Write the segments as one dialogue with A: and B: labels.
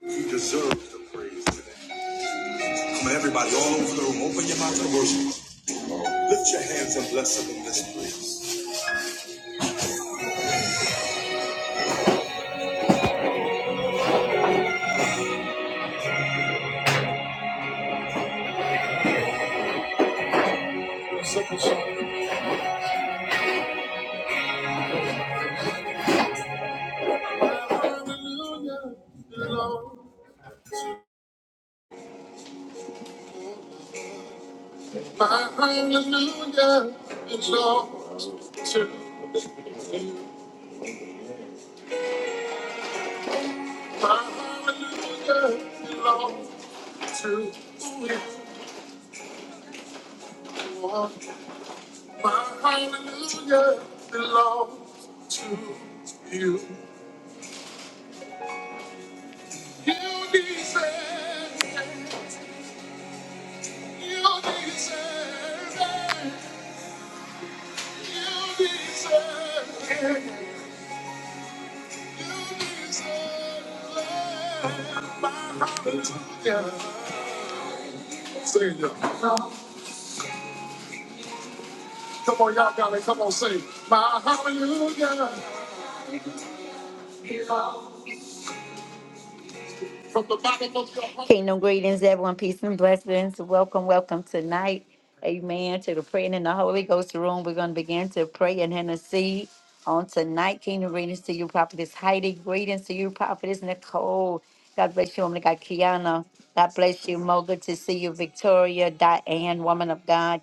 A: He deserves the praise today. Come on, everybody, all over the room. Open your mouth and worship. Lift your hands and bless him in this place. Hallelujah, Lord. My hallelujah is all to my hallelujah belong to you, Lord. My hallelujah belongs to you. You deserve it. You deserve it. Sing it. You deserve it. Yeah. Say it, y'all. Come on, y'all got it. Come on, sing. My hallelujah. Kingdom greetings, everyone. Peace and blessings. Welcome, welcome tonight. Amen. To the praying in the Holy Ghost room. We're going to begin to pray and intercede on tonight. Kingdom greetings to you, Prophetess Heidi. Greetings to you, Prophetess Nicole. God bless you, woman of God, Kiana. God bless you, Mo. Good to see you, Victoria, Diane, woman of God.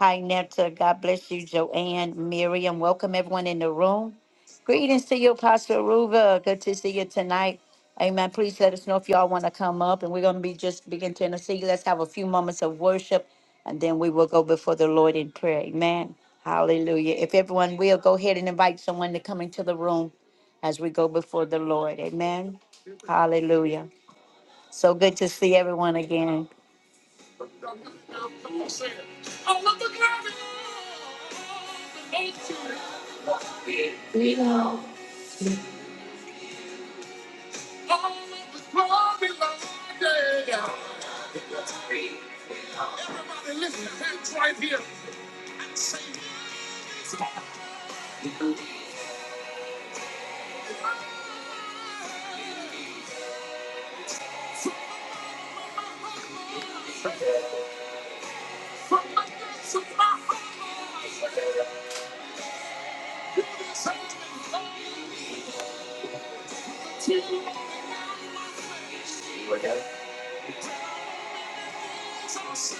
A: Hi, Netta. God bless you, Joanne, Miriam. Welcome, everyone in the room. Greetings to you, Pastor Ruva. Good to see you tonight. Amen. Please let us know if y'all want to come up, and we're going to be just begin to intercede. Let's have a few moments of worship, and then we will go before the Lord in prayer. Amen. Hallelujah. If everyone will, go ahead and invite someone to come into the room as we go before the Lord. Amen. Hallelujah. So good to see everyone again. Everybody listen, to hands right here and say, "From my days of my father's house, to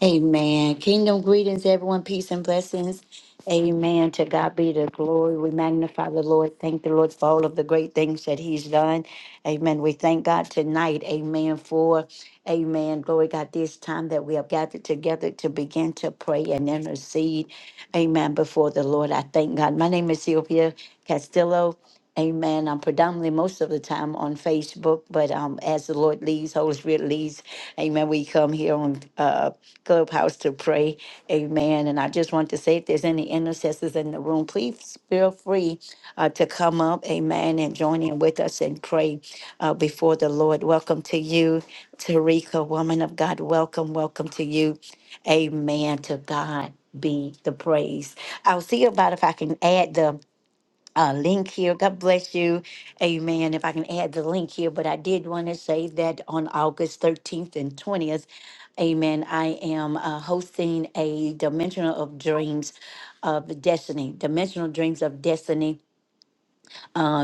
A: Amen. Kingdom greetings, everyone. Peace and blessings. Amen. To God be the glory. We magnify the Lord. Thank the Lord for all of the great things that He's done. Amen. We thank God tonight. Amen. For, Amen. Glory God, this time that we have gathered together to begin to pray and intercede. Amen. Before the Lord, I thank God. My name is Sylvia Castillo. Amen. I'm predominantly most of the time on Facebook, but um, as the Lord leads, Holy Spirit leads, Amen. We come here on uh, Clubhouse to pray, Amen. And I just want to say, if there's any intercessors in the room, please feel free uh, to come up, Amen, and join in with us and pray uh, before the Lord. Welcome to you, Tarika, woman of God. Welcome, welcome to you, Amen. To God be the praise. I'll see about if I can add the uh, link here. God bless you. Amen. If I can add the link here, but I did want to say that on August 13th and 20th, amen, I am uh, hosting a Dimensional of Dreams of Destiny, Dimensional Dreams of Destiny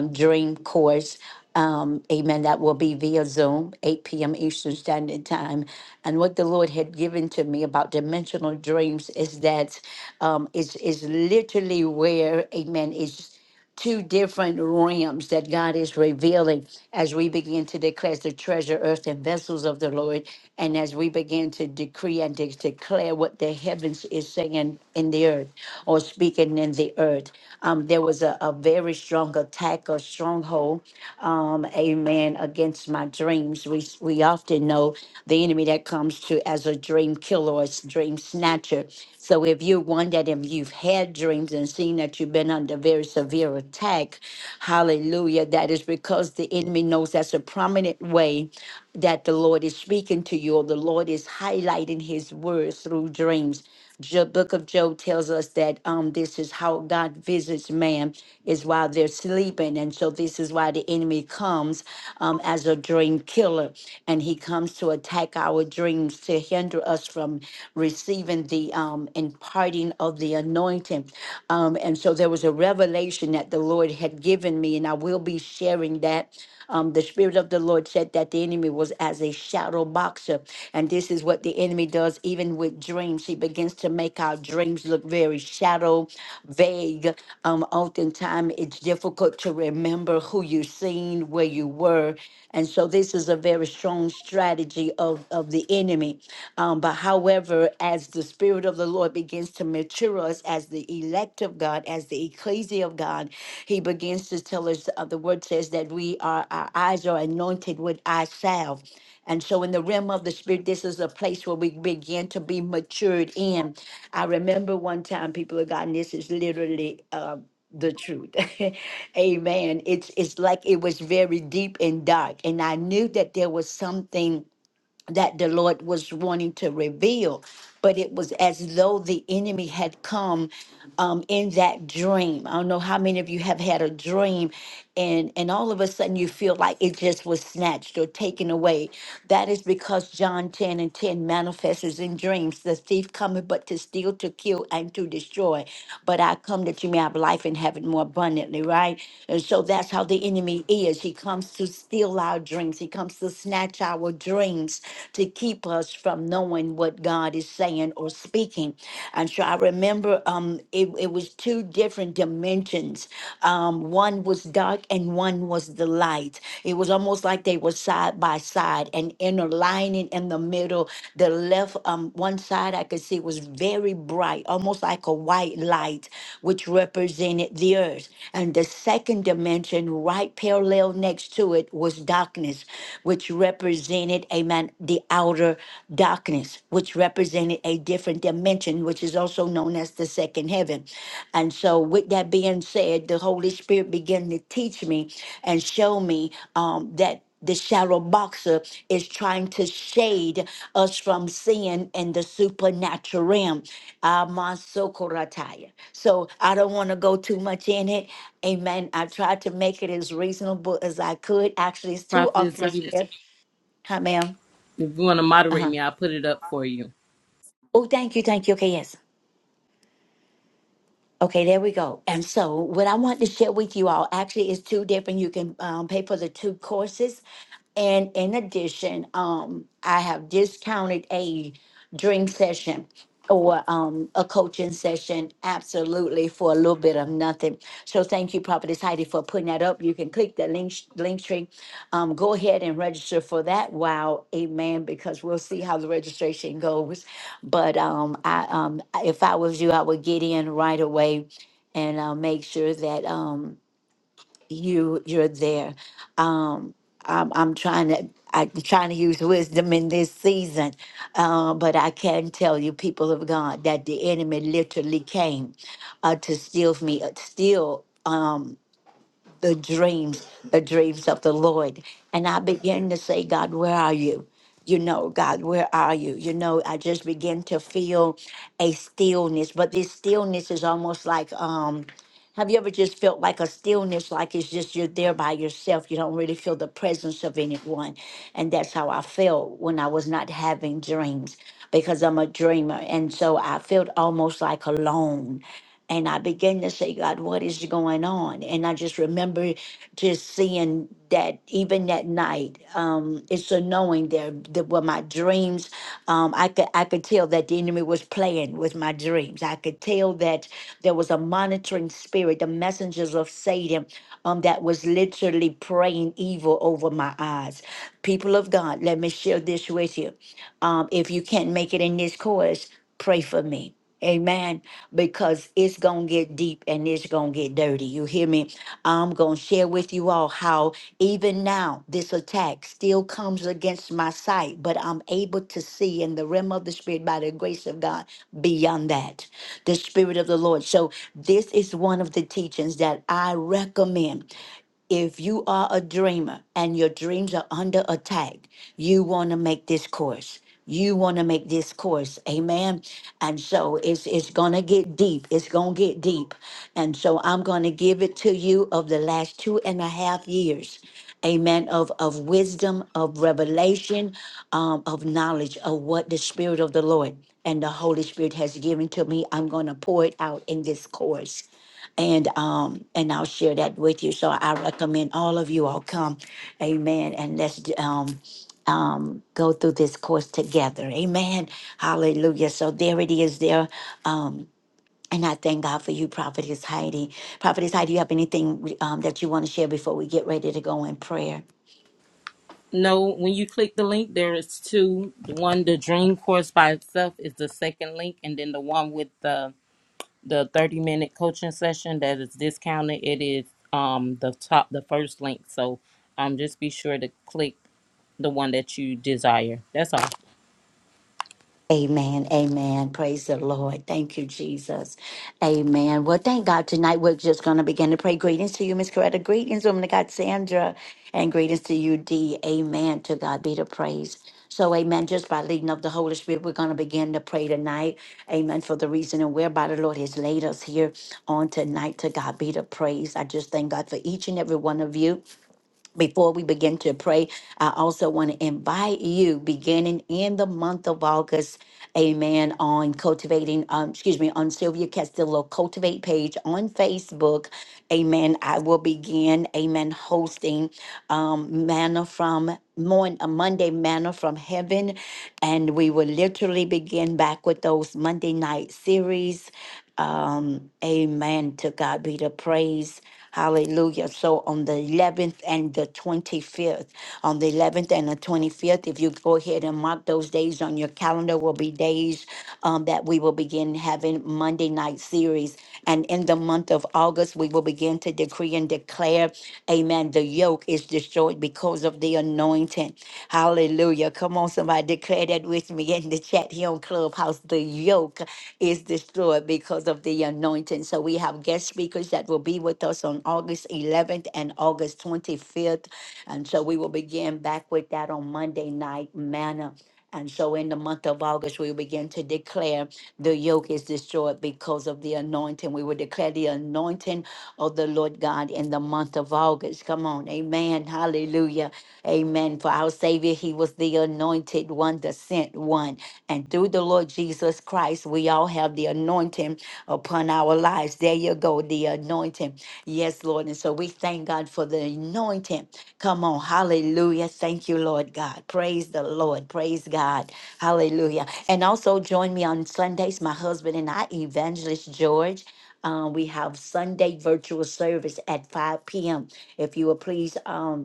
A: um, Dream Course. Um, amen. That will be via Zoom, 8 p.m. Eastern Standard Time. And what the Lord had given to me about dimensional dreams is that um, it's, it's literally where, amen, is two different realms that God is revealing as we begin to declare the treasure, earth, and vessels of the Lord, and as we begin to decree and de- declare what the heavens is saying in the earth or speaking in the earth. Um, there was a, a very strong attack or stronghold, um, amen, against my dreams. We, we often know the enemy that comes to as a dream killer or s- dream snatcher. So if you're one that if you've had dreams and seen that you've been under very severe attack, hallelujah, that is because the enemy knows that's a prominent way that the Lord is speaking to you or the Lord is highlighting his words through dreams. The book of Job tells us that um, this is how God visits man is while they're sleeping, and so this is why the enemy comes um, as a dream killer, and he comes to attack our dreams to hinder us from receiving the um, imparting of the anointing. Um, and so there was a revelation that the Lord had given me, and I will be sharing that um, the Spirit of the Lord said that the enemy was as a shadow boxer. And this is what the enemy does, even with dreams. He begins to make our dreams look very shadow, vague. Um, oftentimes, it's difficult to remember who you've seen, where you were. And so, this is a very strong strategy of, of the enemy. Um, but however, as the Spirit of the Lord begins to mature us, as as the elect of God, as the ecclesia of God. He begins to tell us, uh, the word says that we are, our eyes are anointed with eye salve. And so, in the realm of the spirit, this is a place where we begin to be matured in. I remember one time, people of God, and this is literally uh, the truth. Amen. It's it's like it was very deep and dark, and I knew that there was something that the Lord was wanting to reveal, but it was as though the enemy had come um, in that dream. I don't know how many of you have had a dream, and and all of a sudden you feel like it just was snatched or taken away. That is because John ten and ten manifests in dreams. The thief cometh but to steal, to kill, and to destroy. But I come that you may have life and have it more abundantly. Right, and so that's how the enemy is. He comes to steal our dreams. He comes to snatch our dreams strings to keep us from knowing what God is saying or speaking. And so I remember um, it, it was two different dimensions. Um, one was dark and one was the light. It was almost like they were side by side, an inner lining in the middle. The left um, one side I could see was very bright, almost like a white light, which represented the earth. And the second dimension, right parallel next to it, was darkness, which represented represented, amen, the outer darkness, which represented a different dimension, which is also known as the second heaven. And so, with that being said, the Holy Spirit began to teach me and show me um, that the shadow boxer is trying to shade us from sin in the supernatural realm. Amasokorataya. So I don't want to go too much in it. Amen. I tried to make it as reasonable as I could. Actually, it's too
B: Prophetess, if you
A: often. Huh, ma'am?
B: if you want to
A: Uh
B: moderate
A: huh.
B: me, I'll put it up for you.
A: Oh, thank you, thank you. Okay, yes. Okay, there we go. And so, what I want to share with you all actually is two different. You can um, pay for the two courses, and in addition, um, I have discounted a drink session or um, a coaching session absolutely for a little bit of nothing. nothing. So thank you, Prophetess Heidi, for putting that up. You can click the link link tree. Um, go ahead and register for that. Wow, amen. Because we'll see how the registration goes. But um, I um, if I was you, I would get in right away and uh, make sure that um you you're there. Um, I'm I'm trying to I'm trying to use wisdom in this season, uh, but I can tell you, people of God, that the enemy literally came uh, to steal me, uh, steal um, the dreams, the dreams of the Lord, and I began to say, God, where are you? You know, God, where are you? You know, I just begin to feel a stillness, but this stillness is almost like um have you ever just felt like a stillness, like it's just you're there by yourself? You don't really feel the presence of anyone. And that's how I felt when I was not having dreams because I'm a dreamer. And so I felt almost like alone. And I began to say, God, what is going on? And I just remember just seeing that even that night, um, it's a knowing there that were my dreams. um, um, I could I could tell that the enemy was playing with my dreams. I could tell that there was a monitoring spirit, the messengers of Satan, um, that was literally praying evil over my eyes. People of God, let me share this with you. Um, if you can't make it in this course, pray for me. Amen. Because it's going to get deep and it's going to get dirty. You hear me? I'm going to share with you all how even now this attack still comes against my sight, but I'm able to see in the realm of the spirit by the grace of God beyond that. The spirit of the Lord. So this is one of the teachings that I recommend. If you are a dreamer and your dreams are under attack, you want to make this course. You want to make this course. Amen. And so it's it's gonna get deep. It's gonna get deep. And so I'm gonna give it to you of the last two and a half years. Amen. Of of wisdom, of revelation, um, of knowledge of what the Spirit of the Lord and the Holy Spirit has given to me. I'm gonna pour it out in this course and um and I'll share that with you. So I recommend all of you all come, Amen, and let's d- um um go through this course together, Amen, Hallelujah. So there it is, there um. And I thank God for you, Prophetess Heidi. Prophetess Heidi, you have anything um, that you want to share before we get ready to go in prayer?
B: No, when you click the link, there is two. The one, the dream course by itself, is the second link, and then the one with the the thirty minute coaching session that is discounted. It is um the top, the first link. So um, just be sure to click the one that you desire. That's all.
A: Amen. Amen. Praise the Lord. Thank you, Jesus. Amen. Well, thank God. Tonight we're just going to begin to pray. Greetings to you, Miss Coretta. Greetings, woman of God, Sandra. And greetings to you, D. Amen. To God be the praise. So, amen. Just by leading of the Holy Spirit, we're going to begin to pray tonight. Amen. For the reason and whereby the Lord has laid us here on tonight. To God be the praise. I just thank God for each and every one of you before we begin to pray, I also want to invite you, beginning in the month of August, amen, on cultivating, um, excuse me, on Sylvia Castillo Cultivate page on Facebook, amen. I will begin, amen, hosting um, Manna from Mon- uh, Monday Manna from Heaven, and we will literally begin back with those Monday night series. Um, amen. To God be the praise. Hallelujah. So on the 11th and the 25th, on the 11th and the 25th, if you go ahead and mark those days on your calendar, will be days um, that we will begin having Monday night series. And in the month of August, we will begin to decree and declare, amen, the yoke is destroyed because of the anointing. Hallelujah. Come on, somebody declare that with me in the chat here on Clubhouse, the yoke is destroyed because of the anointing. So we have guest speakers that will be with us on August 11th and August 25th. And so we will begin back with that on Monday night manna. And so in the month of August, we will begin to declare the yoke is destroyed because of the anointing. We will declare the anointing of the Lord God in the month of August. Come on. Amen. Hallelujah. Amen. For our Savior, He was the the anointed one, the sent one. And through the Lord Jesus Christ, we all have the anointing upon our lives. There you go, the anointing. Yes, Lord. And so we thank God for the anointing. Come on. Hallelujah. Thank you, Lord God. Praise the Lord. Praise God. Hallelujah. And also join me on Sundays, my husband and I, Evangelist George. Um, we have Sunday virtual service at 5 p.m. If you will please um,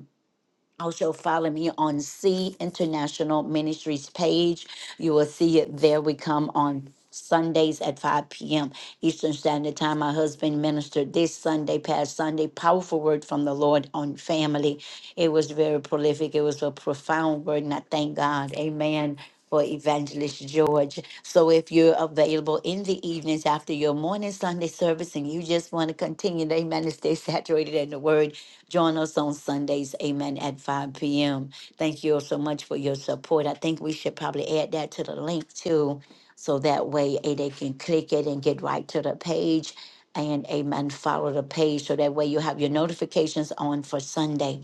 A: also, follow me on C International Ministries page. You will see it there. We come on Sundays at 5 p.m. Eastern Standard Time. My husband ministered this Sunday, past Sunday. Powerful word from the Lord on family. It was very prolific. It was a profound word, and I thank God. Amen for Evangelist George. So if you're available in the evenings after your morning Sunday service and you just want to continue, amen, to stay saturated in the word, join us on Sundays, amen, at 5 p.m. Thank you all so much for your support. I think we should probably add that to the link too. So that way eh, they can click it and get right to the page and amen, follow the page. So that way you have your notifications on for Sunday.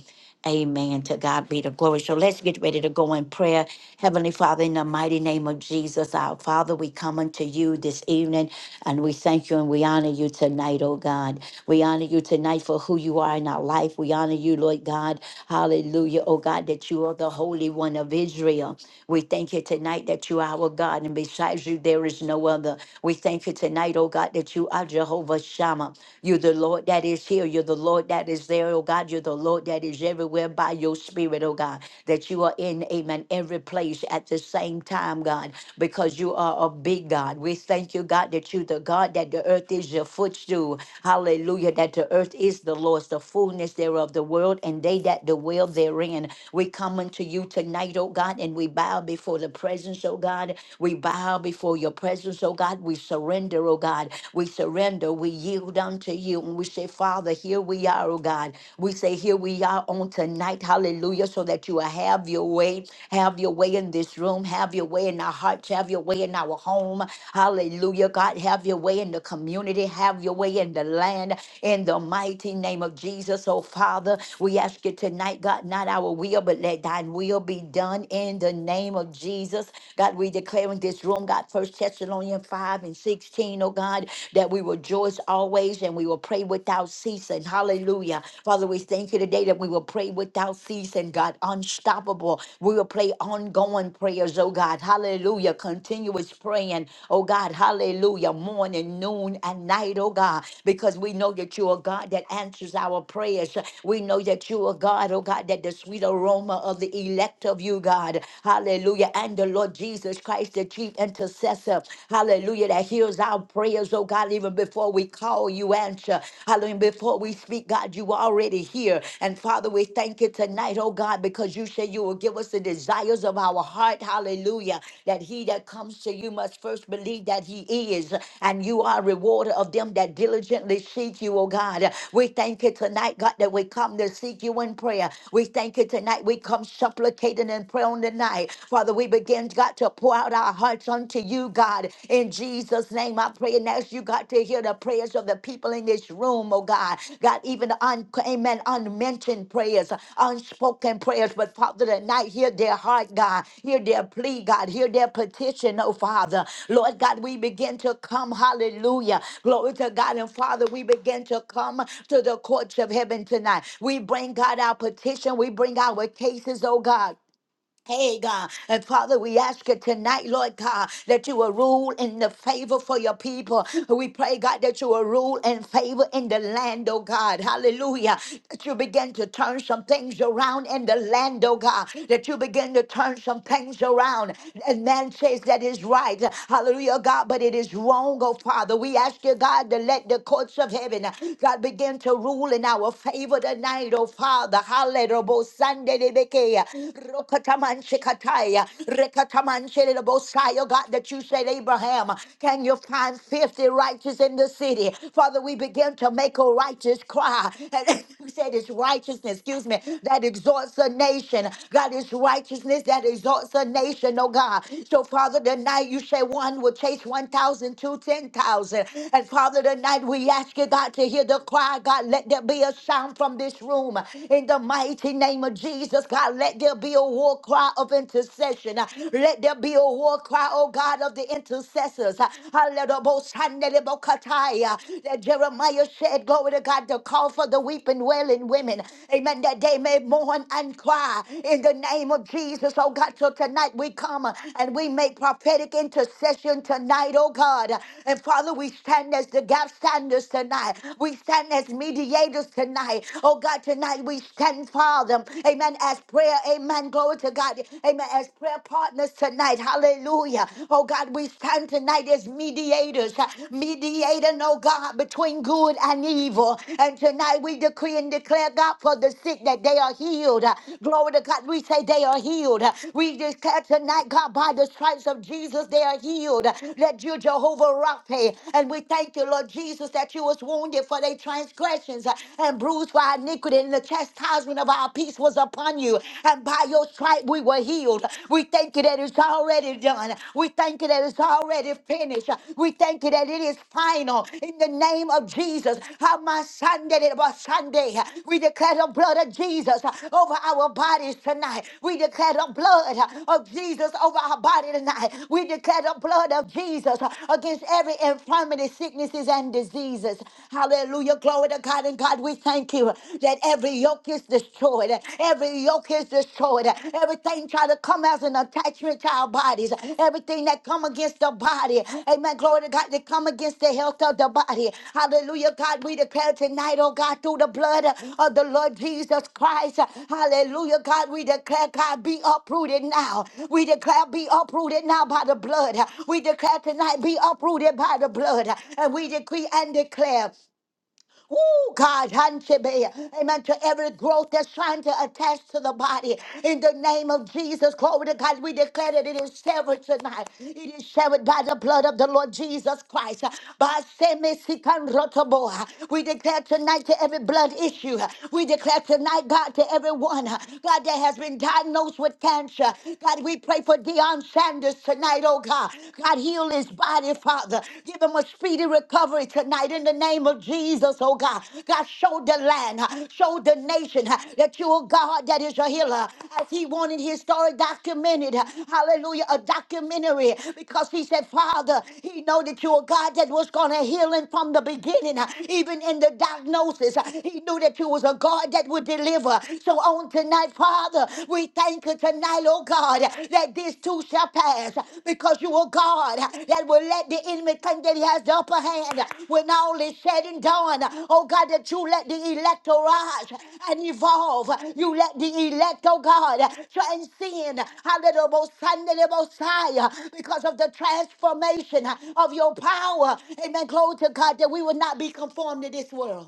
A: Amen. To God be the glory. So let's get ready to go in prayer. Heavenly Father, in the mighty name of Jesus, our Father, we come unto you this evening and we thank you and we honor you tonight, oh God. We honor you tonight for who you are in our life. We honor you, Lord God. Hallelujah, oh God, that you are the Holy One of Israel. We thank you tonight that you are our God and besides you, there is no other. We thank you tonight, oh God, that you are Jehovah Shammah. You're the Lord that is here. You're the Lord. Lord, that is there, oh God. You're the Lord that is everywhere by your spirit, oh God. That you are in, amen, every place at the same time, God, because you are a big God. We thank you, God, that you're the God, that the earth is your footstool. Hallelujah. That the earth is the Lord's, the fullness thereof, the world, and they that dwell therein. We come unto you tonight, oh God, and we bow before the presence, oh God. We bow before your presence, oh God. We surrender, oh God. We surrender. We yield come to you and we say, Father, here we are, oh God. We say, here we are on tonight, hallelujah, so that you will have your way, have your way in this room, have your way in our hearts, have your way in our home, hallelujah, God, have your way in the community, have your way in the land, in the mighty name of Jesus, oh Father. We ask you tonight, God, not our will, but let thine will be done in the name of Jesus. God, we declare in this room, God, First Thessalonians 5 and sixteen, O God oh God, that we will rejoice always and we will pray without ceasing. Hallelujah. Father, we thank you today that we will pray without ceasing, God, unstoppable. We will pray ongoing prayers, oh God. Hallelujah. Continuous praying, oh God. Hallelujah. Morning, noon, and night, oh God, because we know that you are God that answers our prayers. We know that you are God, oh God, that the sweet aroma of the elect of you, God. Hallelujah. And the Lord Jesus Christ, the chief intercessor intercessor, hallelujah, that hears our prayers, oh God, even before we call, you answer. Hallelujah, before we speak, God, you are already here. And Father, we thank you tonight, oh God, because you said you will give us the desires of our heart, hallelujah, that he that comes to you must first believe that he is, and you are a rewarder of them that diligently seek you, oh God. We thank you tonight, God, that we come to seek you in prayer. We thank you tonight. We come supplicating and prayer on the night. Father, we begin begin, God, to pour out our hearts unto you, God. In Jesus' name, I pray and ask you, God, to hear the prayers of the people in this room, oh God. God, even the un- amen, unmentioned prayers, unspoken prayers. But Father, tonight, hear their heart, God. Hear their plea, God. Hear their petition, oh Father. Lord God, we begin to come, hallelujah. Glory to God. And Father, we begin to come to the courts of heaven tonight. We bring, God, our petition. We bring our cases, oh God. Hey God, and Father, we ask you tonight, Lord God, that you will rule in the favor for your people. We pray, God, that you will rule in favor in the land, oh God. Hallelujah. That you begin to turn some things around in the land, oh God. That you begin to turn some things around. And man says that is right. Hallelujah, God, but it is wrong, oh Father. We ask you, God, to let the courts of heaven, God, begin to rule in our favor tonight, oh Father. Hallelujah. Rokataman Shekataya, Rekataman Shelebosai, oh God, that you said, Abraham, can you find 50 righteous in the city? Father, we begin to make a righteous cry. And you said it's righteousness, excuse me, that exalts a nation. God, it's righteousness that exalts a nation, oh God. So, Father, tonight you say one will chase 1,000 to 10,000. And Father, tonight we ask you, God, to hear the cry. God, let there be a sound from this room in the mighty name name of Jesus, God, let there be a war cry of intercession. Uh, Let there be a war cry, oh God, of the intercessors. Uh, Hallelujah-bo-shandele-bo-katai, uh, That Jeremiah said, glory to God, to call for the weeping, wailing women. Amen. That they may mourn and cry in the name of Jesus, oh God. So tonight we come uh, and we make prophetic intercession tonight, oh God. And Father, we stand as the gap standers tonight. We stand as mediators tonight. Oh God, tonight we we stand, Father, amen, as prayer, amen, glory to God, amen, as prayer partners tonight, hallelujah. Oh God, we stand tonight as mediators, mediator, no God, between good and evil. And tonight we decree and declare, God, for the sick that they are healed. Glory to God, we say they are healed. We declare tonight, God, by the stripes of Jesus, they are healed. That you, Jehovah Rapha, and we thank you, Lord Jesus, that you was wounded for their transgressions and bruised bruised for our iniquity, and the chastisement of our peace was upon you. And by your stripe we were healed. We thank you that it's already done. We thank you that it's already finished. We thank you that it is final. In the name of Jesus, on my Sunday, it was Sunday. We declare the blood of Jesus over our bodies tonight. We declare the blood of Jesus over our body tonight. We declare the blood of Jesus against every infirmity, sicknesses, and diseases. Hallelujah. Glory to God. God. And God, we thank you that every yoke is destroyed. Every yoke is destroyed. Everything try to come as an attachment to our bodies. Everything that come against the body. Amen. Glory to God that come against the health of the body. Hallelujah. God, we declare tonight, oh God, through the blood of the Lord Jesus Christ. Hallelujah. God, we declare, God, be uprooted now. We declare, be uprooted now by the blood. We declare tonight, be uprooted by the blood. And we decree and declare. Oh, God, Hanshebe. amen, to every growth that's trying to attach to the body. In the name of Jesus, glory to God, we declare that it is severed tonight. It is severed by the blood of the Lord Jesus Christ. By Semisikanrotoboa. We declare tonight to every blood issue. We declare tonight, God, to everyone, God, that has been diagnosed with cancer. God, we pray for Deion Sanders tonight, oh God. God, he heal his body, Father. Give him a speedy recovery tonight in the name of Jesus, oh God. God, show the land, uh, show the nation uh, that you are God that is a healer. As he wanted his story documented, uh, hallelujah, a documentary, because he said, Father, he know that you are God that was going to heal him from the beginning, uh, even in the diagnosis. uh, He knew that you was a God that would deliver. So on tonight, Father, we thank you tonight, oh God, that this too shall pass because you are God that will let the enemy think that he has the upper hand when all is said and done. Oh God, that you let the elect arise and evolve. You let the elect, oh God, transcend Hallelujah, Sunday, Messiah, because of the transformation of your power. Amen. Glory to God that we will not be conformed to this world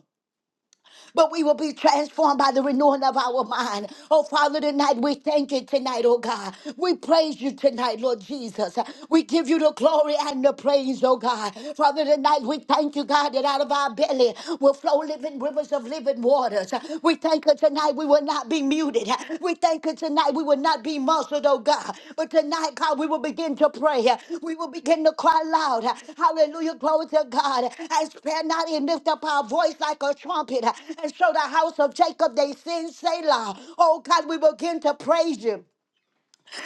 A: but we will be transformed by the renewing of our mind. Oh, Father, tonight we thank you tonight, oh God. We praise you tonight, Lord Jesus. We give you the glory and the praise, oh God. Father, tonight we thank you, God, that out of our belly will flow living rivers of living waters. We thank you tonight we will not not be muted. We thank you tonight. We will not be muzzled, oh God. But tonight, God, we will begin to pray. We will begin to cry loud. Hallelujah. Glory to God. And spare not and lift up our voice like a trumpet. And show the house of Jacob they sin, Selah. Oh God, we begin to praise you.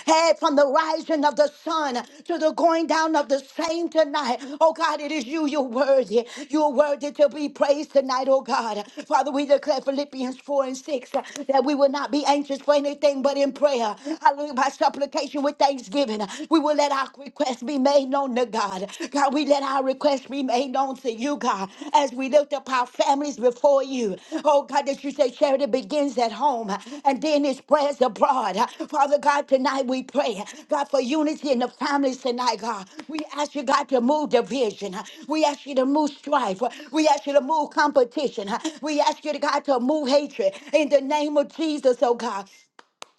A: Hey, from the rising of the sun to the going down of the same tonight. Oh God, it is you. You're worthy. You're worthy to be praised tonight, oh God. Father, we declare Philippians 4 and 6 uh, that we will not be anxious for anything but in prayer. Hallelujah. By supplication with thanksgiving, uh, we will let our requests be made known to God. God, we let our requests be made known to you you, God, as we lift up our families before you. Oh, God, that you say charity begins at home and then it spreads abroad. Father God, tonight we pray, God, for unity in the families tonight, God. We ask you, God, to move division. We ask you to move strife. We ask you to move competition. We ask you, God, to move hatred in the name of Jesus, oh God.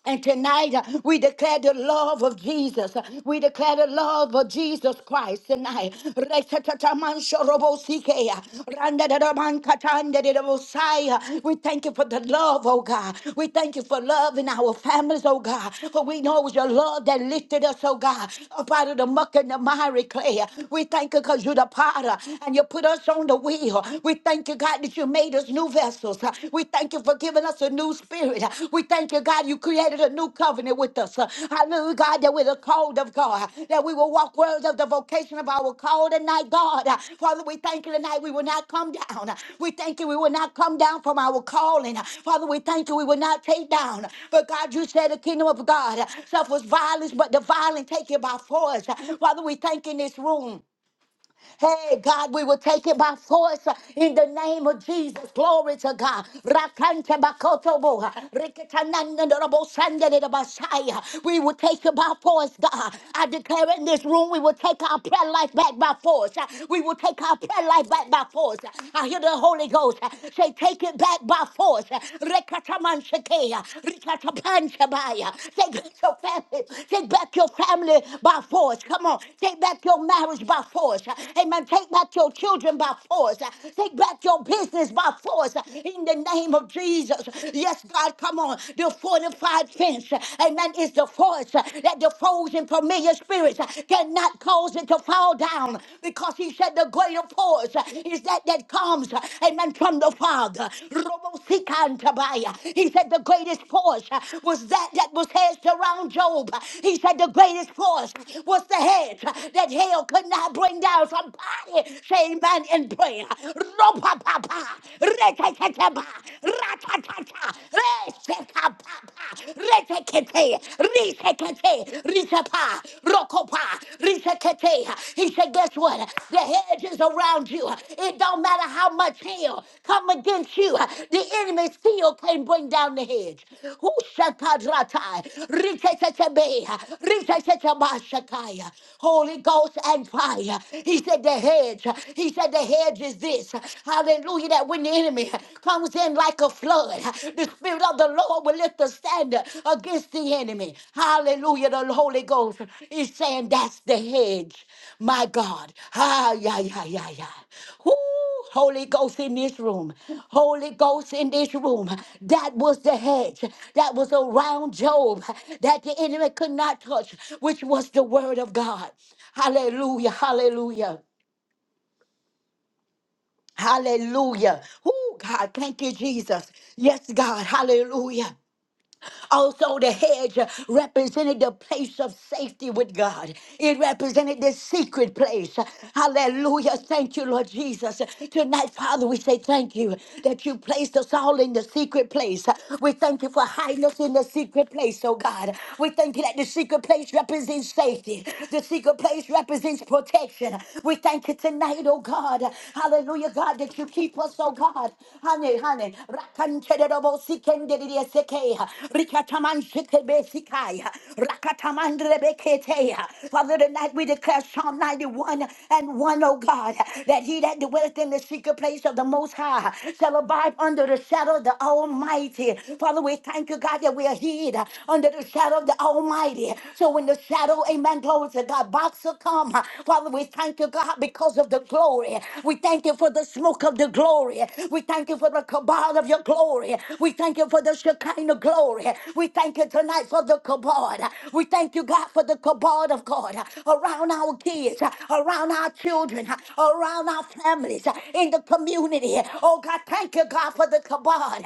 A: And tonight uh, we declare the love of Jesus. We declare the love of Jesus Christ tonight. Re-ta-ta-ta-man-sho-ro-bo-si-ke-ya. Ran-da-da-da-man-ka-tan-da-da-da-bo-si-ya. We thank you for the love, oh God. We thank you for love in our families, oh God. For we know it was your love that lifted us, oh God, up out of the muck and the miry clay. We thank you because you're the potter and you put us on the wheel. We thank you, God, that you made us made us new vessels. Uh, We thank you for giving us a new spirit. Uh, We thank you, God, you created a new covenant with us. Uh, Hallelujah, God, that we're the called of God, that we will walk worthy of the vocation of our call tonight, God. Uh, Father, we thank you tonight. We will not come down. Uh, We thank you. We will not come down from our calling. Uh, Father, we thank you. We will not take down. But God, you said the kingdom of God uh, suffers violence, but the violent take it by force. Uh, Father, we thank you in this room. Hey, God, we will take it by force uh, in the name of Jesus. Glory to God. Rakante bakotobo, uh, riketanandorobo sandelebasai, uh, We will take it by force, God. I declare in this room, we will take our prayer life back by force. Uh, We will take our prayer life back by force. Uh, I hear the Holy Ghost uh, say, take it back by force. Uh, rekatamanshake, uh, rikatapanshabai, uh, Take back your family. Take back your family by force. Come on. Take back your marriage by force. Amen. Amen. Take back your children by force. Uh, Take back your business by force. uh, In the name of Jesus. Yes, God, come on. The fortified fence, uh, amen, is the force uh, that the foes and familiar spirits uh, cannot cause it to fall down because he said the greater force uh, is that that comes, uh, amen, from the Father. Robo-sika-antabaya. He said the greatest force uh, was that that was hedged around Job. He said the greatest force was the hedge that hell could not bring down from somebody say amen in prayer. Ropapapa, rekeketeba, ratatata, resekapapa, retekete, risekete, risepa, rokopa, risekete. He said, guess what? The hedge is around you. It don't matter how much hell come against you. The enemy still can't bring down the hedge. Who shakadratai, rikeketebe, rikeketeba shakaya. Holy Ghost and fire. He said, said the hedge. He said the hedge is this. Hallelujah. That when the enemy comes in like a flood, the Spirit of the Lord will lift a standard against the enemy. Hallelujah. The Holy Ghost is saying that's the hedge. My God. Ah, yeah, yeah, yeah, yeah. Woo. Holy Ghost in this room. Holy Ghost in this room. That was the hedge that was around Job that the enemy could not touch, which was the word of God. Hallelujah. Hallelujah. Hallelujah. Oh, God, thank you, Jesus. Yes, God, hallelujah. Also, the hedge represented the place of safety with God, it represented the secret place. Hallelujah. Thank you, Lord Jesus. Tonight, Father, we say thank you that you placed us all in the secret place. We thank you for hiding us in the secret place, oh God. We thank you that the secret place represents safety, the secret place represents protection. We thank you tonight, oh God. Hallelujah, God, that you keep us, oh God. Honey, honey. Kanterobo Sikendiri Seke, Rikataman Shikebe Sikai, Rakataman Rebekete. Father, tonight we declare Psalm 91 and 1, O God, that he that dwelleth in the secret place of the Most High shall abide under the shadow of the Almighty. Father, we thank you, God, that we are hid under the shadow of the Almighty. So when the shadow, amen, glory to God, box will come. Father, we thank you, God, because of the glory. We thank you for this morning smoke of the glory. We thank you for the cabal of your glory. We thank you for the Shekinah glory. We thank you tonight for the cabal. We thank you, God, for the cabal of God around our kids, around our children, around our families, in the community. Oh, God, thank you, God, for the cabal.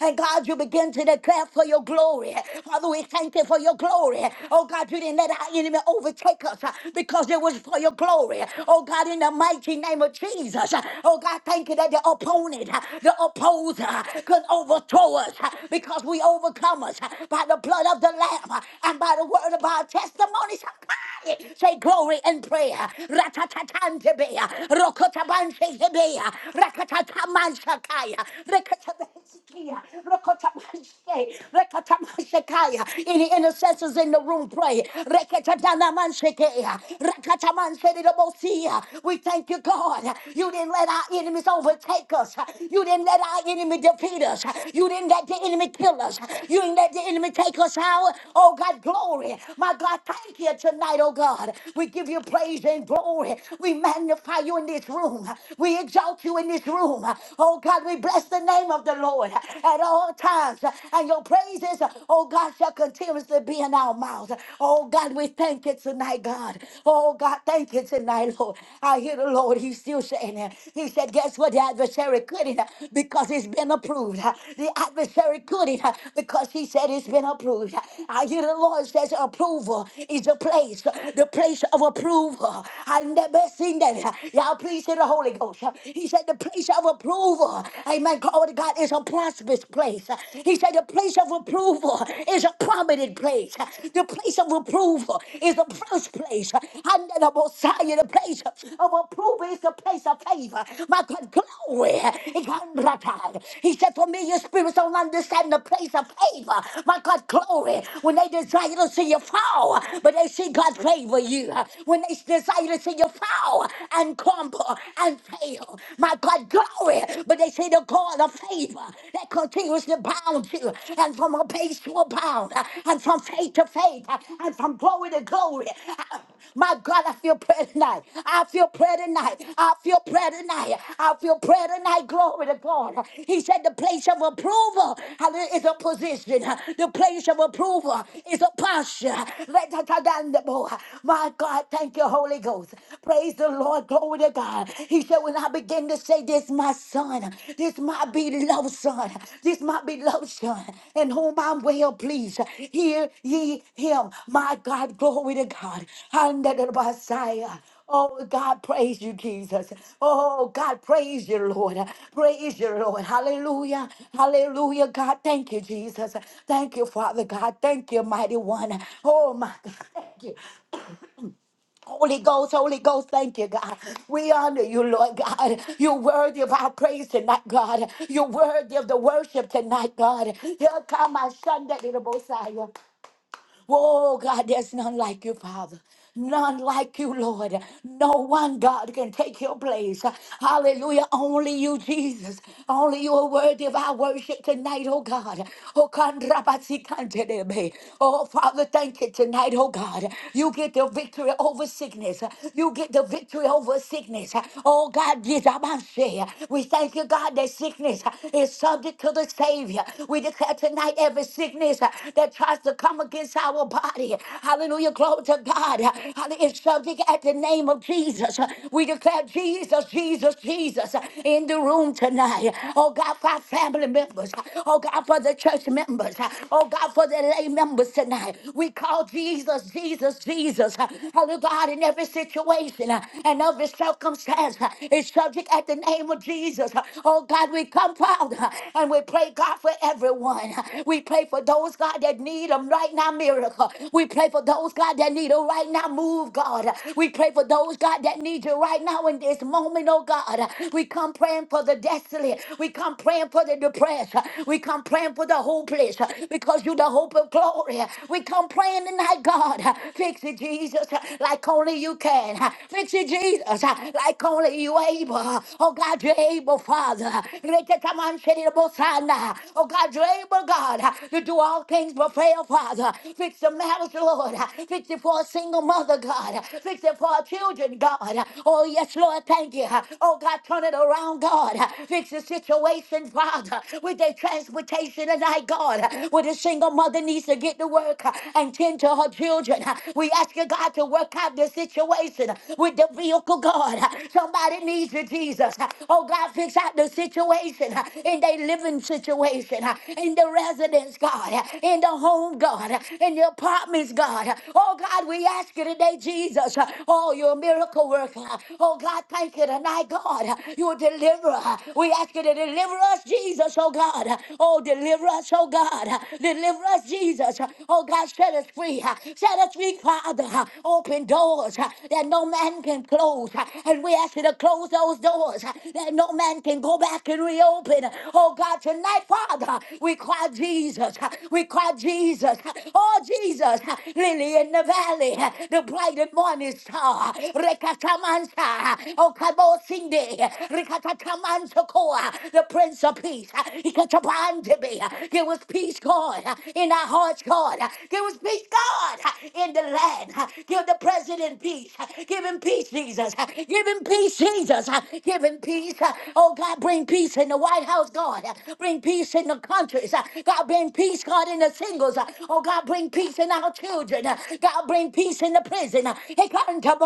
A: And God, you begin to declare for your glory. Father, we thank you for your glory. Oh, God, you didn't let our enemy overtake us because it was for your glory. Oh God, in the mighty name of Jesus. Oh God, thank you that the opponent, the opposer could overthrow us because we overcome us by the blood of the Lamb and by the word of our testimony. Somebody say glory and prayer. Ratatatantebea, rokotabanshekebea, rakatatamanshakaya, rekatabansikia, rokotabanshe, rekatamashekaya. Any intercessors in the room, pray. We thank you, God. You didn't let our enemies overtake us. You didn't let our enemy defeat us. You didn't let the enemy kill us. You didn't let the enemy take us out. Oh, God, glory. My God, thank you tonight, oh God. We give you praise and glory. We magnify you in this room. We exalt you in this room. Oh, God, we bless the name of the Lord at all times. And your praises praise, oh God, shall continuously be in our mouths. Oh God, we thank you tonight, God. Oh God, thank you tonight, Lord. I hear the Lord, He's still saying it. He said, Guess what? The adversary couldn't uh, because it's been approved. Uh, The adversary couldn't uh, because He said it's been approved. Uh, I hear the Lord says, Approval is a place, uh, the place of approval. I never seen that. Uh, Y'all, please hear the Holy Ghost. Uh, He said, The place of approval. Amen. Glory to God is a prosperous place. He said the place of approval is a prominent place. The place of approval is the first place. And the Messiah, the place of approval is the place of favor. My God, glory. He said, familiar spirits don't understand the place of favor. My God, glory. When they desire to see you fall, but they see God favor you. When they desire to see you fall and crumble and fail not got glory, but they say the God of favor that continuously bounds you, and from a base to a bound, and from faith to faith, and from glory to glory. My God, I feel prayer tonight. I feel prayer tonight. I feel prayer tonight. I feel prayer tonight. Glory to God. He said the place of approval is a position. The place of approval is a posture. Let that- My God, thank you, Holy Ghost. Praise praise the Lord. Glory to God. He said, when I begin to say, this my son, this my beloved son, this my beloved son, in whom I'm well pleased, hear ye him. My God, glory to God. Under the Messiah. Oh, God, praise you, Jesus. Oh, God, praise you, Lord. Praise you, Lord. Hallelujah. Hallelujah, God. Thank you, Jesus. Thank you, Father God. Thank you, mighty one. Oh, my God. Thank you. Holy Ghost, Holy Ghost, thank you, God. We honor you, Lord God. You're worthy of our praise tonight, God. You're worthy of the worship tonight, God. Here come our Sunday, Oh, God, there's none like you, Father. None like you, Lord. No one, God, can take your place. Hallelujah. Only you, Jesus. Only you are worthy of our worship tonight, oh God. Oh, kandrabasikantelebe. Oh, Father, thank you tonight, oh God. You get the victory over sickness. You get the victory over sickness. Oh, God, jizabashe. we thank you, God, that sickness is subject to the Savior. We declare tonight every sickness uh, that tries to come against our body. Hallelujah. Glory to God. Hallelujah. It's subject at the name of Jesus. We declare Jesus, Jesus, Jesus in the room tonight. Oh God, for our family members. Oh God, for the church members. Oh God, for the lay members tonight. We call Jesus, Jesus, Jesus. Hallelujah. God, in every situation and every circumstance it's subject at the name of Jesus. Oh God, we come proud. And we pray, God, for everyone. We pray for those, God, that need them right now, miracle. We pray for those, God, that need a right now move, God. We pray for those, God, that need you right now in this moment, oh God. We come praying for the desolate. We come praying for the depressed. We come praying for the hopeless because you the hope of glory. We come praying tonight, God. Fix it, Jesus, like only you can. Fix it, Jesus, like only you able. Oh God, God, you're able, Father. Reketamancherirabosana. Oh God, you're able, God, to do all things but fail, Father. Fix the marriage, Lord. Fix it for a single mother, God. Fix it for our children, God. Oh yes, Lord, thank you. Oh God, turn it around, God. Fix the situation, Father, with their transportation tonight, God. With a single mother needs to get to work and tend to her children. We ask you, God, to work out the situation with the vehicle miracle God. Somebody needs you, Jesus. Oh God, fix out the situation in their living situation, in the residence, God, in the home, God, in the apartments, God. Oh God, we ask you today, Jesus. Oh, you're a miracle worker. Oh God, thank you tonight, God. You're a deliverer. We ask you to deliver us, Jesus, oh God. Oh, deliver us, oh God. Deliver us, Jesus. Oh God, set us free. Set us free, Father. Open doors uh, that no man can close. uh, And we ask you to close those doors uh, that no man can go back and reopen. Oh God, tonight, Father, we cry Jesus. uh, We cry Jesus. uh, Oh Jesus, uh, lily in the valley, uh, the bright and morning star. Rekatamansa, oh Kabosinde, Rekatatamansakoa, the Prince of Peace. Ikatabandebe, Give us peace, God, uh, in our hearts, God. uh, Give us there was peace, God, in the land. huh. Give the president peace. huh. Give him peace, Jesus. huh. Give him peace, Jesus. huh. Give him peace. huh. Oh, God, bring peace in the White House, God. huh. Bring peace in the countries. huh. God, bring peace, God, in the singles. huh. Oh, God, bring peace in our children. huh. God, bring peace in the prison. huh. Hey, God, to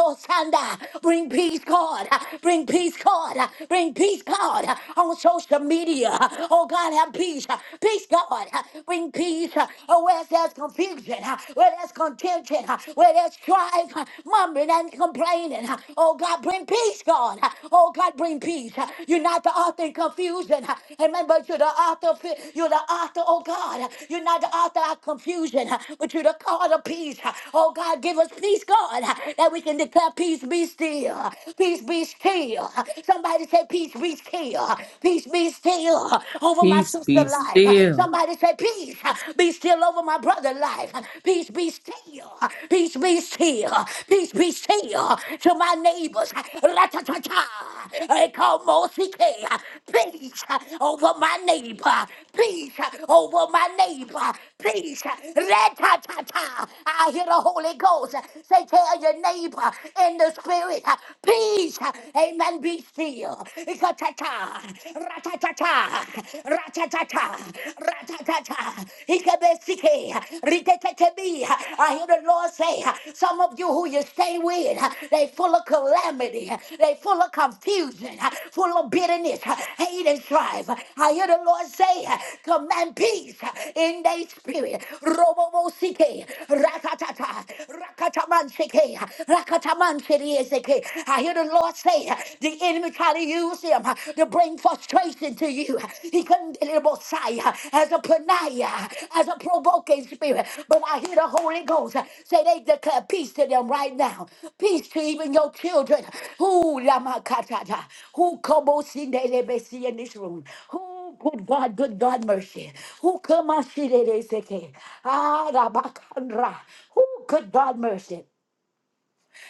A: Bring peace, God. huh. Bring peace, God. huh. Bring peace, God. huh, On social media. huh. Oh, God, have peace. huh. Peace, God. huh uh, Bring peace. Uh, Oh, where there's confusion, uh, where there's contention, uh, where there's strife, uh, mumbling and complaining. Uh, Oh, God, bring peace, God. Uh, Oh, God, bring peace. Uh, You're not the author in confusion. Uh, Amen. But you're the author. Of, it. you're the author, oh, God. Uh, You're not the author of confusion, uh, but you're the God of peace. Uh, Oh, God, give us peace, God, uh, that we can declare peace be still. uh, Peace be still. uh, Somebody say, Peace be still. uh, Peace be still. uh, over my
B: Peace,
A: sister
B: be
A: life. Uh,
B: still.
A: Somebody say, Peace uh, be still over my brother life. Uh, Peace be still. Uh, Peace be still. Uh, Peace be still uh, to my neighbors. Uh, ra-ta-ta-ta. Uh, come on, CK. Uh, Peace uh, over my neighbor. Peace uh, over my neighbor. Peace. uh, ra-ta-ta-ta. I hear the Holy Ghost uh, say, Tell your neighbor in the spirit, uh, Peace. uh, Amen. Be still. Ikatata, ratatata, ratatata, ratatata. Ikebesike, rikekekebi. I hear the Lord say, some of you who you stay with, they full of calamity, they full of confusion, full of bitterness, hate and strife. I hear the Lord say, command peace in their spirit. Robobosike, rakatata, rakataman Rakataman Sheke, Rakataman Sherieseke. I hear the Lord say the enemy tried to use him to bring frustration to you. He couldn't get it Messiah as a panaya, as a provoking spirit. But I hear the Holy Ghost say they declare peace to them right now. Peace to even your children. Who lamakatata? Who kobosindelebesi in this room? Who Good God, good God, mercy. Who come on, she did it, say, okay. Ah, Rabakandra. Who good God, mercy.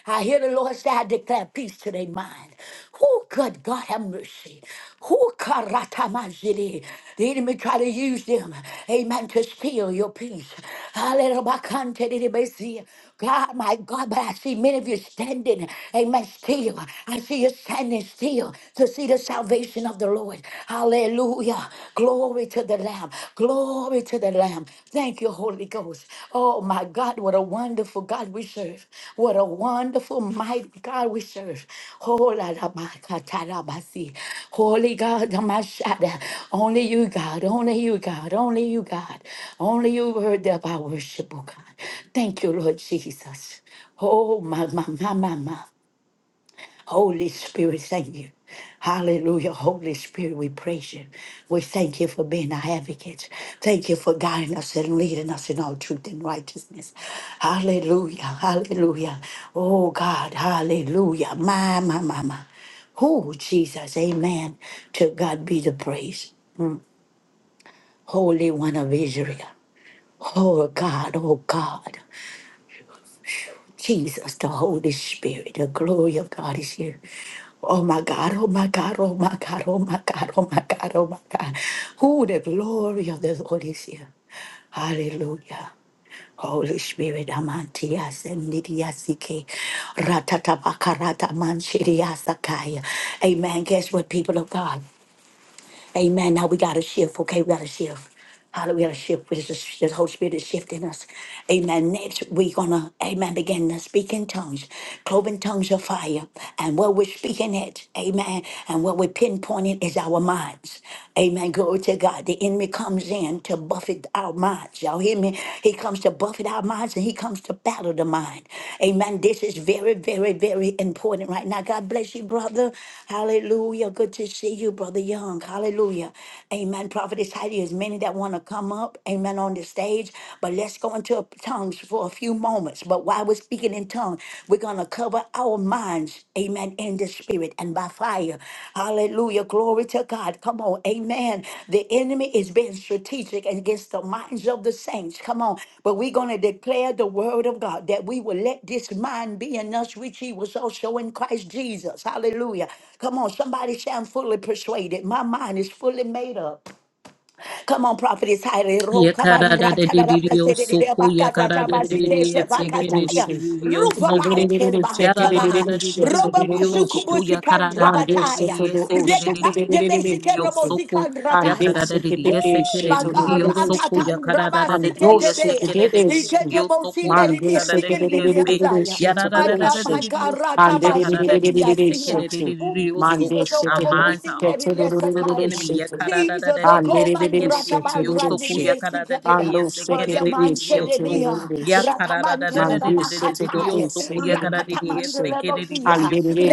A: I hear the Lord say, I declare peace to their mind. Who could God have mercy? Who karatamajili? The enemy try to use them, amen, to steal your peace. Hallelujah. God, my God, but I see many of you standing, amen, still. I see you standing still to see the salvation of the Lord. Hallelujah. Glory to the the Lamb. Glory to the Lamb. Thank you, Holy Ghost. Oh, my God, what a wonderful God we serve. What a wonderful, mighty God we serve. Oh, la, la, ba, ka, ta, la, ba, si. Holy God, the Mashada. Only you, God. Only you, God. Only you, God. Only you heard of our worship, oh God. Thank you, Lord Jesus. Oh, my, my, my, my, my. Holy Spirit, thank you. Hallelujah. Holy Spirit, we praise you. We thank you for being our advocate. Thank you for guiding us and leading us in all truth and righteousness. Hallelujah. Hallelujah. Oh God, hallelujah. My, my, my, my. Oh Jesus, amen. To God be the praise. Holy One of Israel. Oh God, oh God. Jesus, the Holy Spirit, the glory of God is here. Oh my God, oh my God, oh my God, oh my God, oh my God, oh my God. Who the glory of the Lord is here. Hallelujah. Holy Spirit, amantia sendidia sike, ratata bakarata manchiria sakaya. Amen. Guess what, people of God? Amen. Now we got to shift. Okay, we got to shift. Hallelujah. We got to shift. This is the Holy Spirit is shifting us. Amen. Next, we're going to, amen, begin to speak in tongues, cloven tongues of fire. And what we're speaking it, amen, and what we're pinpointing is our minds. Amen. Glory to God. The enemy comes in to buffet our minds. Y'all hear me? He comes to to buffet our minds and he comes to battle the mind. Amen. This is very, very, very important right now. God bless you, brother. Hallelujah. Good to see you, brother Young. Hallelujah. Amen. Prophetess Heidi, there's many that want to come up. Amen. On the stage. But let's go into tongues for a few moments. But while we're speaking in tongues, we're going to cover our minds Amen. In the spirit and by fire. Hallelujah. Glory to God. Come on. Amen. The enemy is being strategic against the minds of the saints. Come on. But we're going to declare the word of God that we will let this mind be in us, which he was also in Christ Jesus. Hallelujah. Come on. Somebody say, I'm fully persuaded. My mind is fully made up. Come on, prophetess Heidi.
B: Yakarada de Didio Soko, Yakarada de
C: Man,
B: Didio Seke de
A: Rokabanratadabakasatabasitetabakataya.
B: Didio Soko, Yarada
A: Rupapanchelebantrapa.
B: de Didio Soko, Yakarada de
A: Robabasukubusikandrabataya.
B: Didio Seke de Didio Soko,
A: Retabandebesikerobosikandrataya.
B: Yakarada de Didio
A: Ooh,
B: Seke de
A: my God.
B: Didio Soko, Yakarada de Didio
A: Ratatandrabasiketebe.
B: Seke de Didio Soko, Yakarada de Didio Se,
A: Iketebosindelidiesikendilidiasaya.
B: Yarada
A: My God,
B: de
A: my
B: Didio Soko,
A: God.
B: Yakarada de Didio Seke de
A: Oh,
B: Didio So.
A: Jesus, oh, bo-
B: Our
A: bo- bo-
B: minds
A: sin-
B: are
A: de-
B: off
A: de- de-
B: limits to the
A: sakaya.
B: enemy karada da da
A: Jesus,
B: di
A: oh,
B: di ese
A: command
C: Andiribibi
B: kere di di di
A: Rataman
B: oso ku
C: setirurushi.
B: ya karada di di
A: Radiasikaya,
C: Ando
B: ese
A: or
B: kere
C: sekiri
B: di di
A: Yaman
B: di di oso
A: Shedia,
B: ya
C: setirurushi.
B: karada
A: Rataman
B: da da da di
C: Mandi
B: di di di di di
C: setiru
B: oso
A: Telamakatai,
B: ku ya karada di di
A: Ratataman
C: sekirirurushi.
B: ese kere di di di
A: Rebosia,
B: oso
C: Andiribibi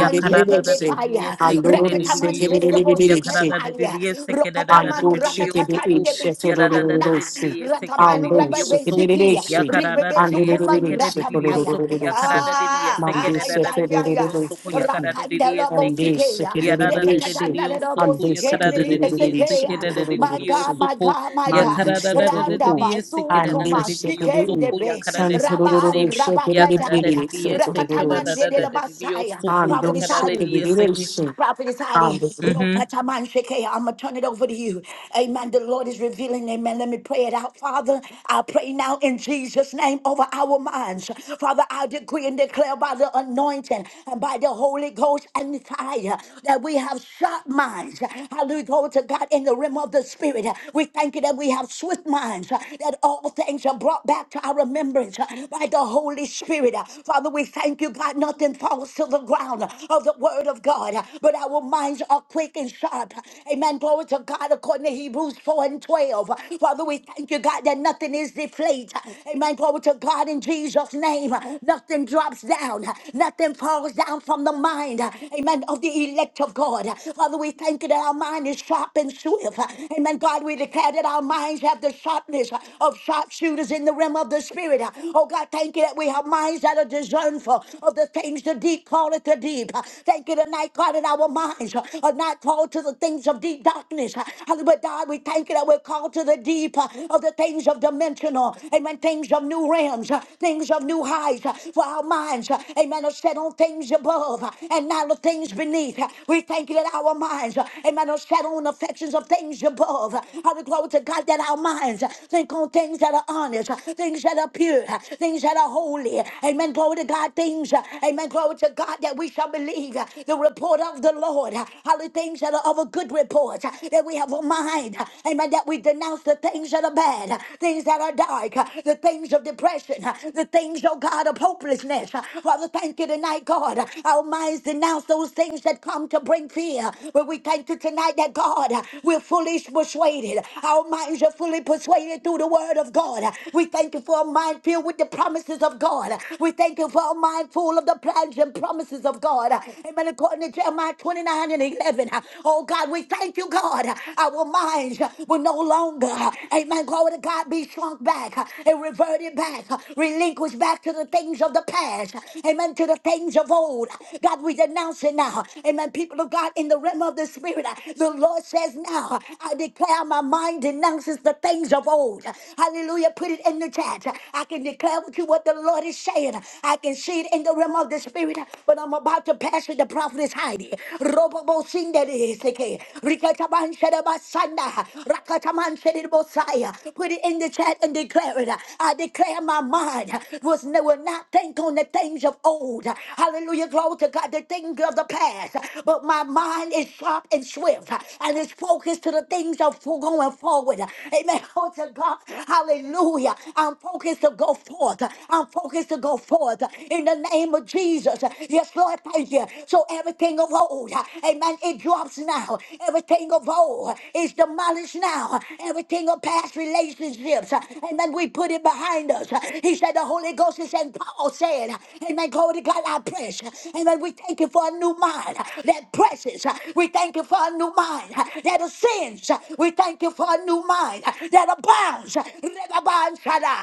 B: ya karada da da di di
A: Shekebefaya,
B: ese kere
C: Andururu
B: di di
A: Rekataman
B: di oso ku ya
A: Shedabosika
C: sekirirurushi.
B: karada da di di
A: Fire,
B: ese kere da da da
C: Bando
B: di
A: Rokataman
B: di di oso ku
C: shikibirishi
B: ya da da da
A: Ratatatan
B: da di di
C: todorororosi.
B: ese kere
A: Ratabai
B: di di
C: Ando
B: di
A: Rabai
B: oso
A: Siki,
C: shikibirishi.
A: Ribebe
B: Rarariya
A: Sukuman
B: sekere
C: Andirishi
B: ririyo
A: Ratabaya.
B: soko ya
C: todorororosi.
B: kararariya
A: Ah,
C: Mandi
A: ah,
B: sekere
A: ya, ya, ya.
B: rararariyo soko ya
C: shitodorororosi.
B: kararariya
A: Rakandela
C: Andi
B: seke
A: Bosikea,
B: ya
C: shikibirishi.
B: rararariyo
A: Retatatana
B: soko
C: Ando
B: ya
A: Bosike, Niri
B: kararariya
C: shikibirishi
B: seke
A: Esekea. My
B: rararariyo
A: God,
C: todorororosi.
A: my
B: soko
A: God, my
B: ya
C: Mandi
A: God. Randa
B: karararariya
C: shitodorororosi.
B: seke
C: Andi
A: Basukuma,
B: rararariyo soko
C: shikibirishi.
B: ya
A: Shikendebe,
C: San
B: kararariya se
A: Raban
C: todorororosi
B: ya
A: Rabakataya,
C: shikibirishi
B: kararariya seke
A: Rakatamande de la
C: todorororosi.
B: rararariyo
A: Basaya,
B: soko
C: Ando
B: ya
A: Prophet Isaiah.
B: kararariya seke.
C: shikibirishi.
A: Prophetess Heidi,
B: Mhm.
A: Rokataman Shekeh, I'm going to turn it over to you. Amen. The Lord is revealing. Amen. Let me pray it out. Father, I pray now in Jesus' name over our minds. Father, I decree and declare by the anointing and by the Holy Ghost and the fire that we have sharp minds. Hallelujah. Glory to God in the realm of the Spirit. We thank you that we have swift minds, that all things are brought back to our remembrance by the Holy Spirit. Father, we thank you, God, nothing false to the ground of the word of God. But our minds are quick and sharp. Amen. Glory to God according to Hebrews 4 and 12. Father, we thank you, God, that nothing is deflated. Amen. Glory to God in Jesus' name. Nothing drops down. Nothing falls down from the mind. Amen. Of the elect of God. Father, we thank you that our mind is sharp and swift. Amen. God, we declare that our minds have the sharpness of sharpshooters in the realm of the spirit. Oh God, thank you that we have minds things that are discernful of the things the deep call it the deep. Thank you tonight, God, that our minds are not called to the things of deep darkness. Hallelujah, God, we thank you that we're called to the deep of the things of dimensional, amen, things of new realms, things of new heights for our minds, amen, are set on things above and not the things beneath. We thank you that our minds, amen, are set on affections of things above. Hallelujah, glory to God, that our minds think on things that are honest, things that that are pure, uh, things that are holy. Amen. Glory to God. Things, uh, amen. Glory to God that we shall believe uh, the report of the Lord. uh, Holy things that are of a good report, uh, that we have a mind. uh, Amen. That we denounce the things that are bad, uh, things that are dark, uh, the things of depression, uh, the things, oh God, of hopelessness. Uh, Father, thank you tonight, God. uh, Our minds denounce those things that come to bring fear. But we thank you tonight that God, uh, we're fully persuaded. Our minds are fully persuaded activated through the word of God. We thank you for a mind filled with the promises of God. We thank you for a mind full of the plans and promises of God. Amen. According to Jeremiah 29 and 11. Oh God, we thank you, God. Our minds will no longer, amen, glory to God, be shrunk back and reverted back, relinquished back to the things of the past. Amen. To the things of old. God, we denounce it now. Amen. People of God, in the realm of the spirit, the Lord says now, I declare declare my mind denounces the things of old. Hallelujah. Put it in the chat. I can declare with you what the Lord is saying. I can see it in the realm of the spirit, but I'm about to pass with the prophetess Heidi. Robobo Sinderiseke. Rikataman Shedabasanda. Rakataman Shedibosaya. Put it in the chat and declare it. I declare my mind was never not think on the things of old. Hallelujah. Glory to God. The things of the past. But my mind is sharp and and swift, uh, and it's focused to the things of fo- going forward. uh, Amen. Oh, to God. Hallelujah. I'm focused to go forth. uh, I'm focused to go forth uh, in the name of Jesus. Uh, Yes, Lord, thank you. So everything of old, uh, amen, it drops now. Everything of old is demolished now. Everything of past relationships, uh, amen, we put it behind us. Uh, He said the Holy Ghost is in Paul said, amen, glory to God, I press. Amen, we thank you for a new mind mind uh, that presses. uh, We thank you for a new mind uh, that ascends. uh, We thank you for a new mind uh, that abounds. uh, Rebabanshada,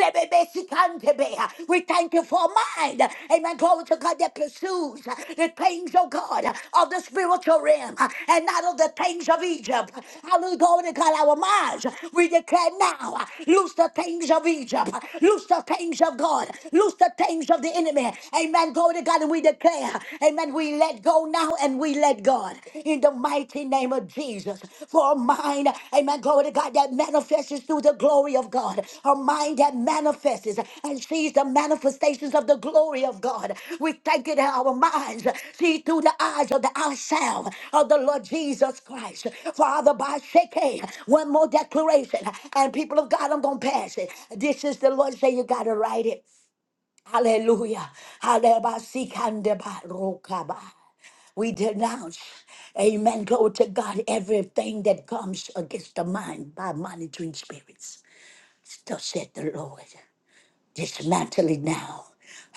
A: rebebesikantebe, uh, We thank you for a mind. uh, Amen. Glory to God that pursues uh, the things, oh God, uh, of the spiritual realm uh, and not of the things of Egypt. Hallelujah. Glory to God, our minds. We declare now, uh, loose the things of Egypt, uh, loose the things of God, loose the things of the enemy. Amen. Amen. Glory to God. And we declare, Amen. We let go now and we let God in the mighty name of Jesus. For a mind, Amen. Glory to God that manifests through the glory of God. A mind that manifests and sees the manifestations of the glory of God. We thank it in our minds. See through the eyes of the ourselves of the Lord Jesus Christ. Father, by shaking, one more declaration. And people of God, I'm going to pass it. This is the Lord saying, you got to write it. Hallelujah. Hallelujah. We denounce, amen, glory to God, everything that comes against the mind by monitoring spirits. Thus said the Lord. Dismantle it now.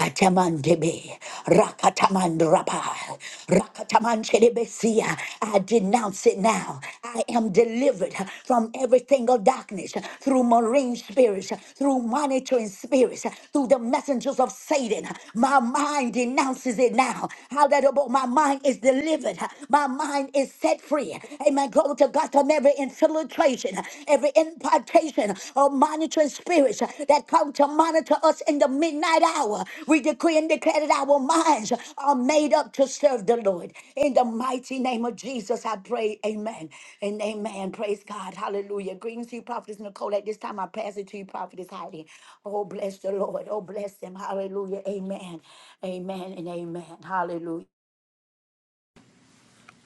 A: Atamandebe, rakatamandrapa, rakatamanchedebesia. I denounce it now. I am delivered from every single darkness through marine spirits, through monitoring spirits, through the messengers of Satan. My mind denounces it now. How that about my mind is delivered. My mind is set free. Amen. Glory to God from every infiltration, every impartation of monitoring spirits that come to monitor us in the midnight hour. We decree and declare that our minds are made up to serve the Lord. In the mighty name of Jesus, I pray. Amen. And amen. Praise God. Hallelujah. Greetings to you, Prophetess Nicole. At this time, I pass it to you, Prophetess Heidi. Oh, bless the Lord. Oh, bless him. Hallelujah. Amen. Amen and amen. Hallelujah.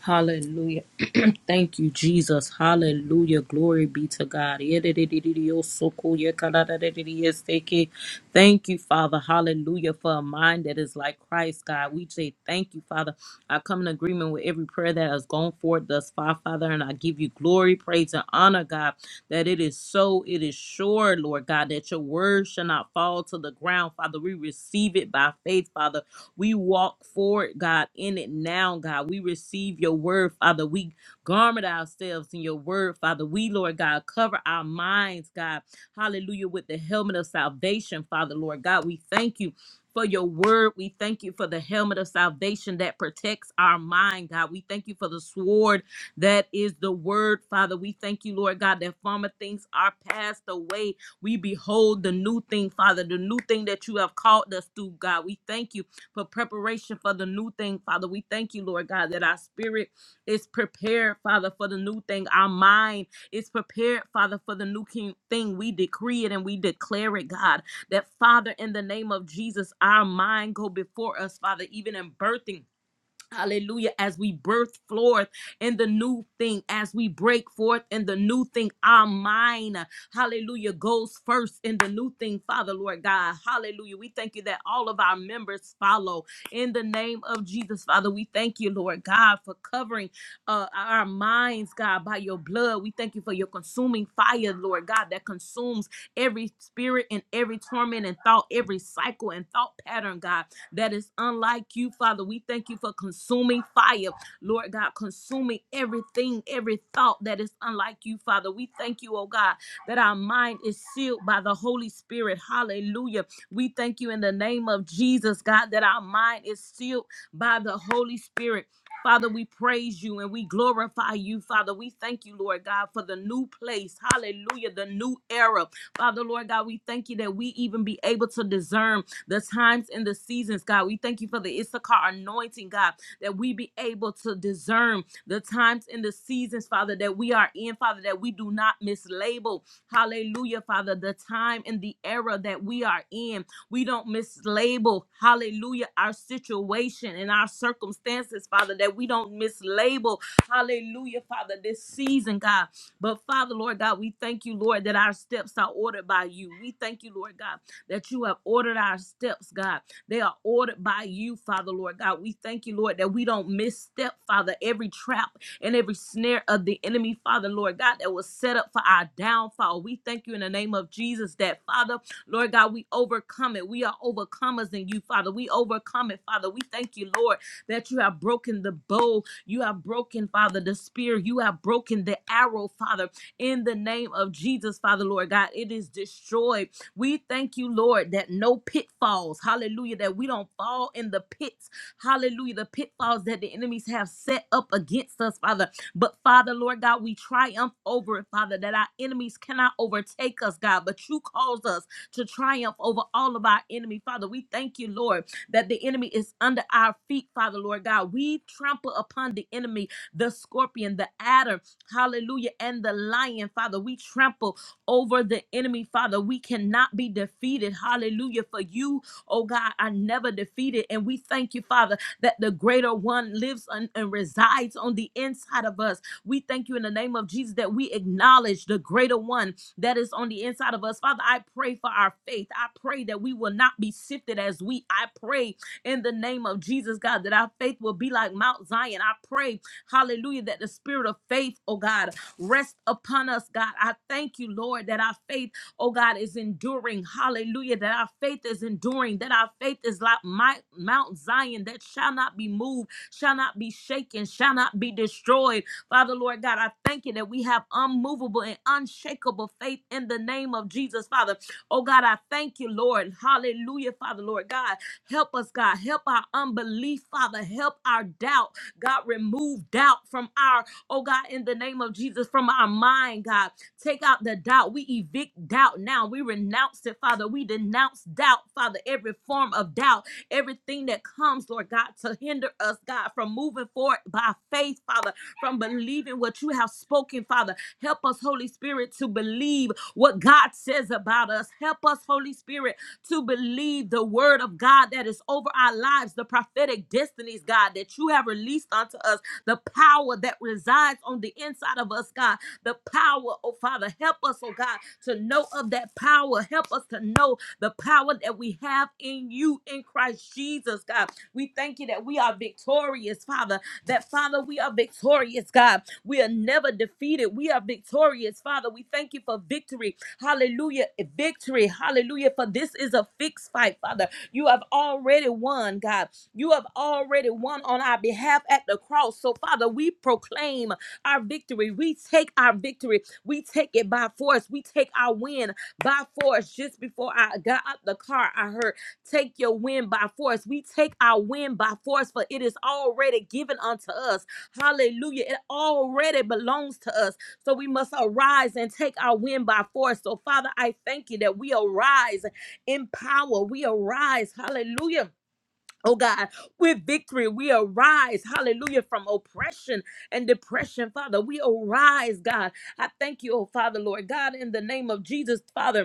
B: Hallelujah. Thank you, Jesus. Hallelujah. Glory be to God. Thank you, Father. Hallelujah. For a mind that is like Christ, God. We say thank you, Father. I come in agreement with every prayer that has gone forth thus far, Father, and I give you glory, praise, and honor, God, that it is so, it is sure, Lord God, that your word shall not fall to the ground, Father. We receive it by faith, Father. We walk forward, God, in it now, God. We receive your word, Father. We garment ourselves in your word, Father. We, Lord God, cover our minds, God. Hallelujah, with the helmet of salvation, Father, Lord God. We thank you. For your word, we thank you for the helmet of salvation that protects our mind, God. We thank you for the sword that is the word, Father. We thank you, Lord God, that former things are passed away. We behold the new thing, Father, the new thing that you have called us to, God. We thank you for preparation for the new thing, Father. We thank you, Lord God, that our spirit is prepared, Father, for the new thing. Our mind is prepared, Father, for the new king- thing. We decree it and we declare it, God, that, Father, in the name of Jesus, our mind go before us, Father, even in birthing Hallelujah. As we birth forth in the new thing, as we break forth in the new thing, our mind, hallelujah, goes first in the new thing, Father, Lord God. Hallelujah. We thank you that all of our members follow in the name of Jesus, Father. We thank you, Lord God, for covering uh, our minds, God, by your blood. We thank you for your consuming fire, Lord God, that consumes every spirit and every torment and thought, every cycle and thought pattern, God that is unlike you, Father. We thank you for consuming fire, Lord God, consuming everything, every thought that is unlike you, Father. We thank you, oh God, that our mind is sealed by the Holy Spirit. Hallelujah. We thank you in the name of Jesus, God, that our mind is sealed by the Holy Spirit. Father, we praise you and we glorify you, Father. We thank you, Lord God, for the new place. Hallelujah, the new era. Father, Lord God, we thank you that we even be able to discern the times and the seasons, God. We thank you for the Issachar anointing, God, that we be able to discern the times and the seasons, Father, that we are in, Father, that we do not mislabel, hallelujah, Father, the time and the era that we are in. We don't mislabel, hallelujah, our situation and our circumstances, Father, that we don't mislabel, hallelujah, Father, this season, God. But Father, Lord God, we thank you, Lord, that our steps are ordered by you. We thank you, Lord God that you have ordered our steps, God. They are ordered by you, Father, Lord God. We thank you, Lord, that we don't misstep, Father, every trap and every snare of the enemy, Father, Lord God, that was set up for our downfall. We thank you in the name of Jesus that, Father, Lord God, we overcome it. We are overcomers in you, Father. We overcome it, Father. We thank you, Lord, that you have broken the bow. You have broken, Father, the spear. You have broken the arrow, Father, in the name of Jesus, Father, Lord God. It is destroyed we thank you, Lord, that no pitfalls, hallelujah, that we don't fall in the pits, hallelujah, the pitfalls that the enemies have set up against us, Father. But Father, Lord God, we triumph over it, Father, that our enemies cannot overtake us, God, but you caused us to triumph over all of our enemy, Father. We thank you, Lord, that the enemy is under our feet, Father, Lord God. We trample upon the enemy, the scorpion, the adder, hallelujah, and the lion, Father. We trample over the enemy, Father. We cannot be defeated. Hallelujah. For you, oh God, are never defeated. And we thank you, Father, that the greater one lives on- and resides on the inside of us. We thank you in the name of Jesus that we acknowledge the greater one that is on the inside of us. Father, I pray for our faith. I pray that we will not be sifted as we. I pray in the name of Jesus, God, that our faith will be like Mount Zion. I pray, hallelujah, that the spirit of faith, oh God, Rest upon us, God. I thank you, Lord, that our faith, oh God, is enduring. Hallelujah. That our faith is enduring. That our faith is like my, Mount Zion that shall not be moved, shall not be shaken, shall not be destroyed. Father, Lord God, I thank you that we have unmovable and unshakable faith in the name of Jesus, Father. Oh God, I thank you, Lord. Hallelujah, Father, Lord God. Help us, God. Help our unbelief, Father. Help our doubt. God, remove doubt from our, oh God, in the name of Jesus, from our mind, God. Take out the doubt. We evict doubt now. We renounce it, Father. We denounce doubt, Father, every form of doubt, everything that comes, Lord God, to hinder us, God, from moving forward by faith, Father, from believing what you have spoken, Father. Help us, Holy Spirit, to believe what God says about us. Help us, Holy Spirit, to believe the word of God that is over our lives, the prophetic destinies, God, that you have released unto us, the power that resides on the inside of us, God, the power, oh Father, help us, oh God, to know of that power. Help us to know the power that we have in you, in Christ Jesus, God. We thank you that we are victorious, Father, that Father, we are victorious, God. We are never defeated. We are victorious, Father. We thank you for victory. Hallelujah. Victory. Hallelujah. For this is a fixed fight, Father. You have already won, God. You have already won on our behalf at the cross. So, Father, we proclaim our victory. We take our victory. We take it by force. We take our win by force. Just before I got out the car, I heard, Take your win by force. We take our win by force, for it is already given unto us. Hallelujah. It already belongs to us. So we must arise and take our win by force. So, Father, I thank you that we arise in power. We arise, hallelujah. Oh God, with victory, we arise, hallelujah, from oppression and depression, Father. We arise, God. I thank you, oh Father, Lord God, in the name of Jesus, Father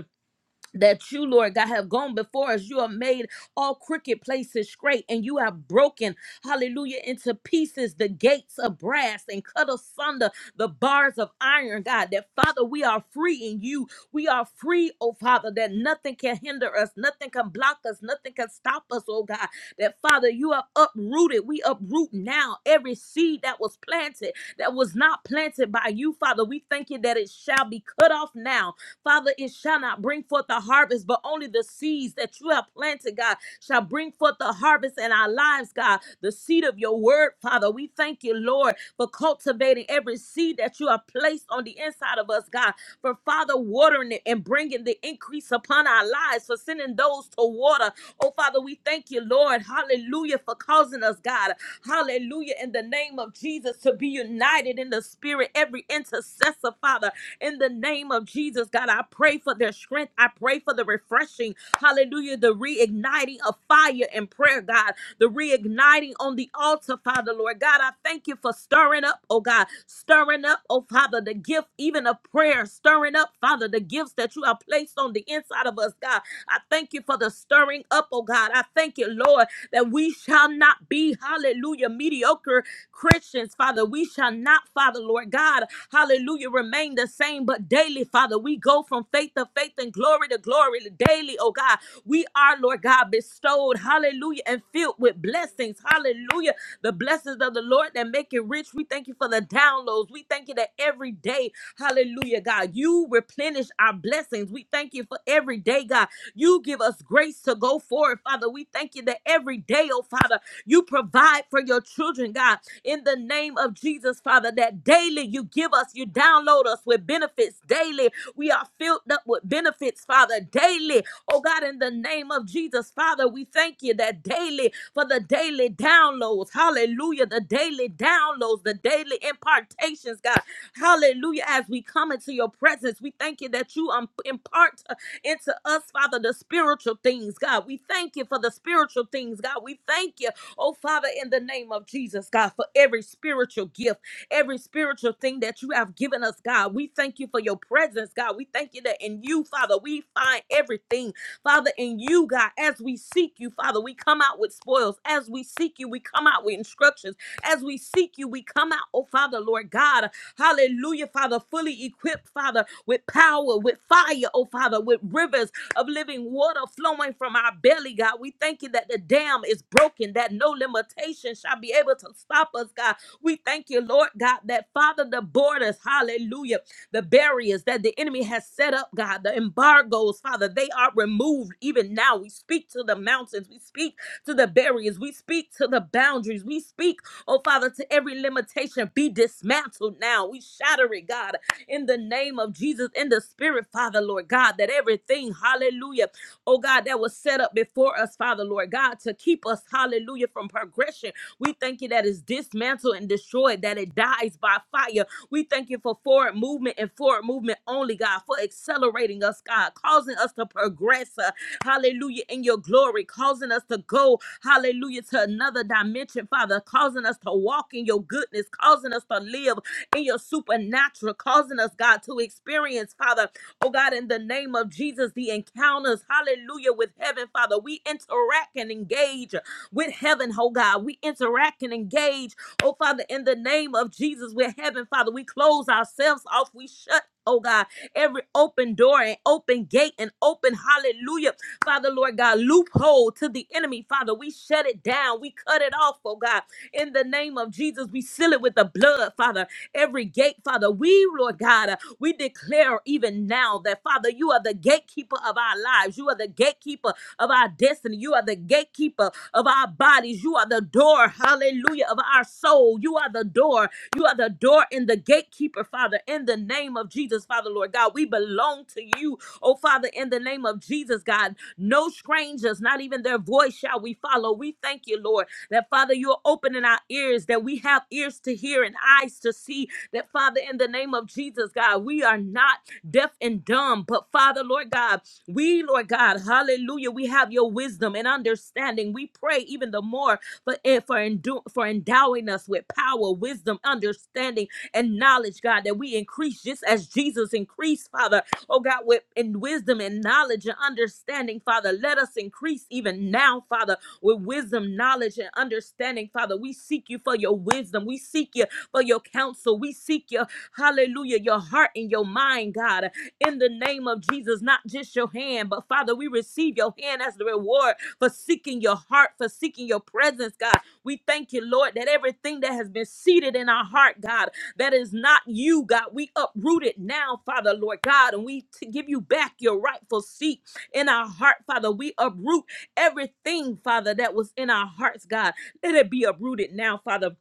B: that you, Lord God, have gone before us. You have made all crooked places straight, and you have broken, hallelujah, into pieces the gates of brass and cut asunder the bars of iron, God. That, Father, we are free in you. We are free, oh Father, that nothing can hinder us, nothing can block us, nothing can stop us, oh God. That, Father, you are uprooted. We uproot now every seed that was planted, that was not planted by you, Father. We thank you that it shall be cut off now Father, it shall not bring forth the harvest, but only the seeds that you have planted, God, shall bring forth the harvest in our lives, God. The seed of your word, Father. We thank you, Lord for cultivating every seed that you have placed on the inside of us, God. For Father, watering it and bringing the increase upon our lives, for sending those to water. Oh, Father, we thank you, Lord. Hallelujah, for causing us, God. Hallelujah, in the name of Jesus, to be united in the spirit, every intercessor, Father, in the name of Jesus, God. I pray for their strength. I pray for the refreshing. Hallelujah, the reigniting of fire and prayer, God. The reigniting on the altar, altar, Father, Lord God. I thank you for stirring up, oh God, stirring up, oh Father, the gift even of prayer, stirring up, Father, the gifts that you have placed on the inside of us, God. I thank you for the stirring up, oh God. I thank you, Lord, that we shall not be, hallelujah, mediocre Christians, Father. We shall not, Father, Lord God, hallelujah, remain the same, but daily, Father, we go from faith to faith and glory to glory daily, oh God. We are, Lord God, bestowed, hallelujah, and filled with up with blessings. Hallelujah. The blessings of the Lord that make it rich. We thank you for the downloads. We thank you that every day, hallelujah, God, you replenish our blessings. We thank you for every day, God. You give us grace to go forward, Father. We thank you that every day, oh Father, you provide for your children, God, in the name of Jesus, Father, that daily you give us, you download us with benefits daily. We are filled up with benefits, Father, daily. Oh God, in the name of Jesus, Father. Father, we thank you that daily for the daily downloads. Hallelujah. The daily downloads, the daily impartations, God. Hallelujah. As we come into your presence, we thank you that you um, impart uh, into us, Father, the spiritual things, God. We thank you for the spiritual things, God. We thank you, oh Father, in the name of Jesus, God, for every spiritual gift, every spiritual thing that you have given us, God. We thank you for your presence, God. We thank you that in you, Father, we find everything. Father, in you, God, as we seek you, Father, we come out with spoils. As we seek you, we come out with instructions. As we seek you, we come out, oh Father, Lord God, hallelujah, Father, fully equipped, Father, with power, with fire, oh Father, with rivers of living water flowing from our belly, God. We thank you that the dam is broken, that no limitation shall be able to stop us, God. We thank you, Lord God, that Father, the borders, hallelujah. The barriers that the enemy has set up, God, the embargoes, Father, they are removed even now. We speak to the mountains, we speak to the barriers, we speak to the boundaries, we speak, oh Father, to every limitation be dismantled now. We shatter it, God, in the name of Jesus, in the spirit, Father, Lord God, that everything, hallelujah, oh God, that was set up before us, Father, Lord God, to keep us, hallelujah, from progression. We thank you that it's dismantled and destroyed, that it dies by fire. We thank you for forward movement and forward movement only, God, for accelerating us, God, causing us to progress, uh, hallelujah, in your glory, causing us to go, hallelujah, to another dimension, Father, causing us to walk in your goodness, causing us to live in your supernatural, causing us, God, to experience, Father, oh God, in the name of Jesus, the encounters, hallelujah, with heaven, Father. We interact and engage with heaven, oh God. We interact and engage, oh Father, in the name of Jesus, with heaven, Father. We close ourselves off, we shut. Oh God, every open door and open gate and open hallelujah, Father Lord God, loophole to the enemy, Father. We shut it down, we cut it off, oh God. In the name of Jesus, we seal it with the blood, Father. Every gate, Father, we, Lord God, uh, we declare even now that, Father, you are the gatekeeper of our lives. You are the gatekeeper of our destiny. You are the gatekeeper of our bodies. You are the door, hallelujah, of our soul. You are the door. You are the door and the gatekeeper, Father, in the name of Jesus, Father, Lord God. We belong to you, oh Father, in the name of Jesus, God. No strangers, not even their voice shall we follow. We thank you, Lord. That Father, you're opening our ears, that we have ears to hear and eyes to see. That Father, in the name of Jesus, God, we are not deaf and dumb, but Father, Lord God, we, Lord God, hallelujah, we have your wisdom and understanding. We pray even the more for, eh, for, endu- for endowing us with power, wisdom, understanding, and knowledge, God, that we increase just as Jesus increased, Father. Oh God, with in wisdom and knowledge and understanding, Father, let us increase even now, Father with wisdom, knowledge, and understanding, Father. We seek you for your wisdom. We seek you for your counsel. We seek you, hallelujah, your heart and your mind, God, in the name of Jesus, not just your hand, but Father, we receive your hand as the reward for seeking your heart, for seeking your presence, God. We thank you, Lord, that everything that has been seated in our heart, God, that is not you, God, we uproot it now, Father, Lord God, and we t- give you back your rightful seat in our heart, Father. We uproot Everything, Father, that was in our hearts, God, let it be uprooted now, Father.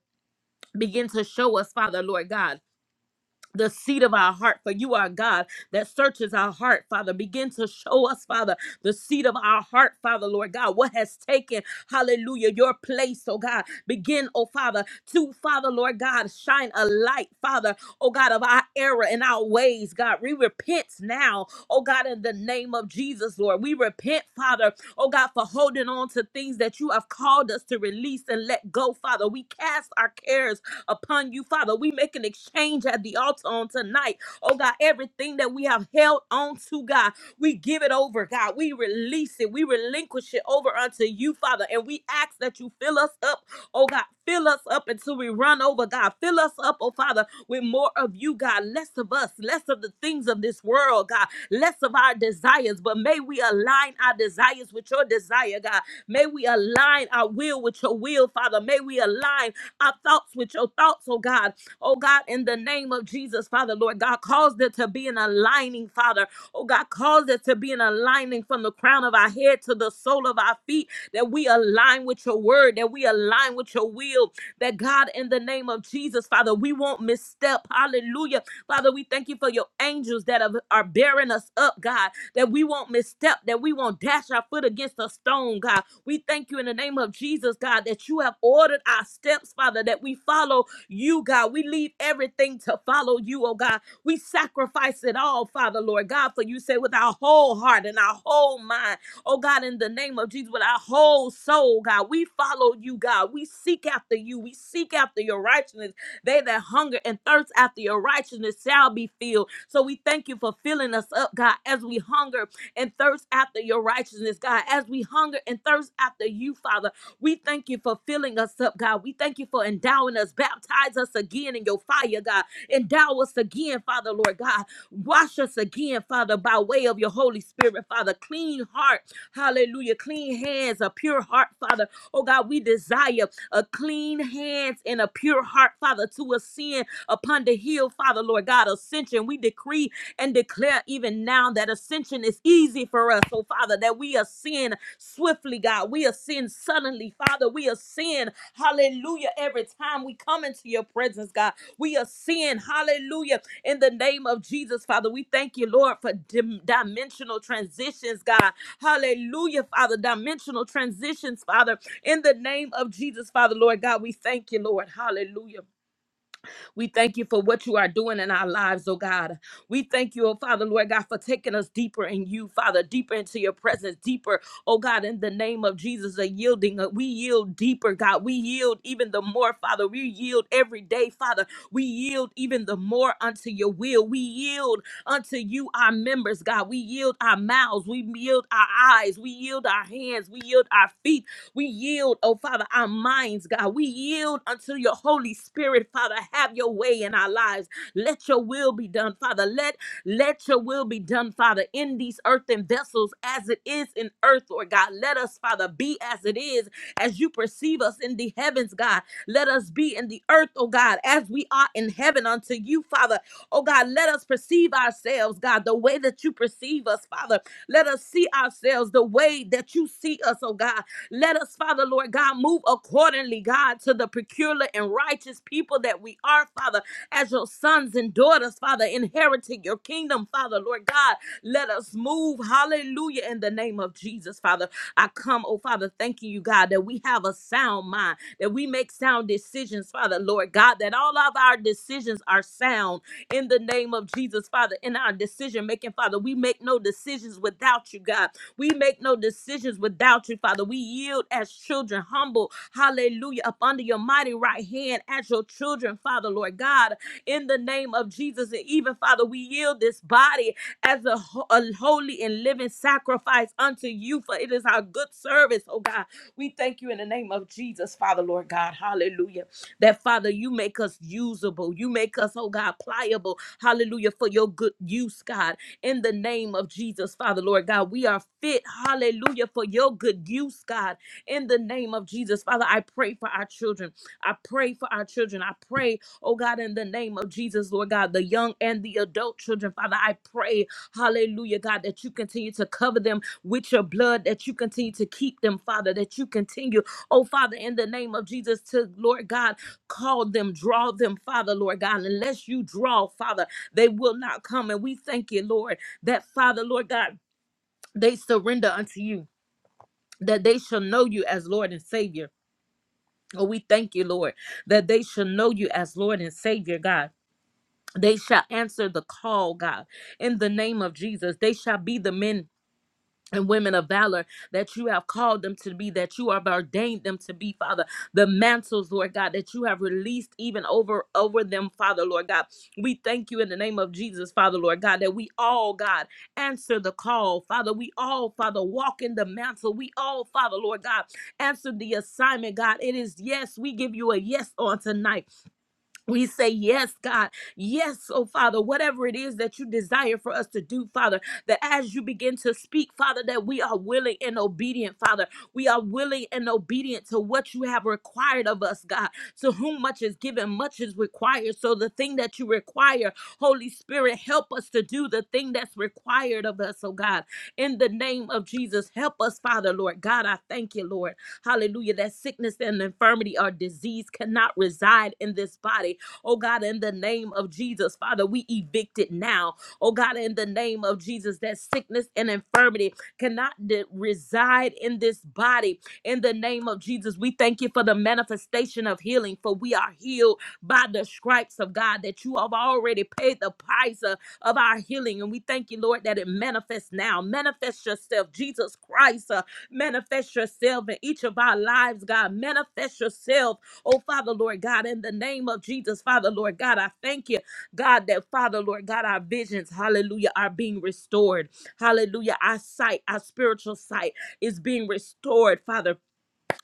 B: Begin to show us, Father, Lord God. The seed of our heart, for you are God that searches our heart, Father. Begin to show us, Father, the seed of our heart, Father, Lord God, what has taken, hallelujah, your place, oh God. Begin, oh Father, to, Father, Lord God, shine a light, Father, oh God, of our error and our ways, God. We repent now, oh God, in the name of Jesus, Lord. We repent, Father, oh God, for holding on to things that you have called us to release and let go, Father. We cast our cares upon you, Father. We make an exchange at the altar on tonight, oh God, everything that we have held on to, God, we give it over, God. We release it, we relinquish it over unto you, Father, and we ask that you fill us up Oh God, fill us up until we run over, God. Fill us up, oh Father, with more of you, God. Less of us, less of the things of this world, God. Less of our desires, but may we align our desires with your desire, God. May we align our will with your will, Father. May we align our thoughts with your thoughts, oh God. Oh God, in the name of Jesus, Father, Lord God, cause there to be an aligning, Father. Oh God, cause there to be an aligning from the crown of our head to the sole of our feet, that we align with your word, that we align align with your will. That God, in the name of Jesus, Father, we won't misstep. Hallelujah. Father, we thank you for your angels that are, are bearing us up, God, that we won't misstep, that we won't dash our foot against a stone, God. We thank you in the name of Jesus, God, that you have ordered our steps, Father, that we follow you, God. We leave everything to follow you, oh God. We sacrifice it all, Father, Lord God, for you say with our whole heart and our whole mind Oh God, in the name of Jesus, with our whole soul, God, we follow you, God. We seek after you. We seek after your righteousness. They that hunger and thirst after your righteousness shall be filled. So we thank you for filling us up, God, as we hunger and thirst after your righteousness, God, as we hunger and thirst after you, Father. We thank you for filling us up, God. We thank you for endowing us. Baptize us again in your fire, God. Endow us again, Father, Lord God. Wash us again, Father, by way of your Holy Spirit, Father. Clean heart Hallelujah. Clean hands, a pure heart, Father. Oh God, we desire a clean hands and a pure heart, Father, to ascend upon the hill, Father, Lord God. Ascension, we decree and declare even now that ascension is easy for us. Oh Father, that we ascend swiftly, God. We ascend suddenly, Father. We ascend, hallelujah, every time we come into your presence, God. We ascend, hallelujah, in the name of Jesus, Father. We thank you, Lord, for dim- dimensional transitions, God. Hallelujah, Father. Dimensional transitions, Father. In the name of Jesus, Father, Lord God, we thank you, Lord. Hallelujah. We thank you for what you are doing in our lives, oh God. We thank you, oh Father, Lord God, for taking us deeper in you, Father, deeper into your presence, deeper, oh God, in the name of Jesus, a yielding. uh, We yield deeper, God. We yield even the more, Father. We yield every day, Father. We yield even the more unto your will. We yield unto you our members, God. We yield our mouths. We yield our eyes. We yield our hands. We yield our feet. We yield, oh Father, our minds, God. We yield unto your Holy Spirit, Father. Have your way in our lives. Let your will be done, Father. Let let your will be done, Father, in these earthen vessels as it is in earth, Lord God. Let us, Father, be as it is, as you perceive us in the heavens, God. Let us be in the earth, oh God, as we are in heaven unto you, Father. Oh God, let us perceive ourselves, God, the way that you perceive us, Father. Let us see ourselves the way that you see us, oh God. Let us, Father, Lord God, move accordingly, God, to the peculiar and righteous people that we are, Father, as your sons and daughters, Father, inheriting your kingdom, Father, Lord God. Let us move, hallelujah, in the name of Jesus, Father. I come, oh Father, thanking you, God, that we have a sound mind, that we make sound decisions, Father, Lord God, that all of our decisions are sound in the name of Jesus, Father, in our decision making, Father. We make no decisions without you, God. We make no decisions without you, Father. We yield as children, humble, hallelujah, up under your mighty right hand as your children, Father, Lord God, in the name of Jesus. And even, Father, we we yield this body as a, ho- a holy and living sacrifice unto you, for it is our good service, oh God. We thank you in the name of Jesus, Father, Lord God. Hallelujah. That, Father, you make us usable. You make us, oh God, pliable. Hallelujah. For your good use, God. In the name of Jesus, Father, Lord God, we are fit. Hallelujah. For your good use, God. In the name of Jesus, Father, I pray for our children. I pray for our children. I pray Oh God, in the name of Jesus, Lord God, the young and the adult children, Father, I pray, hallelujah, God, that you continue to cover them with your blood, that you continue to keep them, Father, that you continue, oh Father, in the name of Jesus, to Lord God, call them, draw them, Father, Lord God. Unless you draw, Father, they will not come. And we thank you, Lord, that Father, Lord God, they surrender unto you, that they shall know you as Lord and Savior. Oh, we thank you, Lord, that they shall know you as Lord and Savior, God. They shall answer the call, God, in the name of Jesus. They shall be the men and women of valor that you have called them to be, that you have ordained them to be, Father. The mantles, Lord God, that you have released even over over them, Father, Lord God. We thank you in the name of Jesus, Father, Lord God, that we all, God, answer the call, Father. We all, Father, walk in the mantle. We all, Father, Lord God, answer the assignment, God. It is yes. We give you a yes on tonight. We say, Yes, God. Yes, oh Father, whatever it is that you desire for us to do, Father, that as you begin to speak, Father, that we are willing and obedient, Father. We are willing and obedient to what you have required of us, God. To whom much is given, much is required. So the thing that you require, Holy Spirit, help us to do the thing that's required of us, oh God. In the name of Jesus, help us, Father, Lord. God, I thank you, Lord. Hallelujah. That sickness and infirmity or disease cannot reside in this body Oh God, in the name of Jesus, Father, we evict it now. Oh God, in the name of Jesus, that sickness and infirmity cannot de- reside in this body. In the name of Jesus, we thank you for the manifestation of healing, for we are healed by the stripes of God, that you have already paid the price uh, of our healing. And we thank you, Lord, that it manifests now. Manifest yourself, Jesus Christ. uh, manifest yourself in each of our lives, God. Manifest yourself Oh, Father, Lord God, in the name of Jesus, Father, Lord God, I thank you, God, that Father, Lord God, our visions, hallelujah, are being restored. Hallelujah. Our sight, our spiritual sight is being restored, Father.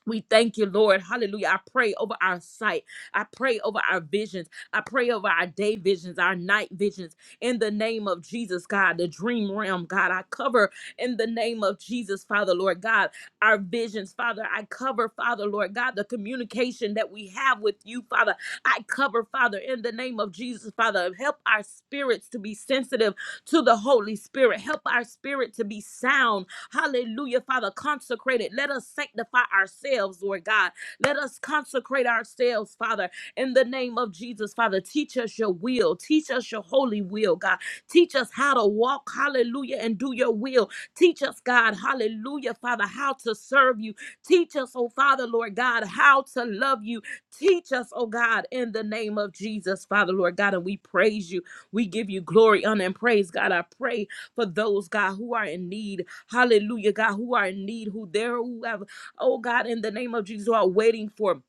B: We thank you, Lord. Hallelujah. I pray over our sight. I pray over our visions. I pray over our day visions, our night visions. In the name of Jesus, God, the dream realm, God, I cover in the name of Jesus, Father, Lord God, our visions, Father. I cover, Father, Lord God, the communication that we have with you, Father. I cover, Father, in the name of Jesus, Father. Help our spirits to be sensitive to the Holy Spirit. Help our spirit to be sound Hallelujah, Father. Consecrate it. Let us sanctify ourselves, Lord God. Let us consecrate ourselves, Father, in the name of Jesus, Father. Teach us your will. Teach us your holy will, God. Teach us how to walk, hallelujah, and do your will. Teach us, God, hallelujah, Father, how to serve you. Teach us, oh Father, Lord God, how to love you. Teach us, oh God, in the name of Jesus, Father, Lord God, and we praise you. We give you glory, honor, and praise, God. I pray for those, God, who are in need. Hallelujah, God, who are in need, who there, who have, oh God, in the name of Jesus, who are waiting for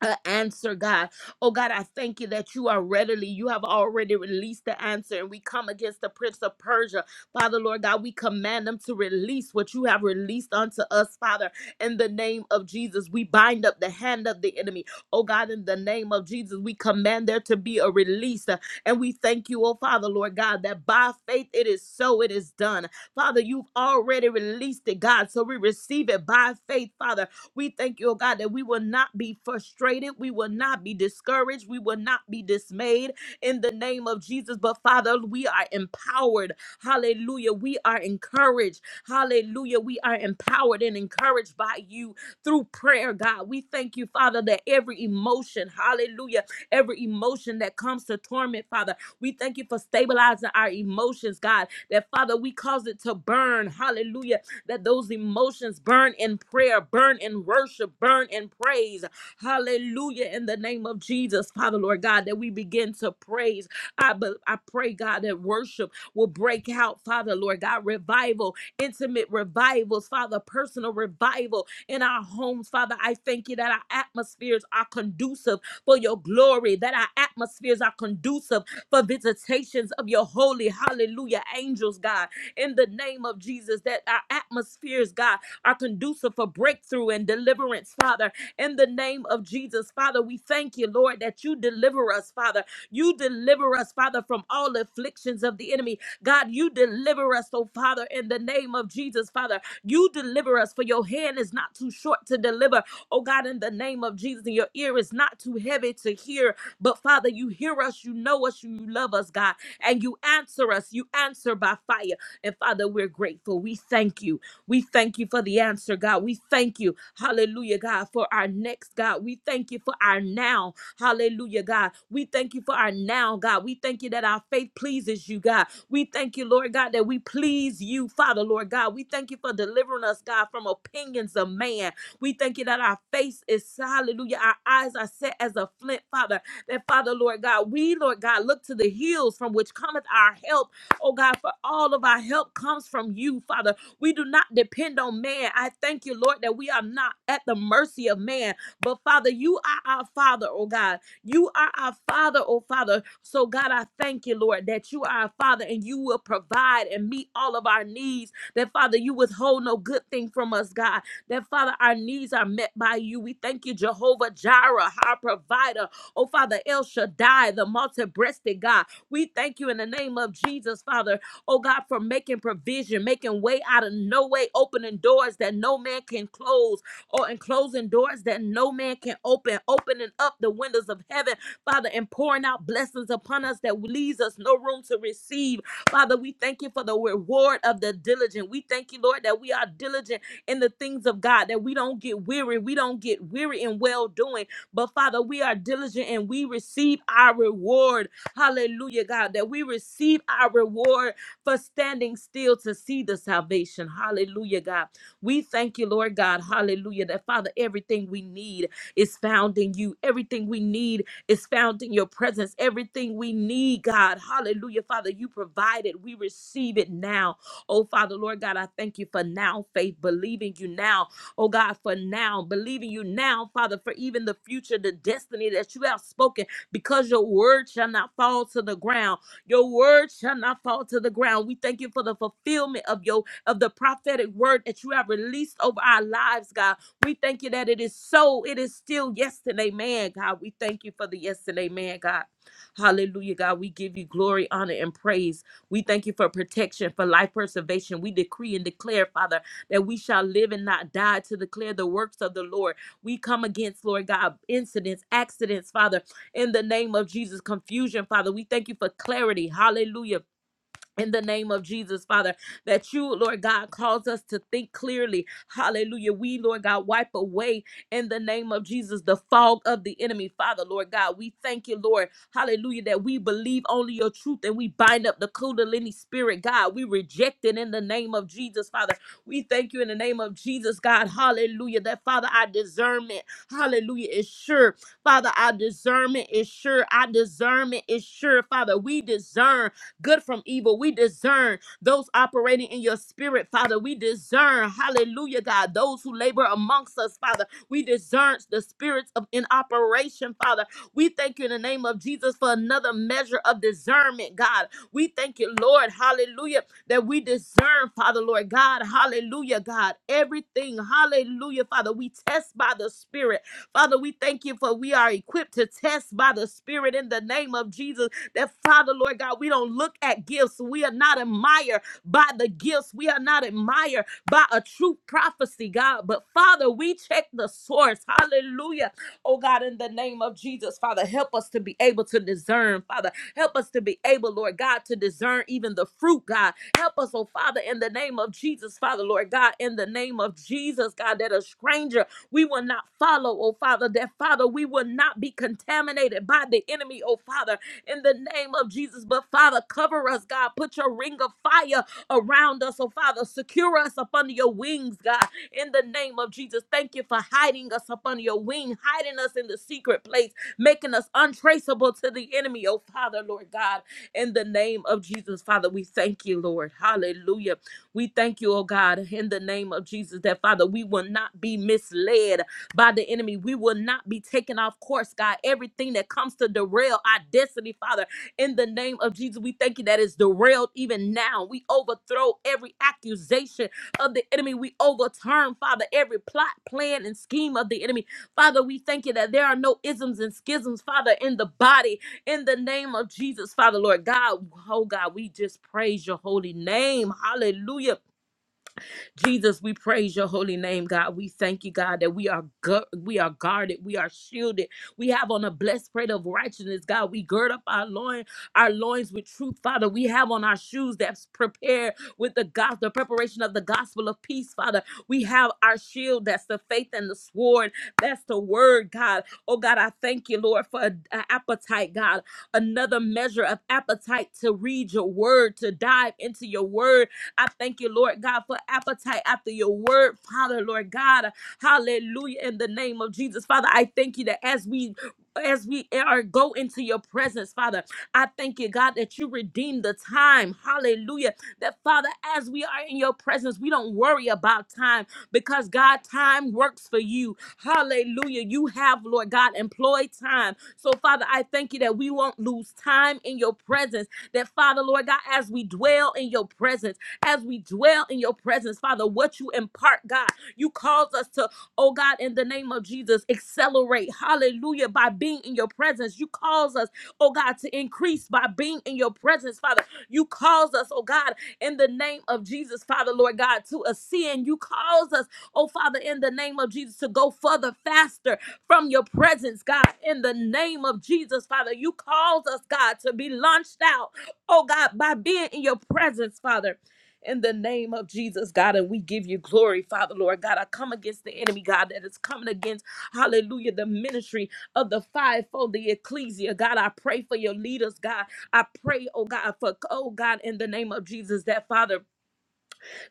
B: uh, answer, God. Oh, God, I thank you that you are readily, you have already released the answer, and we come against the Prince of Persia. Father, Lord God, we command them to release what you have released unto us, Father, in the name of Jesus. We bind up the hand of the enemy. Oh, God, in the name of Jesus, we command there to be a release, uh, and we thank you, oh, Father, Lord God, that by faith it is so, it is done. Father, you've already released it, God, so we receive it by faith, Father we thank you, oh God, that we will not be frustrated. We will not be discouraged. We will not be dismayed in the name of Jesus. But Father, we are empowered. Hallelujah. We are encouraged. Hallelujah. We are empowered and encouraged by you through prayer, God. We thank you, Father, that every emotion, hallelujah, every emotion that comes to torment, Father, we thank you for stabilizing our emotions, God, that Father, we cause it to burn. Hallelujah that those emotions burn in prayer, burn in worship, burn in praise. Hallelujah. In the name of Jesus, Father, Lord God, that we begin to praise. I, be, I pray, God, that worship will break out, Father, Lord God, revival, intimate revivals, Father, personal revival in our homes, Father. I thank you that our atmospheres are conducive for your glory, that our atmospheres are conducive for visitations of your holy, hallelujah, angels, God in the name of Jesus, that our atmospheres, God, are conducive for breakthrough and deliverance, Father, in the name of Jesus. Father, we thank you, Lord, that you deliver us, Father. You deliver us, Father, from all afflictions of the enemy. God, you deliver us, oh Father, in the name of Jesus, Father. You deliver us, for your hand is not too short to deliver, oh God, in the name of Jesus, and your ear is not too heavy to hear. But Father, you hear us, you know us, you love us, God, and you answer us. You answer by fire. And Father, we're grateful. We thank you. We thank you for the answer, God. We thank you, hallelujah, God, for our next, God. We thank you for our now, hallelujah, God. We thank you for our now, God. We thank you that our faith pleases you, God. We thank you, Lord God, that we please you, Father, Lord God. We thank you for delivering us, God, from opinions of man. We thank you that our face is, hallelujah, our eyes are set as a flint, Father. That, Father, Lord God, we, Lord God, look to the hills from which cometh our help oh God, for all of our help comes from you, Father. We do not depend on man. I thank you, Lord, that we are not at the mercy of man. But Father, you are our Father, oh God. You are our Father, oh Father. So God, I thank you, Lord, that you are our Father and you will provide and meet all of our needs. That Father, you withhold no good thing from us, God. That Father, our needs are met by you. We thank you, Jehovah Jireh, our provider. Oh Father, El Shaddai, the multi-breasted God. We thank you in the name of Jesus, Father, oh God, for making provision, making way out of no way, opening doors that no man can close, or and closing doors that no man can open, opening up the windows of heaven, Father, and pouring out blessings upon us that leaves us no room to receive. Father, we thank you for the reward of the diligent. We thank you, Lord, that we are diligent in the things of God, that we don't get weary, we don't get weary in well doing, but Father, we are diligent and we receive our reward. Hallelujah, God, that we receive our reward for standing still to see the salvation. Hallelujah, God. We thank you, Lord God. Hallelujah, that Father, everything we need is found in you. Everything we need is found in your presence. Everything we need, God. Hallelujah, Father, you provide it. We receive it now. Oh, Father, Lord God, I thank you for now faith, believing you now. Oh, God, for now, believing you now, Father, for even the future, the destiny that you have spoken because your word shall not fall to the ground. Your word shall not fall to the ground. We thank you for the fulfillment of your of the prophetic word that you have released over our lives, God. We thank you that it is so. It is still yesterday, man, God. We thank you for the yesterday, man, God. Hallelujah, God. We give you glory, honor, and praise. We thank you for protection, for life preservation. We decree and declare, Father, that we shall live and not die to declare the works of the Lord. We come against, Lord God, incidents, accidents, Father in the name of Jesus. Confusion, Father, we thank you for clarity. Hallelujah in the name of Jesus, Father, that you, Lord God, cause us to think clearly. Hallelujah. We, Lord God, wipe away in the name of Jesus the fog of the enemy. Father, Lord God, we thank you, Lord. Hallelujah. That we believe only your truth and we bind up the Kundalini spirit, God. We reject it in the name of Jesus, Father. We thank you in the name of Jesus, God. Hallelujah. That, Father, our discernment, hallelujah, is sure. Father, our discernment is sure. Our discernment is sure, Father. We discern good from evil. We discern those operating in your spirit, Father. We discern, hallelujah, God, those who labor amongst us, Father. We discern the spirits of in operation, Father. We thank you in the name of Jesus for another measure of discernment, God. We thank you, Lord, hallelujah, that we discern, Father, Lord God, hallelujah, God, everything, hallelujah, Father. We test by the Spirit. Father, we thank you for we are equipped to test by the Spirit in the name of Jesus. That Father, Lord God, we don't look at gifts. We are not admired by the gifts. We are not admired by a true prophecy, God. But Father, we check the source. Hallelujah. Oh God, in the name of Jesus, Father, help us to be able to discern, Father. Help us to be able, Lord God, to discern even the fruit, God. Help us, oh Father, in the name of Jesus, Father, Lord God, in the name of Jesus, God, that a stranger we will not follow, oh Father, that Father, we will not be contaminated by the enemy, oh Father in the name of Jesus. But Father, cover us, God. Put your ring of fire around us, oh Father. Secure us up under your wings, God, in the name of Jesus. Thank you for hiding us up under your wing, hiding us in the secret place, making us untraceable to the enemy, oh Father, Lord God, in the name of Jesus. Father, we thank you, Lord. Hallelujah. We thank you, oh God, in the name of Jesus, that Father, we will not be misled by the enemy. We will not be taken off course, God. Everything that comes to derail our destiny, Father, in the name of Jesus, we thank you that is derailed even now. We overthrow every accusation of the enemy. We overturn, Father, every plot, plan, and scheme of the enemy. Father, we thank you that there are no isms and schisms, Father, in the body, in the name of Jesus, Father, Lord God. Oh, God, we just praise your holy name. Hallelujah. Jesus, we praise your holy name, God. We thank you, God, that we are gu- we are guarded, we are shielded. We have on a blessed plate of righteousness, God. We gird up our loin, our loins with truth, Father. We have on our shoes that's prepared with the gospel, the preparation of the gospel of peace, Father. We have our shield, that's the faith and the sword, that's the word, God. Oh God, I thank you, Lord, for an appetite, God. Another measure of appetite to read your word, to dive into your word, I thank you, Lord God, for appetite after your word, Father, Lord God. Hallelujah. In the name of Jesus, Father, I thank you that as we as we are go into your presence, Father, I thank you, God, that you redeem the time. Hallelujah. That Father, as we are in your presence, we don't worry about time because God, time works for you. Hallelujah. You have, Lord God, employed time. So, Father, I thank you that we won't lose time in your presence. That Father, Lord God, as we dwell in your presence as we dwell in your presence, Father, what you impart, God. You cause us to, oh God, in the name of Jesus, accelerate, hallelujah, by being in your presence. You cause us, oh God, to increase by being in your presence, Father. You cause us, oh God, in the name of Jesus, Father, Lord God, to ascend. You cause us, oh Father, in the name of Jesus, to go further, faster from your presence, God, in the name of Jesus, Father. You cause us, God, to be launched out, oh God, by being in your presence, Father in the name of Jesus, God. And we give you glory, Father, Lord God. I come against the enemy, God, that is coming against, hallelujah, the ministry of the fivefold, the ecclesia. God, I pray for your leaders, God. I pray, oh God, for, oh God, in the name of Jesus, that Father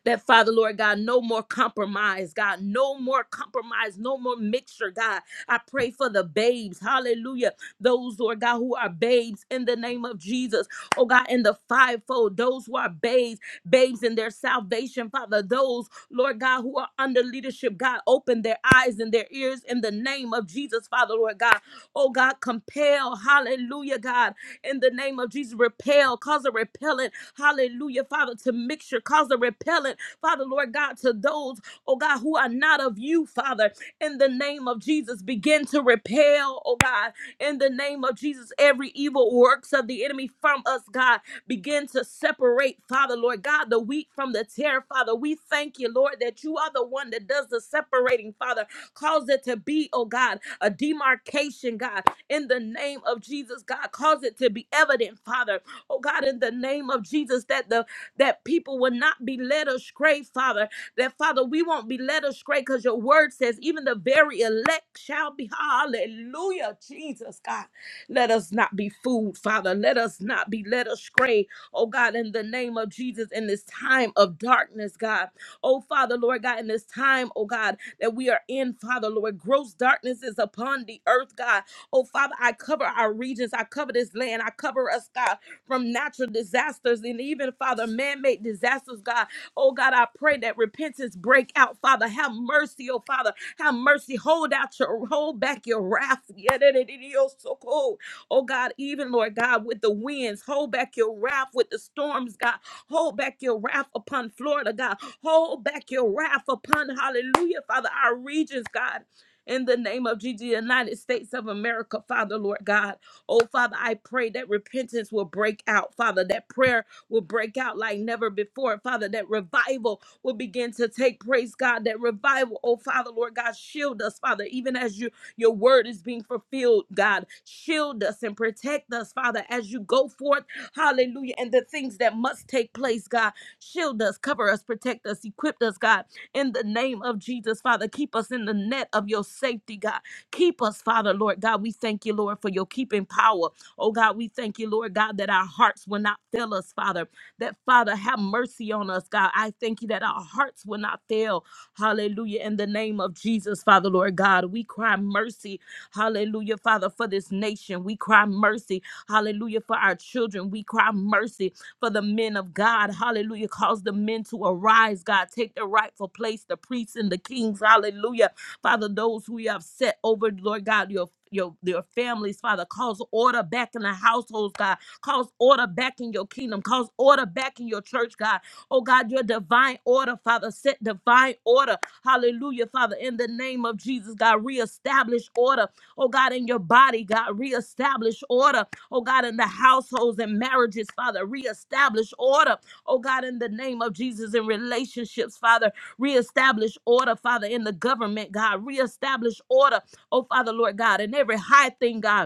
B: that Father Lord God, no more compromise, God, no more compromise, no more mixture, God. I pray for the babes, hallelujah. Those, Lord God, who are babes in the name of Jesus, oh God, in the fivefold, those who are babes, babes in their salvation, Father, those, Lord God, who are under leadership, God, open their eyes and their ears in the name of Jesus, Father, Lord God. Oh God, compel, hallelujah, God, in the name of Jesus, repel, cause a repellent Hallelujah, Father, to mixture, cause a repellent, Father, Lord God, to those, oh God, who are not of you, Father, in the name of Jesus, begin to repel, oh God, in the name of Jesus, every evil works of the enemy from us, God, begin to separate, Father, Lord God, the wheat from the tear, Father. We thank you, Lord, that you are the one that does the separating, Father. Cause it to be, oh God, a demarcation, God, in the name of Jesus, God. Cause it to be evident, Father, Oh God, in the name of Jesus, that the that people will not be led astray, Father. That Father, we won't be led astray because your word says, even the very elect shall be. Hallelujah, Jesus, God. Let us not be fooled, Father. Let us not be led astray, oh God, in the name of Jesus, in this time of darkness, God. Oh Father, Lord God, in this time, oh God, that we are in, Father, Lord, gross darkness is upon the earth, God. Oh Father, I cover our regions, I cover this land, I cover us, God from natural disasters and even, Father, man made disasters, God. Oh, God, I pray that repentance break out, Father. Have mercy, oh, Father. Have mercy. Hold out your, hold back your wrath. Yedidididiosoko. Oh, God, even, Lord God, with the winds, hold back your wrath with the storms, God. Hold back your wrath upon Florida, God. Hold back your wrath upon, hallelujah, Father, our regions, God. In the name of Jesus, United States of America, Father, Lord God. Oh, Father, I pray that repentance will break out, Father, that prayer will break out like never before, Father, that revival will begin to take, praise God, that revival, oh, Father, Lord God, shield us, Father, even as you, your word is being fulfilled, God, shield us and protect us, Father, as you go forth, hallelujah, and the things that must take place, God, shield us, cover us, protect us, equip us, God, in the name of Jesus, Father, keep us in the net of your safety, God. Keep us, Father, Lord God. We thank you, Lord, for your keeping power. Oh God, we thank you, Lord God, that our hearts will not fail us, Father. That, Father, have mercy on us, God. I thank you that our hearts will not fail. Hallelujah. In the name of Jesus, Father, Lord God, we cry mercy. Hallelujah, Father, for this nation. We cry mercy. Hallelujah, for our children. We cry mercy for the men of God. Hallelujah. Cause the men to arise, God. Take their rightful place, the priests and the kings. Hallelujah. Father, those who you have set over, Lord God, your your, your families, Father, cause order back in the households, God. Cause order back in your kingdom. Cause order back in your church, God. Oh, God, your divine order, Father. Set divine order. Hallelujah, Father. In the name of Jesus, God, reestablish order. Oh, God, in your body, God, reestablish order. Oh, God, in the households and marriages, Father, reestablish order. Oh, God, in the name of Jesus, in relationships, Father, Reestablish order, Father, in the government, God. Reestablish order, oh Father, Lord God, in every high thing, God.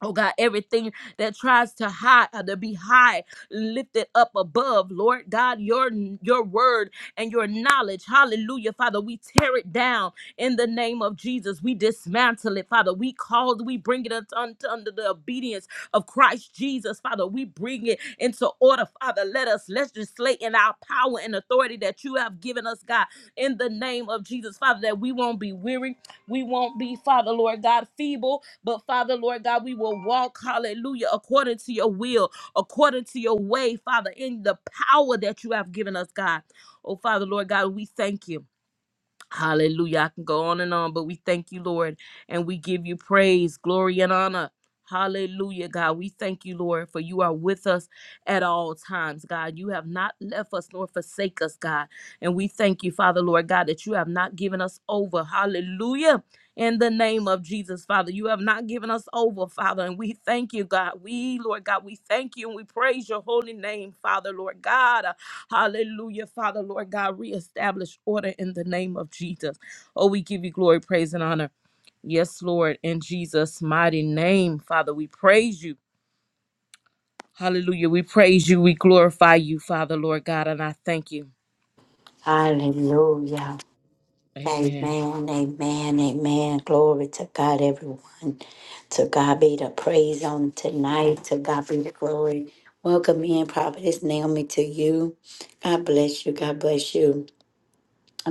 B: Oh God, everything that tries to hide uh, to be high, lifted up above, Lord God, your your word and your knowledge, Hallelujah, Father, we tear it down in the name of Jesus. We dismantle it, Father. We call, we bring it unto, unto under the obedience of Christ Jesus, Father. We bring it into order, Father. Let us legislate in our power and authority that you have given us, God, in the name of Jesus, Father, that we won't be weary we won't be, Father Lord God, feeble, but Father Lord God, we will walk, hallelujah, according to your will, according to your way, Father, in the power that you have given us, God. Oh, Father Lord God, we thank you. Hallelujah. I can go on and on, but we thank you, Lord, and we give you praise, glory, and honor. Hallelujah, God. We thank you, Lord, for you are with us at all times, God. You have not left us nor forsake us, God. And we thank you, Father, Lord God, that you have not given us over. Hallelujah in the name of Jesus, Father. You have not given us over, Father, and we thank you, God. We, Lord God, we thank you and we praise your holy name, Father, Lord God. Uh, Hallelujah, Father, Lord God. Reestablish order in the name of Jesus. Oh, we give you glory, praise, and honor. Yes, Lord, in Jesus' mighty name, Father, we praise you. Hallelujah. We praise you. We glorify you, Father, Lord God, and I thank you.
A: Hallelujah. Amen,
B: Amen.
A: amen, amen. Glory to God, everyone. To God be the praise on tonight. To God be the glory. Welcome in, Prophetess Naomi, to you. God bless you. God bless you.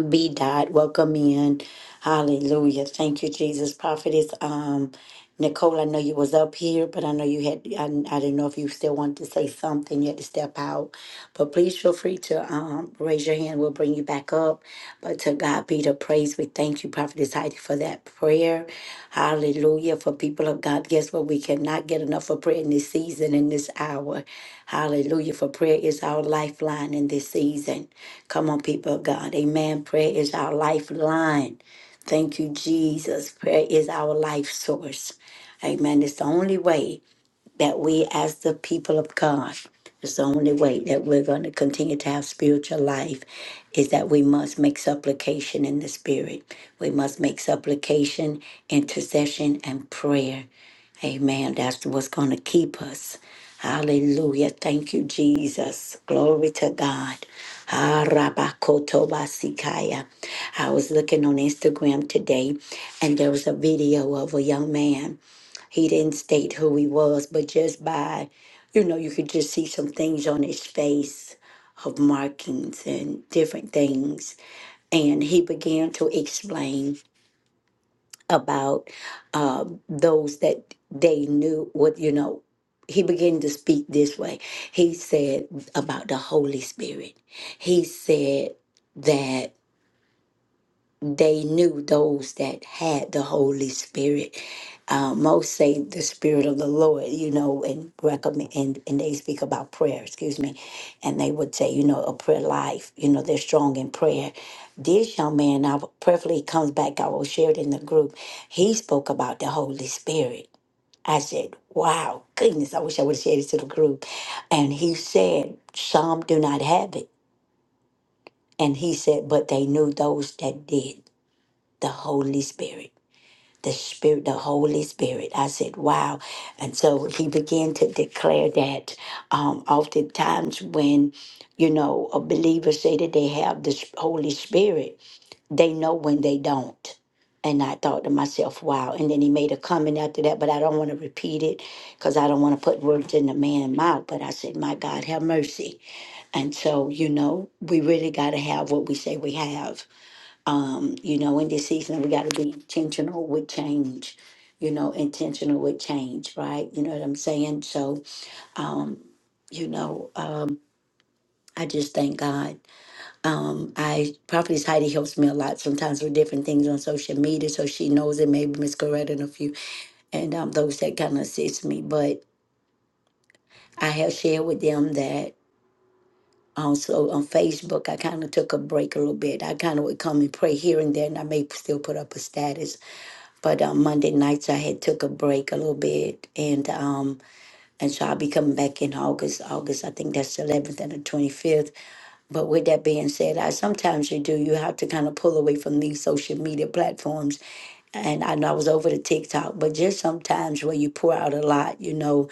A: Be dot. Welcome in. Hallelujah. Thank you, Jesus. Prophetess. Um, Nicole, I know you was up here, but I know you had, I, I didn't know if you still wanted to say something, you had to step out. But please feel free to um, raise your hand. We'll bring you back up. But to God be the praise. We thank you, Prophetess Heidi, for that prayer. Hallelujah. For people of God, guess what? We cannot get enough of prayer in this season, in this hour. Hallelujah. For prayer is our lifeline in this season. Come on, people of God. Amen. Prayer is our lifeline. Thank you, Jesus. Prayer is our life source. Amen. It's the only way that we, as the people of God, it's the only way that we're going to continue to have spiritual life is that we must make supplication in the spirit. We must make supplication, intercession, and prayer. Amen. That's what's going to keep us. Hallelujah. Thank you, Jesus. Glory to God. Ah, rabakotobasikaya. I was looking on Instagram today and there was a video of a young man. He didn't state who he was, but just by, you know, you could just see some things on his face of markings and different things. And he began to explain about uh, those that they knew what, you know, he began to speak this way. He said about the Holy Spirit. He said that they knew those that had the Holy Spirit. Uh, most say the Spirit of the Lord, you know, and recommend, and, and they speak about prayer, excuse me, and they would say, you know, a prayer life, you know, they're strong in prayer. This young man, I prayerfully comes back, I will share it in the group. He spoke about the Holy Spirit. I said, wow, goodness, I wish I would have shared it to the group. And he said, some do not have it. And he said, but they knew those that did, the Holy Spirit the spirit the holy spirit i said wow and so he began to declare that um, oftentimes when you know a believer say that they have the S- holy spirit they know when they don't and i thought to myself wow and then he made a comment after that but i don't want to repeat it because i don't want to put words in the man's mouth but i said my god have mercy and so you know we really got to have what we say we have um, you know, in this season, we got to be intentional with change, you know, intentional with change, right? You know what I'm saying? So, you know, uh, I just thank God. Um, I Prophetess Heidi helps me a lot sometimes with different things on social media, so she knows it. Maybe Miss Coretta and a few, and um, those that kind of assist me. But I have shared with them that also on Facebook, I kind of took a break a little bit. I kind of would come and pray here and there, and I may still put up a status But um, Monday nights I had took a break a little bit, and um, and so I'll be coming back in August. August, I think that's the 11th and the 25th. But with that being said, I sometimes you do, you have to kind of pull away from these social media platforms. And I know I was over to TikTok, but just sometimes where you pour out a lot, you know,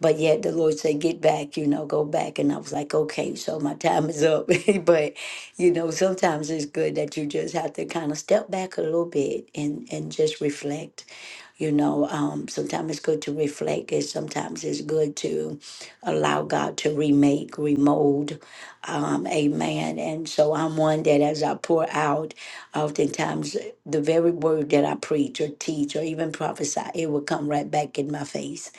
A: but yet the Lord said, get back, you know, go back. And I was like, okay, so my time is up. but, you know, sometimes it's good that you just have to kind of step back a little bit and, and just reflect you know, um, sometimes it's good to reflect. It sometimes it's good to allow God to remake, remold. Um, amen. And so I'm one that as I pour out, oftentimes the very word that I preach or teach or even prophesy, it will come right back in my face.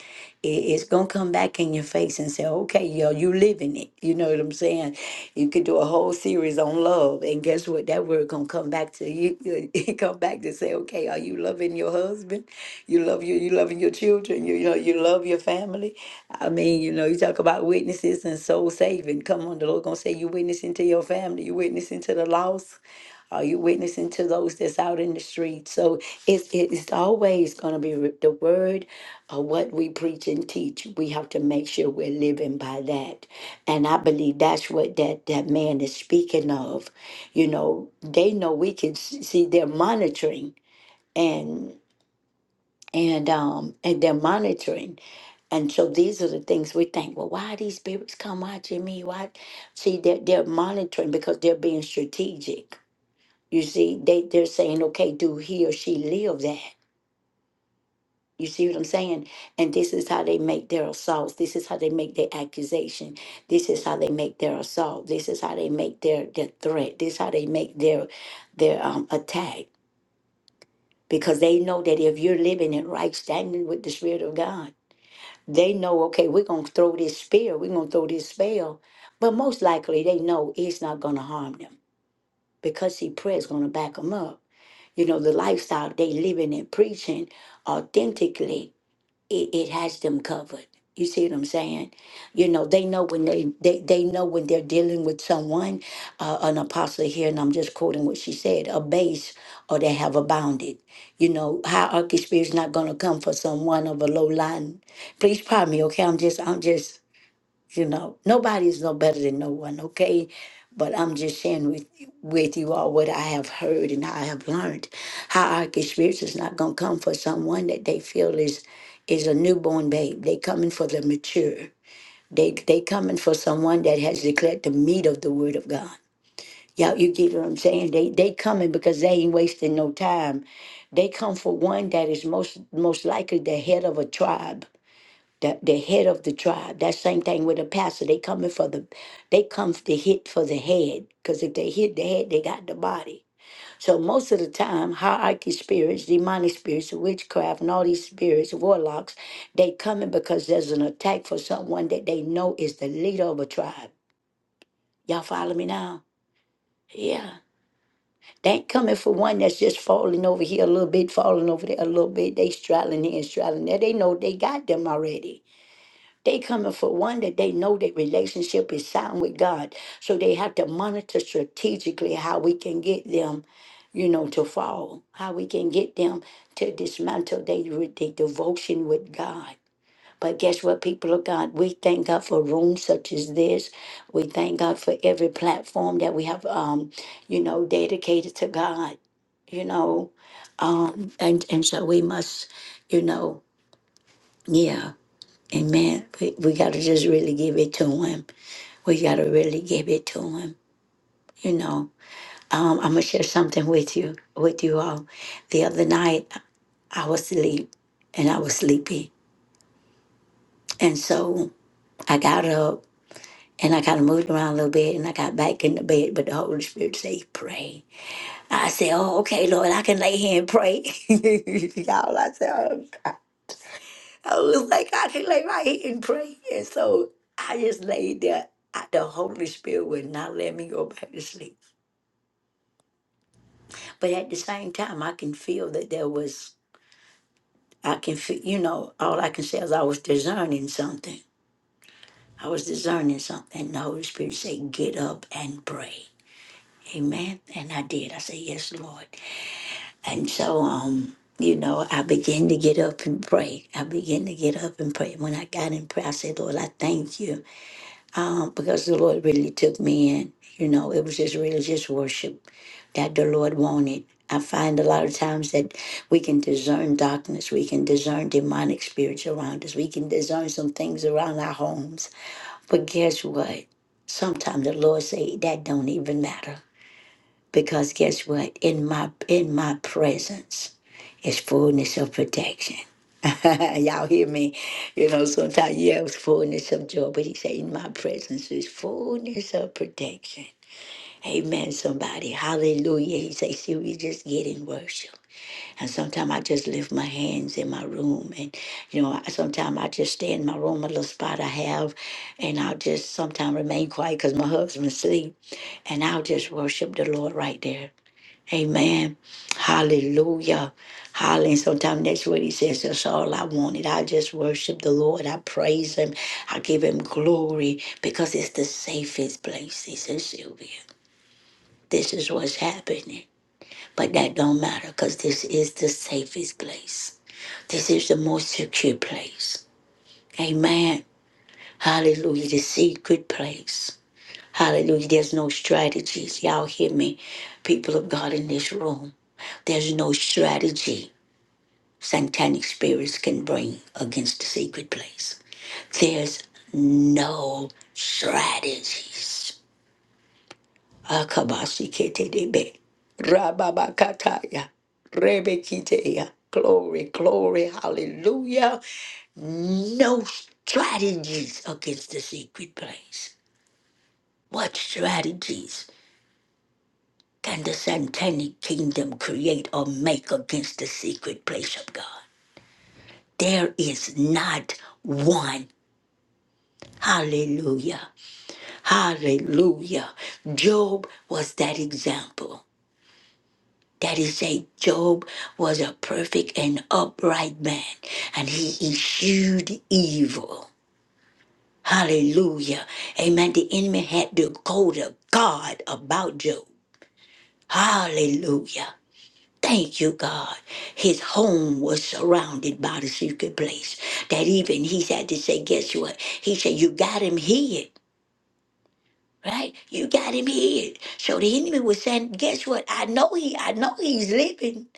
A: It- it's gonna come back in your face and say, "Okay, yo, you living it." You know what I'm saying? You could do a whole series on love, and guess what? That word gonna come back to you. It come back to say, "Okay, are you loving your husband? You love you. You loving your children. You, you know you love your family. I mean, you know, you talk about witnesses and soul saving. Come on, the Lord gonna say you witnessing to your family. You witnessing to the lost. Are you witnessing to those that's out in the street? So it's, it's always going to be re- the word of what we preach and teach. We have to make sure we're living by that. And I believe that's what that, that man is speaking of. You know, they know we can s- see they're monitoring and and um and they're monitoring. And so these are the things we think, well, why these spirits come watching me? Why see they're, they're monitoring because they're being strategic you see, they, they're saying, okay, do he or she live that? You see what I'm saying? And this is how they make their assaults. This is how they make their accusation. This is how they make their assault. This is how they make their, their threat. This is how they make their their um, attack. Because they know that if you're living in right standing with the Spirit of God, they know, okay, we're gonna throw this spear, we're gonna throw this spell. But most likely they know it's not gonna harm them because see prayer is gonna back them up. you know the lifestyle they living and preaching authentically it, it has them covered you see what i'm saying you know they know when they they, they know when they're dealing with someone uh, an apostle here and i'm just quoting what she said a base or they have abounded you know hierarchy spirit's not going to come for someone of a low line please pardon me okay i'm just i'm just you know, nobody's no better than no one, okay? But I'm just sharing with with you all what I have heard and I have learned. Hierarchy spirits is not gonna come for someone that they feel is is a newborn babe. They coming for the mature. They they coming for someone that has declared the meat of the word of God. Yeah, you get what I'm saying? They they coming because they ain't wasting no time. They come for one that is most most likely the head of a tribe the, the head of the tribe. That same thing with the pastor. They coming for the, they come to hit for the head. Because if they hit the head, they got the body. So most of the time, hierarchy spirits, demonic spirits, witchcraft, and all these spirits, warlocks, they coming because there's an attack for someone that they know is the leader of a tribe. Y'all follow me now? Yeah. They ain't coming for one that's just falling over here a little bit, falling over there a little bit. They straddling here and straddling there. They know they got them already. They coming for one that they know their relationship is sound with God. So they have to monitor strategically how we can get them, you know, to fall, how we can get them to dismantle their, their devotion with God. But guess what, people of God? We thank God for rooms such as this. We thank God for every platform that we have, um, you know, dedicated to God, you know. Um, and, and so we must, you know, yeah. Amen. We, we got to just really give it to him. We got to really give it to him. You know, um, I'm gonna share something with you, with you all. The other night, I was asleep, and I was sleepy, and so I got up and I kind of moved around a little bit, and I got back in the bed. But the Holy Spirit said, "Pray." I said, "Oh, okay, Lord, I can lay here and pray." Y'all, I said. "Oh, I was like, I can lay right here and pray. And so I just laid there. I- The Holy Spirit would not let me go back to sleep. But at the same time, I can feel that there was, I can feel, you know, all I can say is I was discerning something. I was discerning something. And the Holy Spirit said, get up and pray. Amen. And I did. I said, yes, Lord. And so, um, you know, I began to get up and pray. I began to get up and pray. When I got in prayer, I said, Lord, I thank you. um, because the Lord really took me in. You know, it was just really just worship that the Lord wanted. I find a lot of times that we can discern darkness, we can discern demonic spirits around us, we can discern some things around our homes. But guess what? Sometimes the Lord say that don't even matter because guess what? In my in my presence is fullness of protection. Y'all hear me? You know, sometimes you have fullness of joy, but he said, In my presence is fullness of protection. Amen, somebody. Hallelujah. He said, See, we just get in worship. And sometimes I just lift my hands in my room. And, you know, sometimes I just stay in my room, a little spot I have. And I'll just sometimes remain quiet because my husband's asleep. And I'll just worship the Lord right there. Amen. Hallelujah. Hallelujah. Sometimes that's what he says. That's all I wanted. I just worship the Lord. I praise him. I give him glory because it's the safest place. He says, Sylvia, this is what's happening. But that don't matter because this is the safest place. This is the most secure place. Amen. Hallelujah. The secret place. Hallelujah. There's no strategies. Y'all hear me, people of God in this room. There's no strategy satanic spirits can bring against the secret place. There's no strategies. Akabasiketebe, rababakataya, rebekiteya. Glory, glory, hallelujah. No strategies against the secret place. What strategies can the satanic kingdom create or make against the secret place of God? There is not one Hallelujah. Hallelujah. Job was that example. That is say Job was a perfect and upright man and he eschewed evil. Hallelujah. Amen. The enemy had to go to God about Job. Hallelujah. Thank you, God. His home was surrounded by the secret place. That even he had to say, guess what? He said, You got him hid. Right? You got him here. So the enemy was saying, guess what? I know he I know he's living.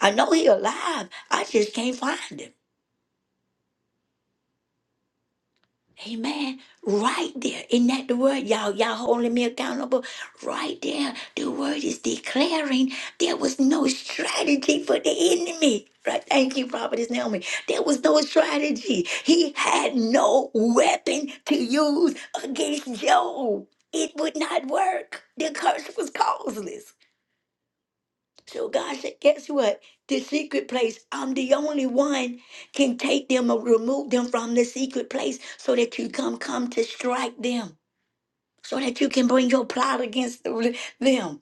A: I know he alive. I just can't find him. Amen. Right there. Isn't that the word? Y'all, y'all holding me accountable. Right there. The word is declaring there was no strategy for the enemy. Right. Thank you, Prophetess Naomi. There was no strategy. He had no weapon to use against Job. It would not work. The curse was causeless. So God said, guess what? The secret place, I'm the only one can take them or remove them from the secret place so that you come come to strike them, so that you can bring your plot against the- them.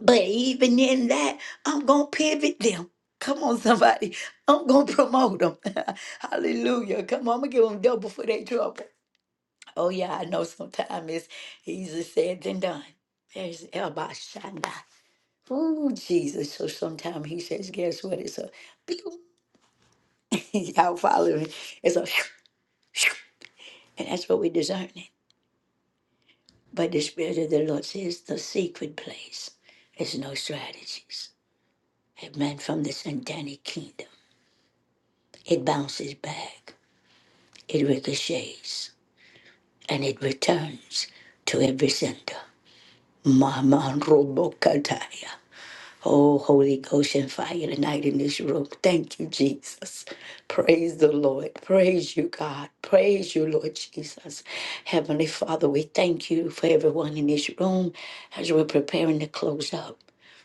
A: But even in that, I'm going to pivot them. Come on, somebody. I'm going to promote them. Hallelujah. Come on, I'm going to give them double for their trouble. Oh, yeah, I know sometimes it's easier said than done. There's Elba Shanda. Oh, Jesus. So sometimes he says, guess what? It's a pew. y'all follow me. It's a shoo, shoo. and that's what we're discerning. But the Spirit of the Lord says the secret place is no strategies. It meant from the satanic kingdom. It bounces back, it ricochets, and it returns to every sender. Mama Robokataya. Oh, Holy Ghost and fire tonight in this room. Thank you, Jesus. Praise the Lord. Praise you, God. Praise you, Lord Jesus. Heavenly Father, we thank you for everyone in this room as we're preparing to close up.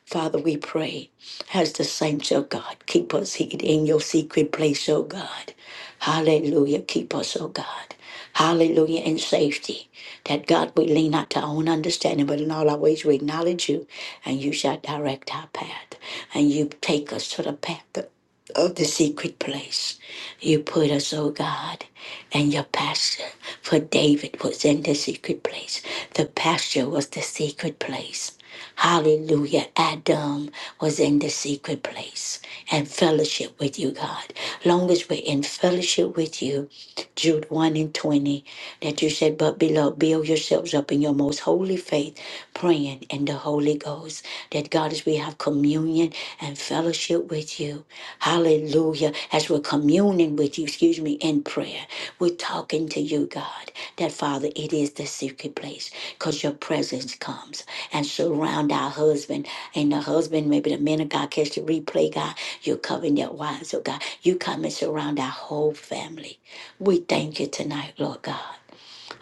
A: Father, we pray as the saints, oh God, keep us hid in your secret place, oh God. Hallelujah. Keep us, oh God. Hallelujah. In safety. That God, we lean not to our own understanding, but in all our ways we acknowledge you, and you shall direct our path. And you take us to the path of of the secret place. You put us, oh God, and your pasture. For David was in the secret place. The pasture was the secret place. Hallelujah. Adam was in the secret place and fellowship with you, God. Long as we're in fellowship with you, Jude 1 and 20, that you said, But beloved, build yourselves up in your most holy faith, praying in the Holy Ghost. That God, as we have communion and fellowship with you, Hallelujah. Hallelujah. As we're communing with you, excuse me, in prayer, we're talking to you, God, that Father, it is the secret place because your presence comes and surround our husband. And the husband, maybe the men of God, catch the replay, God. You're covering their wives, oh God. You come and surround our whole family. We thank you tonight, Lord God.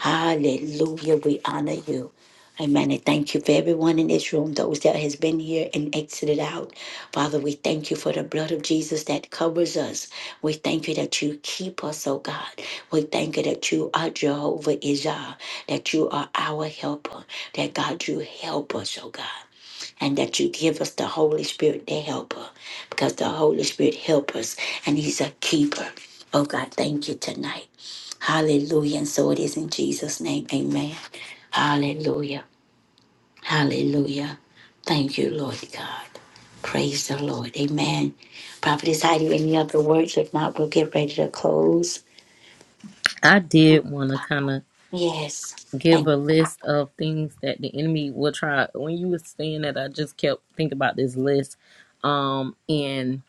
A: Hallelujah. We honor you. Amen. And thank you for everyone in this room, those that has been here and exited out. Father, we thank you for the blood of Jesus that covers us. We thank you that you keep us, oh God. We thank you that you are Jehovah Israel, that you are our helper, that God, you help us, oh God and that you give us the Holy Spirit, the helper, because the Holy Spirit helps us and He's a keeper. Oh God, thank you tonight. Hallelujah. And so it is in Jesus' name. Amen. Hallelujah. Hallelujah. Thank you, Lord God. Praise the Lord. Amen. Prophetess Heidi, any other words? If not, we'll get ready to close.
B: I did want to kind of
A: Yes.
B: give
A: Thank
B: a
A: you.
B: list of things that the enemy will try. When you were saying that, I just kept thinking about this list. Um, and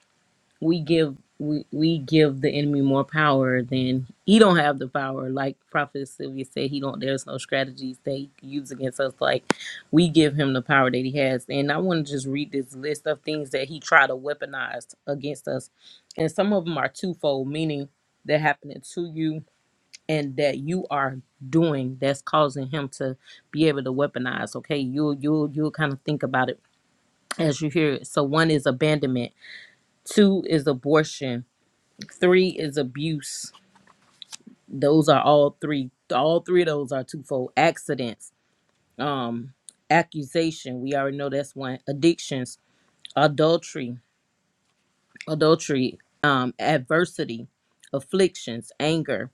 B: we give we, we give the enemy more power than he don't have the power. Like Prophet Sylvia said, he don't. There's no strategies they use against us. Like we give him the power that he has. And I want to just read this list of things that he tried to weaponize against us. And some of them are twofold, meaning they're happening to you and that you are doing that's causing him to be able to weaponize okay you'll you'll you'll kind of think about it as you hear it so one is abandonment two is abortion three is abuse those are all three all three of those are twofold accidents um accusation we already know that's one addictions adultery adultery um adversity afflictions anger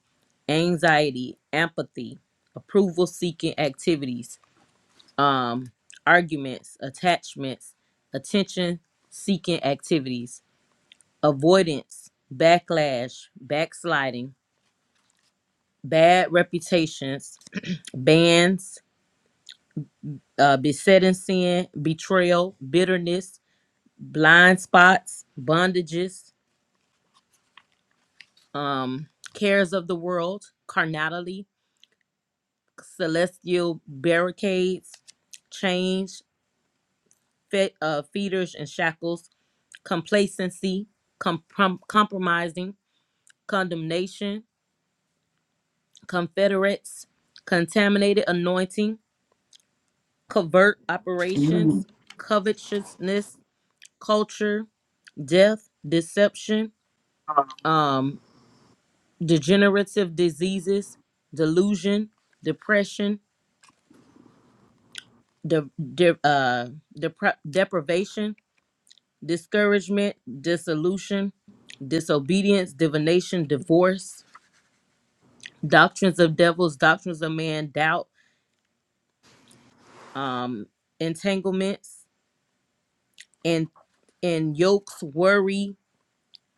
B: anxiety apathy approval seeking activities um, arguments, attachments, attention seeking activities, avoidance, backlash, backsliding, bad reputations, bans, uh, besetting sin, betrayal, bitterness, blind spots, bondages, um, cares of the world, carnality, celestial barricades, change, fe- uh, feeders and shackles, complacency, com- prom- compromising condemnation, confederates, contaminated anointing, covert operations, covetousness, culture, death, deception, um, degenerative diseases, delusion, depression, de- de- uh, depra- deprivation, discouragement, dissolution, disobedience, divination, divorce, doctrines of devils, doctrines of man, doubt, um, entanglements, And yokes, worry,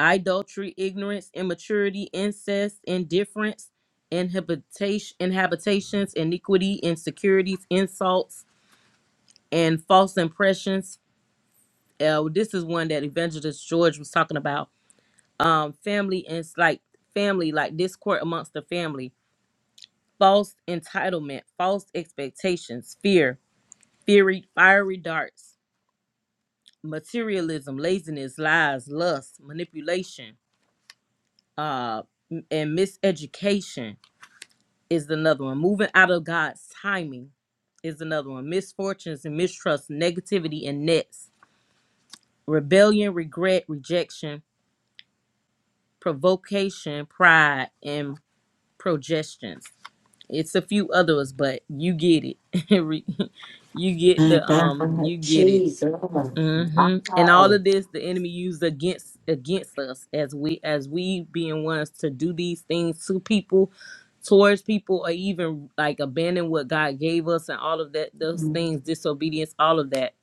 B: idolatry, ignorance, immaturity, incest, indifference, inhabitation, inhabitations, iniquity, insecurities, insults, and false impressions. Uh, this is one that Evangelist George was talking about. Um, family and it's like family, like discord amongst the family, false entitlement, false expectations, fear, fiery, fiery darts, materialism, laziness, lies, lust, manipulation uh, and miseducation is another one. Moving out of God's timing is another one. Misfortunes and mistrust, negativity and nets, rebellion, regret, rejection, provocation, pride, and progestions. It's a few others, but you get it. you get
A: My
B: the um, you
A: God.
B: get it.
A: Jesus.
B: hmm And all
A: Wow.
B: of this, the enemy used against against us as we as we being ones to do these things to people, towards people, or even like abandon what God gave us and all of that. Those things, disobedience, all of that.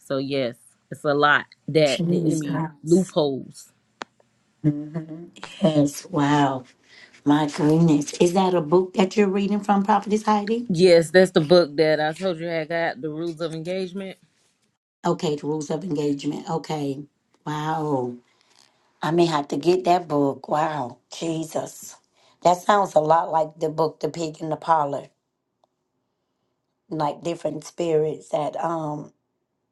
B: So yes, it's a lot that the enemy
A: Jesus.
B: loopholes.
A: hmm Yes, wow. My goodness. Is that a book that you're reading from Prophetess Heidi?
B: Yes, that's the book that I told you I got. The rules of engagement.
A: Okay, The Rules of Engagement. Okay. Wow. I may have to get that book. Wow. Jesus. That sounds a lot like the book The Pig and the Parlor, like different spirits that um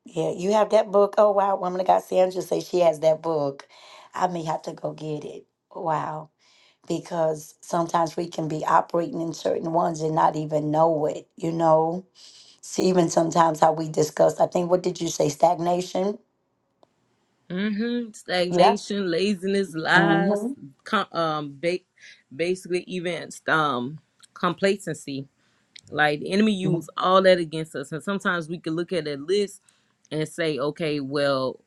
A: yeah, you have that book. Oh wow, woman of God Sandra say she has that book. I may have to go get it. Wow. because sometimes we can be operating in certain ones and not even know it, you know? See, even sometimes how we discuss, I think, what did you say, stagnation?
B: hmm
A: Yeah.
B: Stagnation, laziness, lies,
A: Mm-hmm.
B: com- um, ba- basically even um complacency Like the enemy use all that against us. And sometimes we can look at a list and say, okay, well,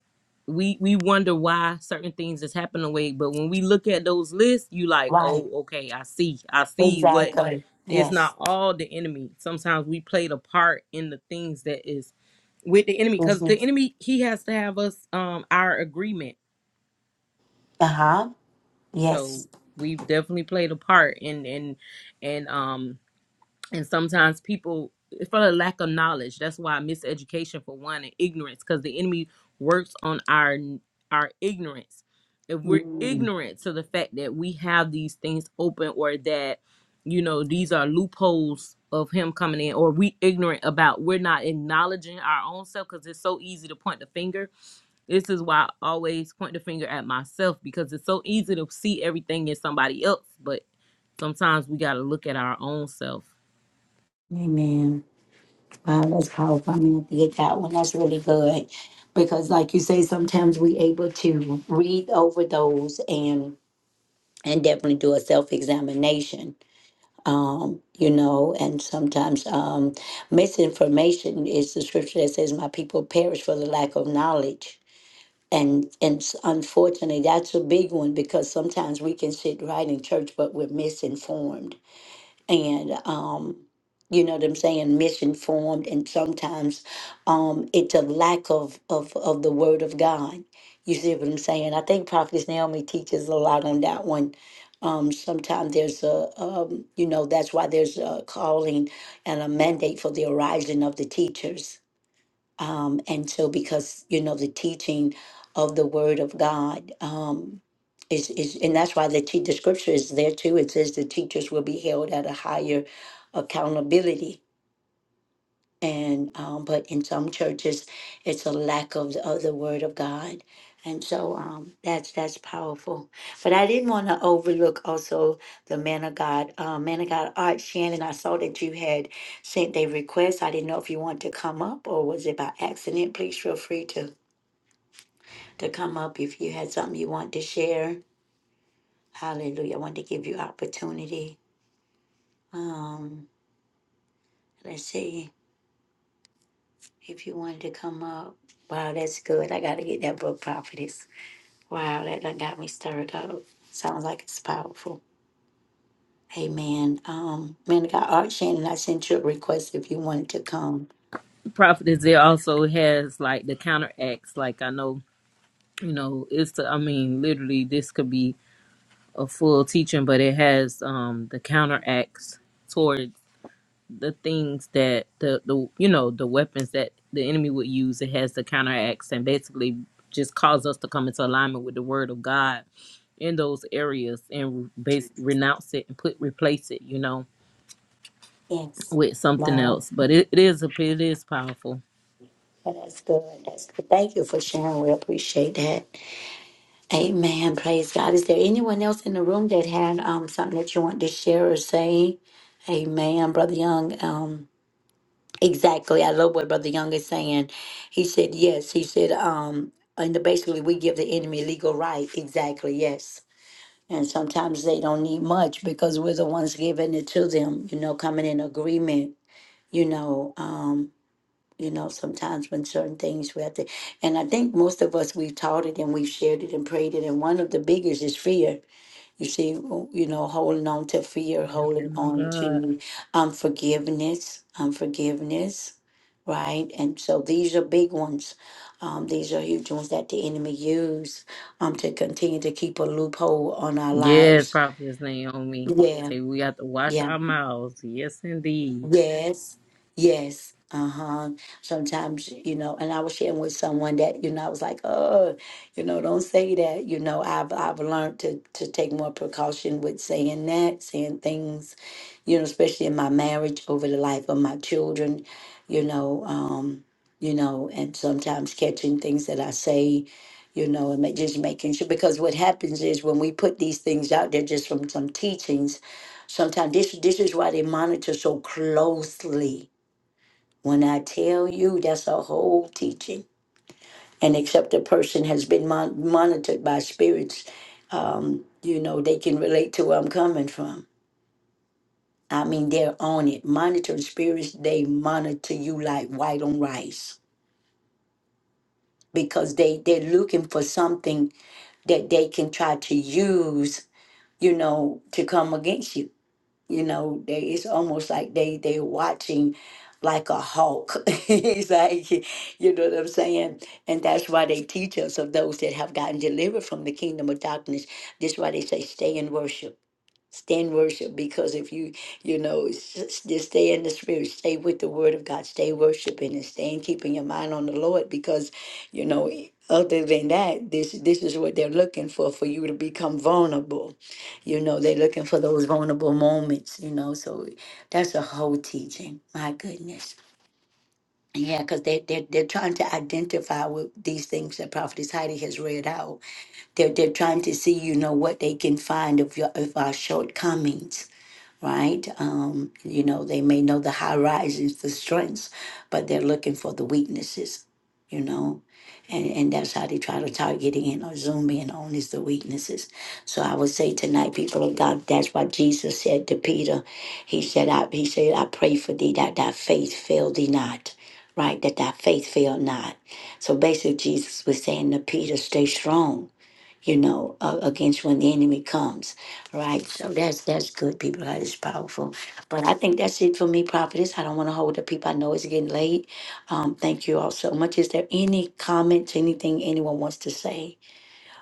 B: we we wonder why certain things just happen the way. But when we look at those lists, you like,
A: Right.
B: oh, okay, I see. I see what
A: Exactly. Right.
B: it's not
A: Yes.
B: all the enemy. Sometimes we played a part in the things that is with the enemy because the
A: Mhm.
B: enemy he has to have us um our agreement.
A: Uh huh.
B: So
A: Yes.
B: we've definitely played a part in and and um and sometimes people for the lack of knowledge that's why miseducation for one and ignorance because the enemy works on our our ignorance if we're
A: Mm.
B: ignorant to the fact that we have these things open or that you know these are loopholes of him coming in or we ignorant about we're not acknowledging our own self because it's so easy to point the finger this is why i always point the finger at myself because it's so easy to see everything in somebody else but sometimes we got to look at our own self
A: Amen. Wow, that's powerful. I mean, I think that one, that's really good. Because, like you say, sometimes we able to read over those and and definitely do a self examination um, you know, and sometimes um, misinformation is the scripture that says, "My people perish for the lack of knowledge." And and s- unfortunately, that's a big one because sometimes we can sit right in church, but we're misinformed and um you know what i'm saying misinformed and sometimes um it's a lack of of of the word of god you see what i'm saying i think prophetess naomi teaches a lot on that one um sometimes there's a um you know that's why there's a calling and a mandate for the arising of the teachers um, and so because you know the teaching of the word of god um, is, is and that's why the, te- the scripture is there too it says the teachers will be held at a higher accountability and um, but in some churches it's a lack of the, of the word of god and so um, that's that's powerful but i didn't want to overlook also the man of god uh, man of god art shannon i saw that you had sent a request i didn't know if you want to come up or was it by accident please feel free to to come up if you had something you want to share hallelujah i want to give you opportunity um let's see if you wanted to come up wow that's good i gotta get that book prophetess Wow, that done got me stirred up. Sounds like it's powerful. Amen. Um, man of God, Art Shannon, I sent you a request if you wanted to come.
B: Prophet there also has like the counteracts. Like I know, you know, it's the, I mean, literally this could be a full teaching, but it has um the counteracts towards the things that the the you know the weapons that the enemy would use. It has the counteracts and basically just cause us to come into alignment with the word of God in those areas and base renounce it and put replace it, you know,
A: Yes.
B: with something
A: Wow.
B: else. But it, it is a it is powerful.
A: Well, that's good. That's good. Thank you for sharing. We appreciate that. Amen. Praise God. Is there anyone else in the room that had um something that you want to share or say? Amen, Brother Young. Um, exactly. I love what Brother Young is saying. He said yes. He said um, and basically we give the enemy legal right. Exactly. Yes. And sometimes they don't need much because we're the ones giving it to them, you know, coming in agreement, you know, um, you know, sometimes when certain things we have to and I think most of us we've taught it and we've shared it and prayed it. And one of the biggest is fear. You see, oh, you know, holding on to fear,
B: Yes,
A: holding
B: my
A: on
B: God.
A: to unforgiveness, unforgiveness, right? And so these are big ones. Um, these are huge ones that the enemy use um, to continue to keep a loophole on our
B: Yes,
A: lives
B: Prophetess Naomi.
A: yeah,
B: Say we got to watch
A: yeah,
B: our mouths. Yes, indeed.
A: yes, yes, uh-huh. Sometimes, you know, and I was sharing with someone that, you know, I was like, oh, you know, don't say that. You know, I've I've learned to to take more precaution with saying that, saying things, you know, especially in my marriage over the life of my children, you know, um, you know, and sometimes catching things that I say. You know, and ma- just making sure because what happens is when we put these things out there just from some teachings, Sometimes this this is why they monitor so closely. When I tell you, that's a whole teaching. And except a person has been mon- monitored by spirits, you know they can relate to where I'm coming from. I mean, they're on it. Monitoring spirits, they monitor you like white on rice because they they're looking for something that they can try to use, you know, to come against you you know they it's almost like they they watching like a hawk it's like you know what i'm saying and that's why they teach us of those that have gotten delivered from the kingdom of darkness this is why they say stay in worship Stand worship because if you you know s- s- just stay in the spirit, stay with the word of God, stay worshiping and stay in keeping your mind on the Lord because you know e, other than that this this is what they're looking for for you to become vulnerable. You know they're looking for those vulnerable moments. You know so that's a whole teaching. My goodness. Yeah, because they, they're, they're trying to identify with these things that Prophetess Heidi has read out they're, they're trying to see you know what they can find of your of our shortcomings right? Um, you know, they may know the high rises, the strengths, but they're looking for the weaknesses, you know? And, and that's how they try to target in or zoom in on is the weaknesses. So I would say tonight, people of God, that's why Jesus said to Peter, He said, I He said, I pray for thee that thy faith fail thee not. Right, that thy faith fail not. So basically Jesus was saying to Peter, stay strong you know, uh, against when the enemy comes, right? So that's that's good, people. That is powerful. But I think that's it for me, prophetess. I don't want to hold up people. I know it's getting late. Um, thank you all so much. Is there any comments, anything anyone wants to say?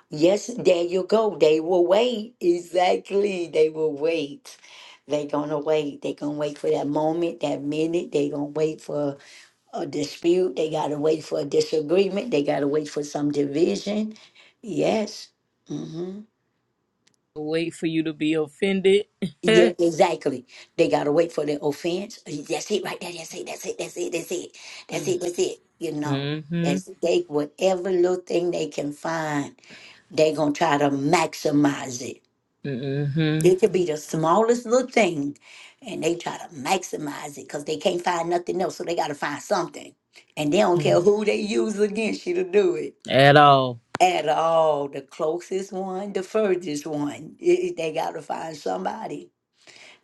A: Yes, there you go. They will wait. Exactly. They will wait. They gonna wait. They gonna wait for that moment, that minute. They gonna wait for a dispute. They got to wait for a disagreement. They got to wait for some division. Yes. Mm-hmm.
B: Wait for you to be offended.
A: Yeah, exactly. They got to wait for the offense. That's it right there. That's it. That's it. That's it. That's it. That's it.
B: mm-hmm.
A: That's it. You know, that's they whatever little thing they can find, they going to try to maximize it.
B: Mm-hmm.
A: It could be the smallest little thing, and they try to maximize it because they can't find nothing else. So they got to find something. And they don't care who they use against you to do it
B: At all.
A: at all. The closest one, the furthest one. I- I- they got to find somebody.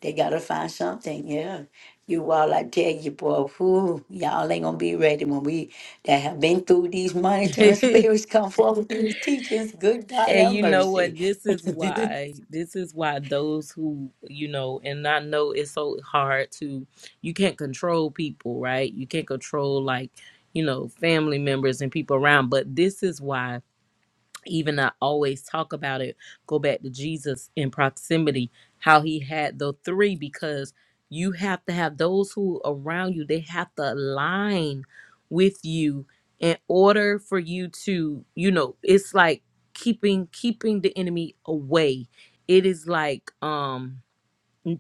A: They got to find something. Yeah. You all, I tell you, boy, whew, y'all ain't going to be ready when we that have been through these monitoring
B: and
A: spirits come forward with these teachings. Good God, have
B: you know what?
A: mercy.
B: This is why. This is why those who, you know, and I know it's so hard to, you can't control people, right? You can't control, like, you know, family members and people around. But this is why even I always talk about it, go back to Jesus in proximity, how he had the three, because you have to have those who around you, they have to align with you in order for you to, you know, it's like keeping keeping the enemy away. It is like um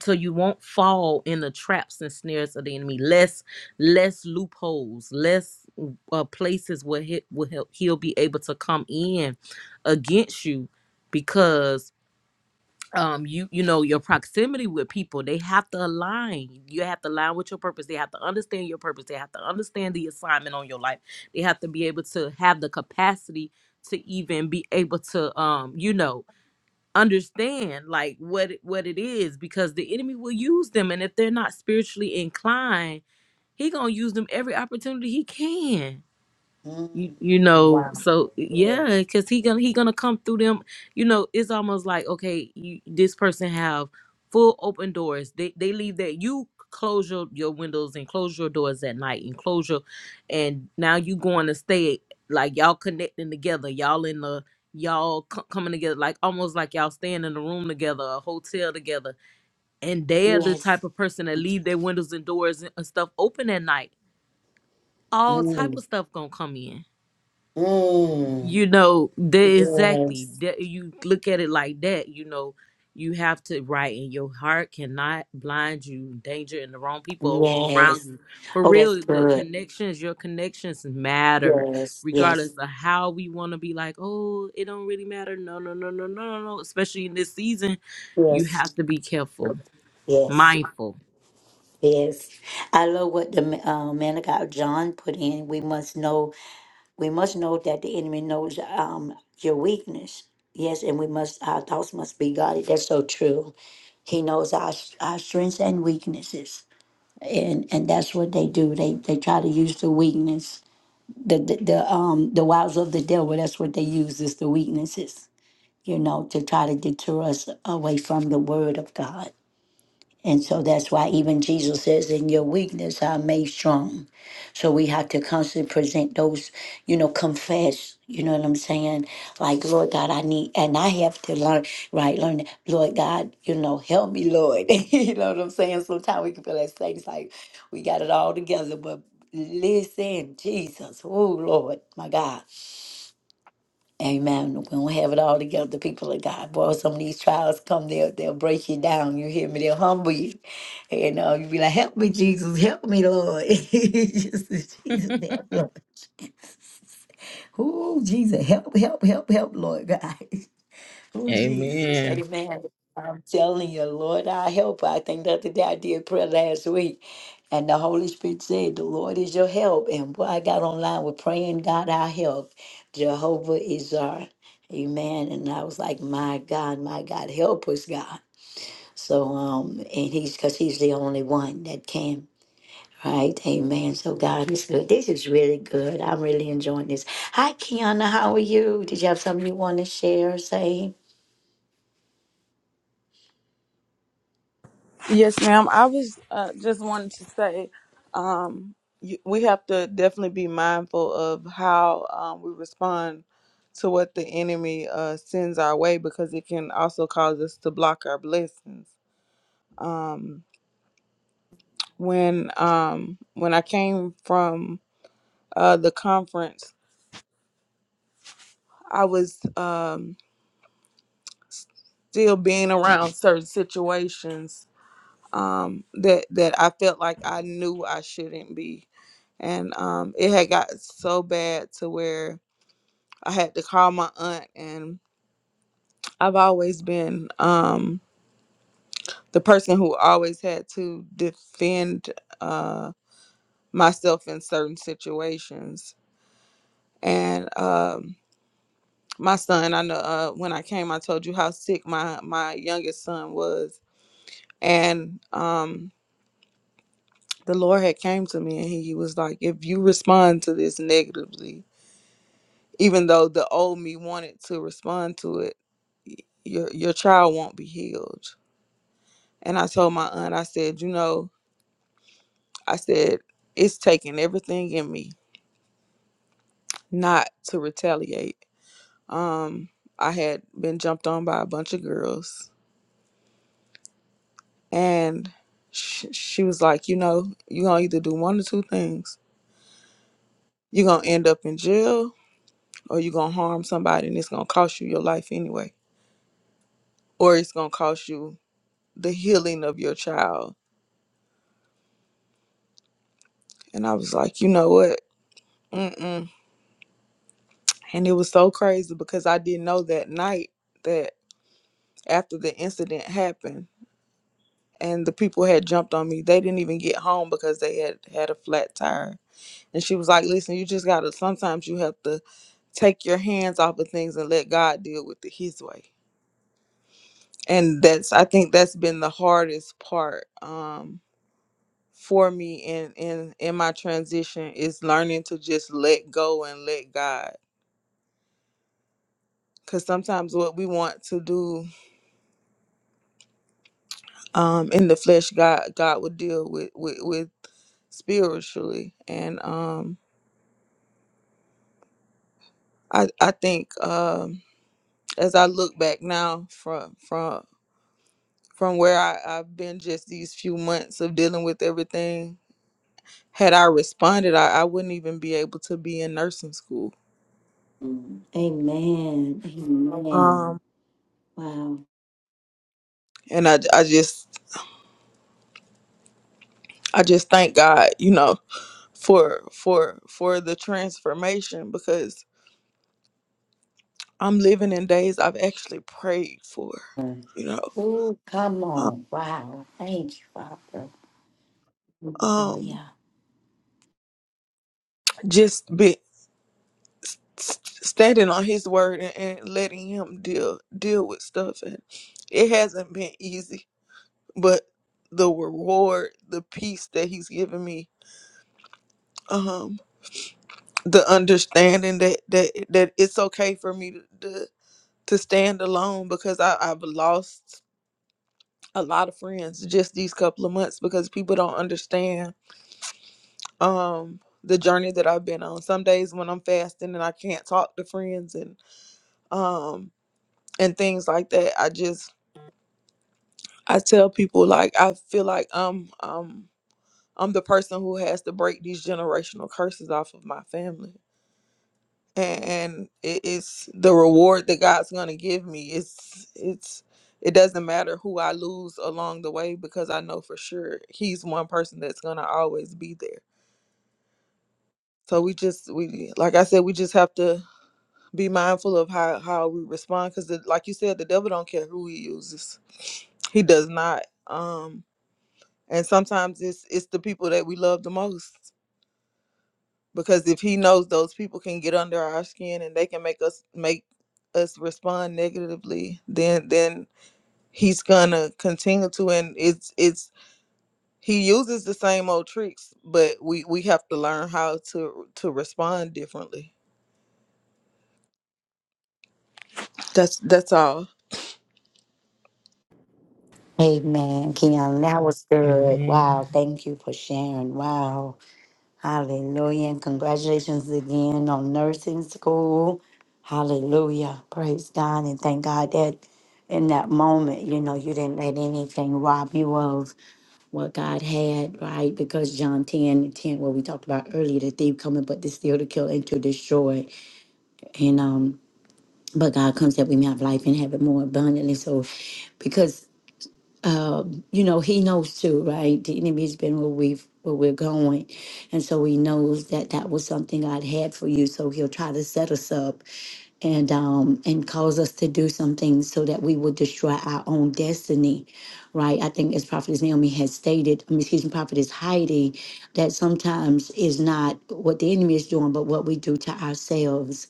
B: so you won't fall in the traps and snares of the enemy less less loopholes less uh, places where he, will he'll, he'll be able to come in against you because um you you know your proximity with people they have to align you have to align with your purpose they have to understand your purpose they have to understand the assignment on your life they have to be able to have the capacity to even be able to um you know understand like what it- what it is because the enemy will use them and if they're not spiritually inclined he gonna use them every opportunity he can you
A: Mm,
B: you know
A: wow.
B: so yeah
A: Yes.
B: because he gonna he gonna come through them you know it's almost like okay you this person have full open doors they they leave that you close your your windows and close your doors at night and close your and now you going to stay like y'all connecting together y'all in the y'all co- coming together like almost like y'all staying in a room together a hotel together and they're the
A: Yes.
B: type of person that leave their windows and doors and and stuff open at night all type of
A: Mm,
B: stuff gonna come in
A: mm,
B: you know the exactly
A: yes.
B: that you look at it like that you know you have to right and your heart cannot blind you danger and the wrong people around
A: Yes.
B: you for
A: Oh, that's
B: real the
A: good.
B: connections your connections matter
A: Yes.
B: regardless
A: Yes.
B: of how we want to be like oh it don't really matter no no no no no no no especially in this season you
A: Yes.
B: have to be careful
A: Yes.
B: mindful
A: Yes, I love what the uh, man of God John put in. We must know. We must know that the enemy knows um, your weakness. Yes, and we must. Our thoughts must be guarded. That's so true. He knows our our strengths and weaknesses, and and that's what they do. They they try to use the weakness, the the, the um the wiles of the devil. That's what they use is the weaknesses. You know, to try to deter us away from the word of God and so that's why even Jesus says, In your weakness, I'm made strong. So we have to constantly present those, you know, confess, you know what I'm saying? Like, Lord God, I need, and I have to learn, right? Learn, that, Lord God, you know, help me, Lord. you know what I'm saying? Sometimes we can feel like things like we got it all together, but listen, Jesus, oh, Lord, my God. Amen. We don't have it all together, people of God. Boy, some of these trials come, they'll, they'll break you down. You hear me? They'll humble you. You know, you be like, help me, Jesus. Help me, Lord. Jesus, Jesus, help, Lord. Oh, Jesus, help, help, help, help, Lord God. Oh, Jesus.
B: amen
A: Amen. I'm telling you, Lord, our help. I think the other day I did prayer last week, and the Holy Spirit said, The Lord is your help. And boy, I got online with praying, God, our help. Jehovah is our. Amen. And I was like, My God, my God, help us, God. So, um, and he's because he's the only one that can. Right, amen. So God is good. This is really good. I'm really enjoying this. Hi, Kiana. How are you? Did you have something you want to share or say?
D: Yes, ma'am. I was uh, just wanted to say um, you, we have to definitely be mindful of how um, we respond to what the enemy uh, sends our way because it can also cause us to block our blessings. When um, when I came from uh, the conference, I was um, still being around certain situations um, that that I felt like I knew I shouldn't be, and um, it had got so bad to where I had to call my aunt, and I've always been um, the person who always had to defend uh, myself in certain situations. And um, my son, I know uh, when I came, I told you how sick my my youngest son was, and um, the Lord had came to me, and He was like, "If you respond to this negatively, even though the old me wanted to respond to it." y- Your, your child won't be healed And I told my aunt, I said, you know, I said, it's taking everything in me not to retaliate. Um, I had been jumped on by a bunch of girls, and sh- she was like, you know, you're gonna either do one or two things. You're gonna end up in jail, or you're gonna harm somebody, and it's gonna cost you your life anyway, or it's gonna cost you the healing of your child. And I was like, you know what? Mm-mm. And it was so crazy because I didn't know that night that. after the incident happened and the people had jumped on me. They didn't even get home because they had had a flat tire. And she was like, "Listen, you just got to sometimes you have to take your hands off of things and let God deal with it his way." And that's I think that's been the hardest part um for me in in in my transition is learning to just let go and let God. Cause sometimes what we want to do um in the flesh, God God would deal with with, with spiritually. And um I I think um, as I look back now from from from where I, I've been just these few months of dealing with everything, had I responded, I, I wouldn't even be able to be in nursing school.
A: Mm. Amen. Amen.
D: Um,
A: Wow.
D: and I I just I just thank God, you know, for for for the transformation because I'm living in days I've actually prayed for, you know.
A: Oh, come
D: uh,
A: on. Wow. Thank you, Father.
D: Um,
A: Hallelujah.
D: just be, standing on his word and, and letting him deal deal with stuff and it hasn't been easy but the reward the peace that he's given me um the understanding that that that it's okay for me to to, to stand alone because I, i've lost a lot of friends just these couple of months because people don't understand um the journey that i've been on some days when i'm fasting and i can't talk to friends and um and things like that i just I tell people like I feel like I'm um I'm the person who has to break these generational curses off of my family. And, and it is the reward that God's gonna give me. It's it's it doesn't matter who I lose along the way because I know for sure he's one person that's gonna always be there. So we just we like I said, we just have to be mindful of how how we respond because like you said, the devil don't care who he uses. He does not. Um and sometimes it's it's the people that we love the most because if he knows those people can get under our skin and they can make us make us respond negatively then then he's gonna continue to and it's it's he uses the same old tricks but we we have to learn how to to respond differently that's that's all
A: Amen, Keon. That was good.
B: amen
A: Wow. Thank you for sharing. Wow. Hallelujah. And congratulations again on nursing school. Hallelujah. Praise God. And thank God that in that moment, you know, you didn't let anything rob you of what God had, right? Because John 10 and 10, what we talked about earlier, the thief coming, but to steal, to kill, and to destroy. And um, but God comes that we may have life and have it more abundantly. So because you know, he knows too, right? The enemy's been where we've where we're going. And so he knows that that was something God had for you. So he'll try to set us up and um and cause us to do something so that we will destroy our own destiny right i think as prophetess naomi has stated I mean, excuse me prophetess heidi that sometimes is not what the enemy is doing but what we do to ourselves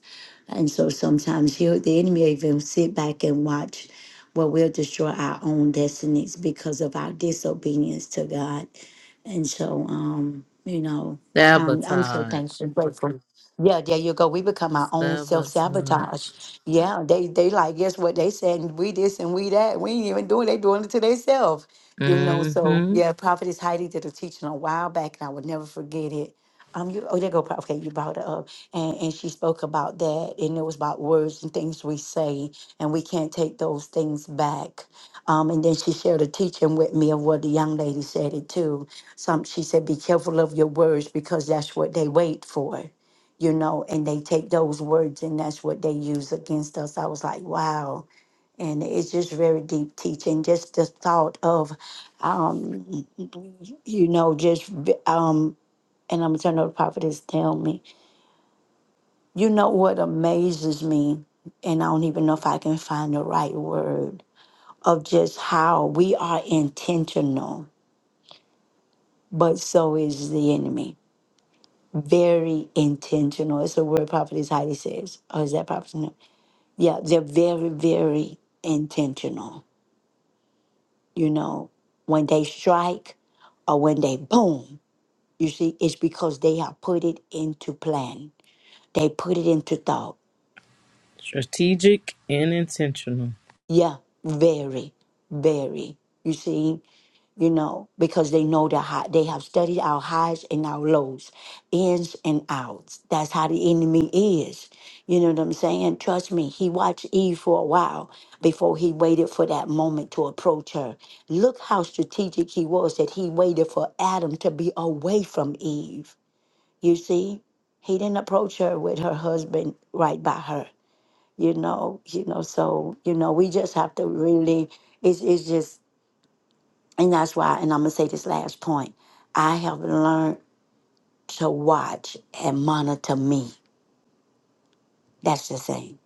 A: and so sometimes he'll, the enemy will even sit back and watch where we'll destroy our own destinies because of our disobedience to god and so, um, you know, I'm I'm so
B: sabotage
A: thankful and grateful. Yeah, there you go. We become our own self sabotage.
B: sabotage
A: Yeah, they they like guess what they said and we this and we that. We ain't even doing. They doing it to themselves. You know. So
B: mm-hmm
A: yeah, Prophetess Heidi did a teaching a while back, and I would never forget it. Um, you, oh, there go, pro- okay, you brought it up. And, and she spoke about that, and it was about words and things we say, and we can't take those things back. Um, and then she shared a teaching with me of what the young lady said it too. Some, she said, be careful of your words because that's what they wait for, you know, and they take those words and that's what they use against us. I was like, wow. And it's just very deep teaching, just the thought of, um, you know, just, v- um, and I'm gonna turn over to Prophetess Naomi. You know what amazes me, and I don't even know if I can find the right word of just how we are intentional, but so is the enemy. Very intentional. It's a word Prophetess Heidi says. Oh, is that Prophetess? Naomi? Yeah, they're very, very intentional. You know, when they strike or when they boom, you see, it's because they have put it into plan. They put it into thought
B: Strategic and intentional.
A: Yeah, very, very. You see, you know, because they know the high, they have studied our highs and our lows, ins and outs. That's how the enemy is. You know what I'm saying? Trust me, he watched Eve for a while before he waited for that moment to approach her. Look how strategic he was that he waited for Adam to be away from Eve. You see, he didn't approach her with her husband right by her you know, you know, so, you know, we just have to really, it's, it's just, and that's why, and I'm gonna say this last point. I have learned to watch and monitor me. That's the thing.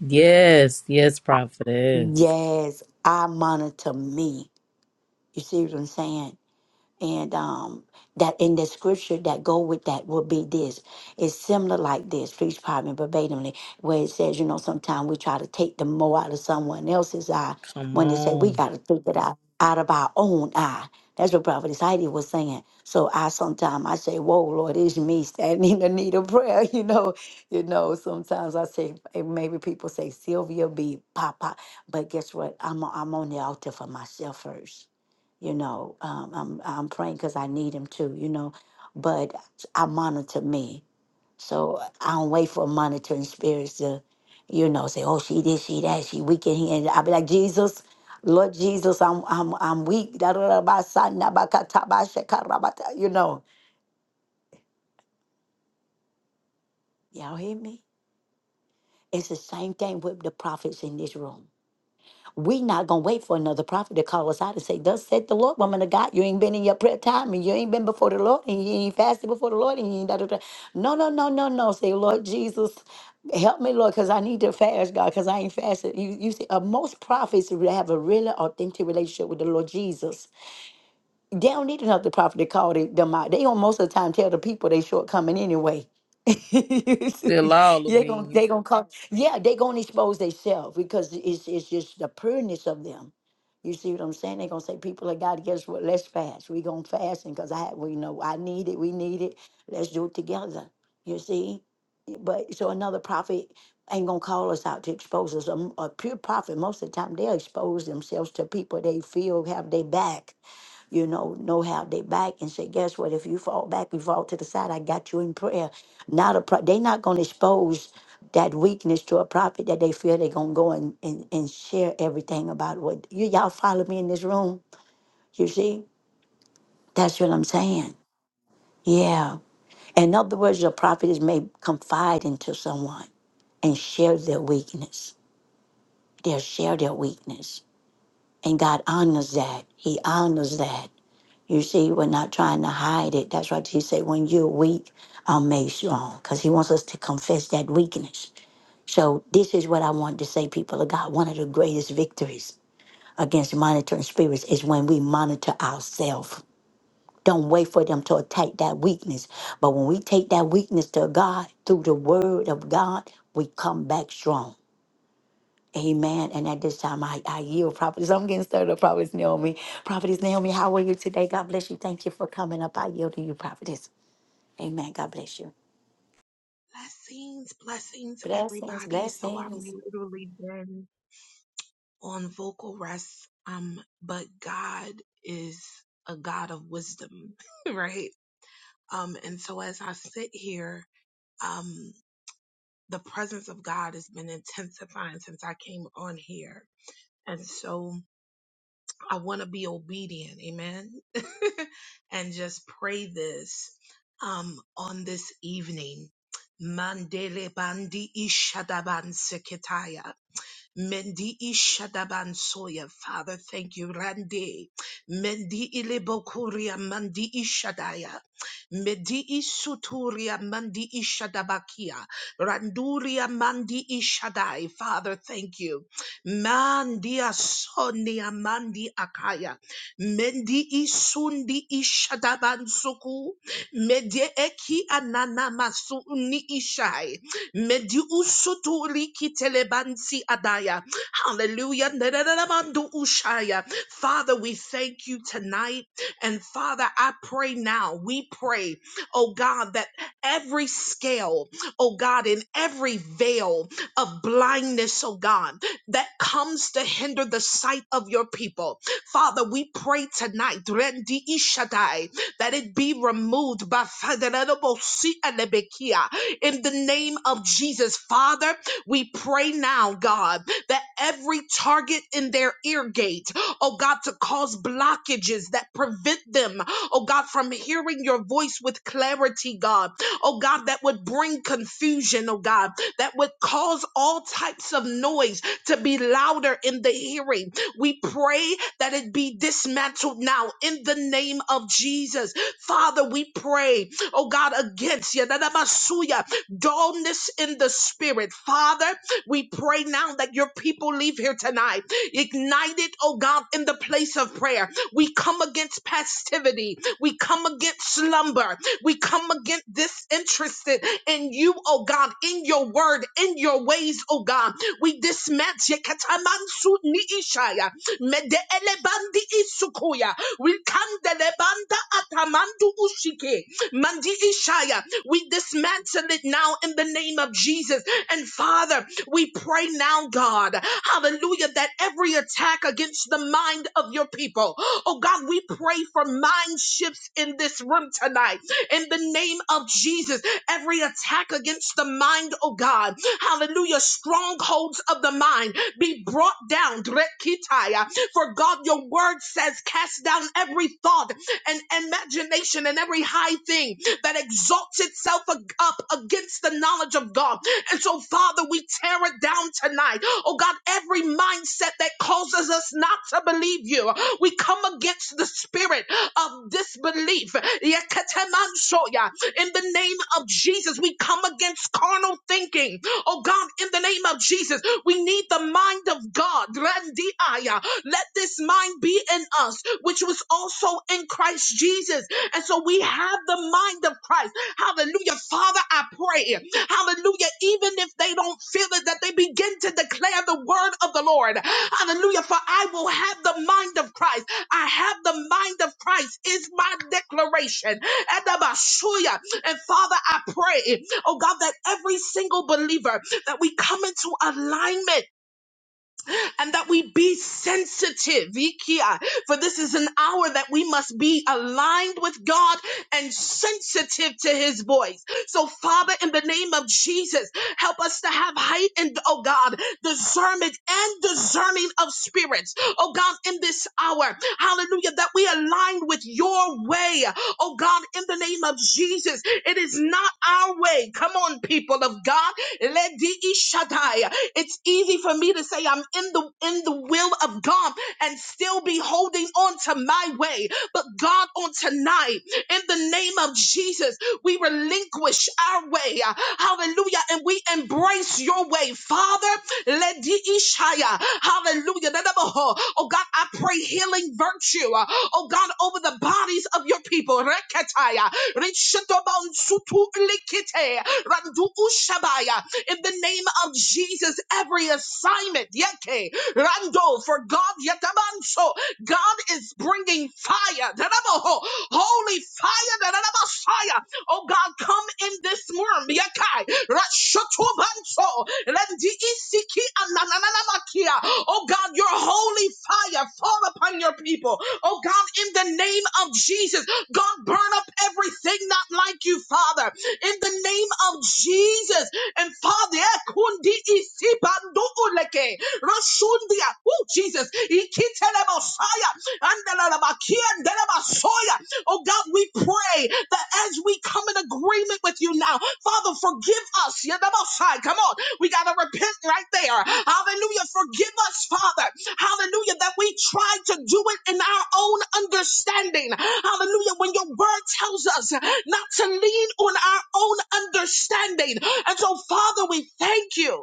B: Yes, yes, prophetess.
A: Yes, I monitor me. You see what I'm saying? and um that in the scripture that go with that would be this it's similar like this preach probably verbatimly where it says you know sometimes we try to take the more out of someone else's eye
B: Come
A: when they say we
B: on.
A: got to take it out out of our own eye that's what prophet heidi was saying so i sometimes i say whoa lord it's me standing in the need of prayer you know you know sometimes i say and maybe people say sylvia be papa but guess what i'm, I'm on the altar for myself first you know um, i'm i'm praying because i need him too you know but i monitor me so i don't wait for monitoring spirits to you know say oh she did she that she weak in here i'll be like jesus lord jesus i'm i'm i'm weak da, da, da, ba, sa, na, ba, ka, ta, ba, she, ka, ra, ba, ta," you know y'all hear me it's the same thing with the prophets in this room we not gonna wait for another prophet to call us out and say, Thus said the Lord, woman of God, you ain't been in your prayer time and you ain't been before the Lord and you ain't fasted before the Lord and you ain't da da da. No, no, no, no, no. Say, Lord Jesus, help me, Lord, because I need to fast, God, because I ain't fasted. You you see, uh, most prophets have a really authentic relationship with the Lord Jesus. They don't need another prophet to call they- them out. They don't most of the time tell the people they shortcoming anyway.
B: Good law,
A: they gonna
B: Beans.
A: they gonna call yeah they gonna expose themselves because it's it's just the prudeness of them. You see what I'm saying? they gonna say people of God, guess what? Let's fast. We gonna fast and cause I we know I need it, we need it. Let's do it together. You see? But so another prophet ain't gonna call us out to expose us. A a pure prophet, most of the time, they'll expose themselves to people they feel have their back you know, know how they back and say, guess what? If you fall back, you fall to the side. I got you in prayer. Not a pro- they not going to expose that weakness to a prophet that they feel they're going to go and, and, and share everything about what you, y'all follow me in this room. You see, that's what I'm saying. Yeah. In other words, a prophet is may confide into someone and share their weakness. They'll share their weakness. And God honors that. He honors that. You see, we're not trying to hide it. That's why Jesus said, when you're weak, I'm made strong. Because he wants us to confess that weakness. So this is what I want to say, people of God. One of the greatest victories against monitoring spirits is when we monitor ourselves. Don't wait for them to attack that weakness. But when we take that weakness to God through the word of God, we come back strong. Amen. And at this time, I, I yield properties. I'm getting stirred up, properties Naomi. Properties Naomi, how are you today? God bless you. Thank you for coming up. I yield to you, properties. Amen. God bless you.
E: Blessings, blessings,
A: Blessings,
E: everybody. So I've
A: blessings.
E: literally been on vocal rest. Um, but God is a God of wisdom, right? Um, and so as I sit here, um, the presence of God has been intensifying since I came on here. And so I want to be obedient. Amen. and just pray this um, on this evening. Mandele bandi ishadaban seketaya. Mendi ishadaban soya. Father, thank you. Rande. Mendi ilebokuria mandi ishadaya. Medi isuturia mandi ishadabakia. Randuria mandi ishadai. Father, thank you. Mandia soni amandi akaya. Mendi isundi ishadabansuku. Medie eki anana masu ni ishai. Medi usutu liki adaya. Hallelujah. Nerereremandu ushaya. Father, we thank you tonight. And Father, I pray now. We pray, oh God, that every scale, oh God, in every veil of blindness, oh God that comes to hinder the sight of your people. Father, we pray tonight Rendi Ishadai, that it be removed by Faderebosi Alebekia. in the name of Jesus. Father, we pray now, God, that every target in their ear gate, oh God, to cause blockages that prevent them, oh God, from hearing your voice with clarity, God, oh God, that would bring confusion, oh God, that would cause all types of noise to be louder in the hearing. We pray that it be dismantled now in the name of Jesus. Father, we pray, oh God, against Yadadabasuya, dullness in the spirit. Father, we pray now that your people leave here tonight, ignited, oh God, in the place of prayer. We come against passivity. We come against slumber. We come against disinterested in you, oh God, in your word, in your ways, oh God. We dismantle Katamansu ni Ishaya. Mede elebandi isukuya. We kandelebanda atamandu ushike. Mandi Ishaya. We dismantle it now in the name of Jesus. And Father, we pray now, God, hallelujah, that every attack against the mind of your people, oh God, we pray for mind shifts in this room tonight. In the name of Jesus, every attack against the mind, oh God, Hallelujah. Strongholds of the mind be brought down. Drekitaya. For God, your word says, cast down every thought and imagination and every high thing that exalts itself ag- up against the knowledge of God. And so, Father, we tear it down tonight. Oh God, every mindset that causes us not to believe you, we come against the spirit of disbelief. Yekatemansoya. In the name of Jesus, we come against carnal thinking Oh God, in the name of Jesus, we need the mind of God. Randiaya. Let this mind be in us, which was also in Christ Jesus. And so we have the mind of Christ. Hallelujah. Father, I pray. Hallelujah. Even if they don't feel it, that they begin to declare the word of the Lord. Hallelujah. For I will have the mind of Christ. I have the mind of Christ is my declaration. And I'm sure And Father, I pray. Oh God, that every single believer that we come into alignment and that we be sensitive. Ikia, For this is an hour that we must be aligned with God and sensitive to his voice. So, Father, in the name of Jesus, help us to have height and, oh God, discernment and discerning of spirits. Oh God, in this hour, hallelujah, that we align with your way. Oh God, in the name of Jesus, it is not our way. Come on, people of God. Let the it's easy for me to say I'm in the in the will of God and still be holding on to my way. But God, on tonight, in the name of Jesus, we relinquish our way. Hallelujah. And we embrace your way. Father, let the Ishaya. Hallelujah. Oh God, I pray healing virtue. uh, Oh God, over the bodies of your people. Reketaya. Rishitobon sutu likite. Randu ushabaya in the name of Jesus, every assignment, yeke, rando, for God, yetamanso, God is bringing fire, darabaho, holy fire, darabasaya. oh God, come in this room, yekai, rashotobanso, rendiisiki anananamakia. oh God, your holy fire, fall upon your people, oh God, in the name of Jesus, God, burn up everything not like you, Father, in the name of Jesus. And Father, eh, kundi isibandu uleke. Rasundia. Oh, Jesus. Ikitelebosaya. Andelalabakia. Andelebasoya. Oh God, we pray that as we come in agreement with you now, Father, forgive us. You're the most high. Come on. We got to repent right there. Hallelujah. Forgive us, Father. Hallelujah. That we try to do it in our own understanding. Hallelujah. When your word tells us not to lean on our own understanding. And so, Father, we thank you.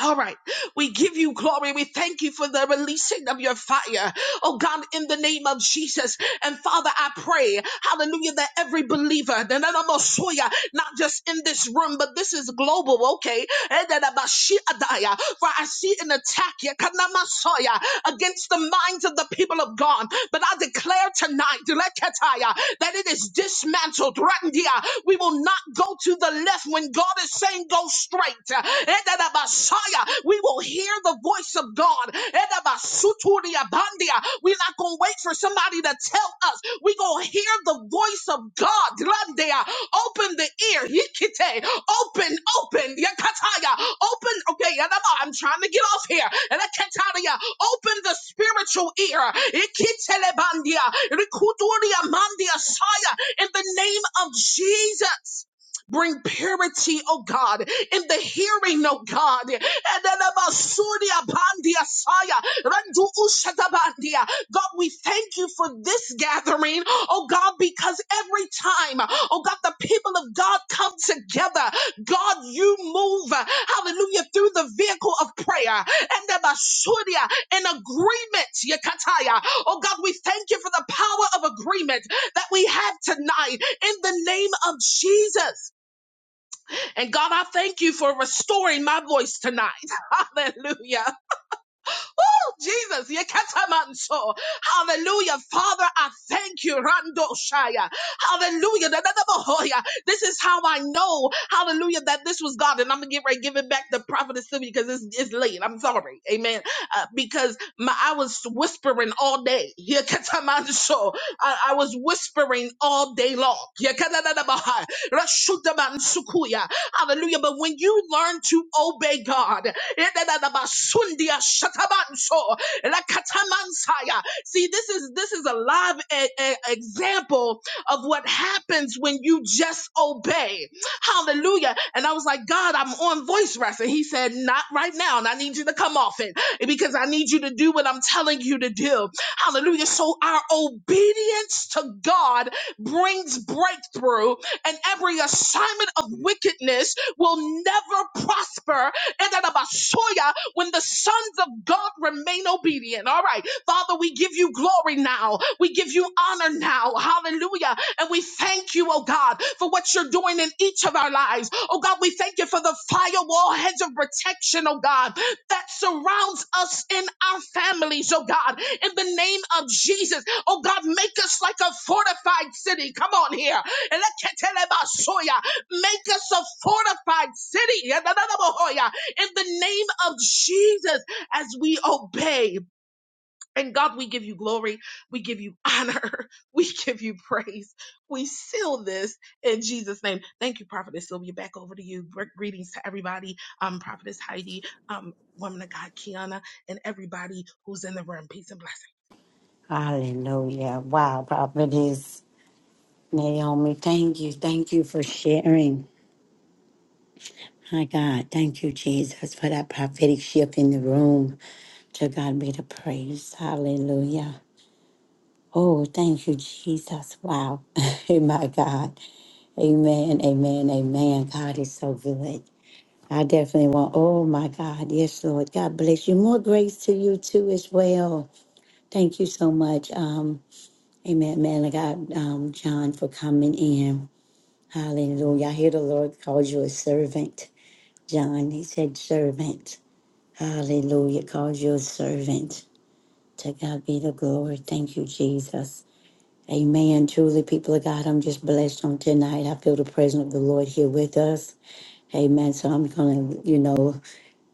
E: All right. We give you glory. We thank you for the releasing of your fire. Oh God, in the name of Jesus. And Father, I pray, hallelujah, that every believer, not just in this room, but this is global, okay? For I see an attack against the minds of the people of God. But I declare tonight that it is dismantled. We will not go to the left when God is saying go strength. uh, Edadabashaya. We will hear the voice of God. Edabasuturiabandia. We're not going to wait for somebody to tell us. We're going to hear the voice of God. Landea. Open the ear. Yikite. Open, open. Yakataya. Open. Okay, yadaba. I'm trying to get off here. Edakataya. Open the spiritual ear. Ikitelebandia. Rikuturia mandia saya. In the name of Jesus. Bring purity, oh God, in the hearing, oh God. God, we thank you for this gathering, oh God, because every time, oh God, the people of God come together, God, you move, hallelujah, through the vehicle of prayer and in agreement, Yakataya. Oh God, we thank you for the power of agreement that we have tonight in the name of Jesus. And God, I thank you for restoring my voice tonight. Hallelujah. Oh Jesus, yekatamanso. Hallelujah. Father, I thank you. Rando Shaya. Hallelujah. Da- da- da- bohoya. This is how I know, hallelujah, that this was God. And I'm going to get ready, give it back to Prophetess Sylvia because it's, it's late. I'm sorry. Amen. Uh, because my, I was whispering all day. Yekatamanso. I, I was whispering all day long. Yekatadadabaha. Rashutamansukuya. Hallelujah. But when you learn to obey God, Sundia Shatabanso Lakatamansaya. See, this is this is a live e- e- example of what happens when you just obey. Hallelujah. And I was like, God, I'm on voice rest. And he said, Not right now. And I need you to come off it because I need you to do what I'm telling you to do. Hallelujah. So our obedience to God brings breakthrough, and every assignment of wickedness will never prosper and that about Soya when the sons of God remain obedient. All right, Father, we give you glory now. We give you honor now. Hallelujah. And we thank you, oh God, for what you're doing in each of our lives. Oh God, we thank you for the firewall hedge of protection, oh God, that surrounds us in our families, oh God, in the name of Jesus. Oh God, make us like a fortified city. Come on here. Eleketelemasoya. Make us a fortified city in the name of Jesus as we obey. And God, we give you glory. We give you honor. We give you praise. We seal this in Jesus' name. Thank you, Prophetess Sylvia. Back over to you. Gre- Greetings to everybody. Um, Prophetess Heidi, um, woman of God, Kiana, and everybody who's in the room. Peace and blessings.
A: Hallelujah. Wow, prophetess Naomi, thank you. Thank you for sharing. My God, thank you, Jesus, for that prophetic shift in the room. To God be the praise. Hallelujah. Oh, thank you, Jesus. Wow. My God. Amen, amen, amen. God is so good. I definitely want, oh my God, yes, Lord. God bless you. More grace to you too as well. Thank you so much. Um, amen, man of God, um, John, for coming in. Hallelujah. I hear the Lord calls you a servant. John, he said servant. Hallelujah. Calls you a servant. To God be the glory. Thank you, Jesus. Amen. Truly, people of God, I'm just blessed on tonight. I feel the presence of the Lord here with us. Amen. So I'm going to, you know,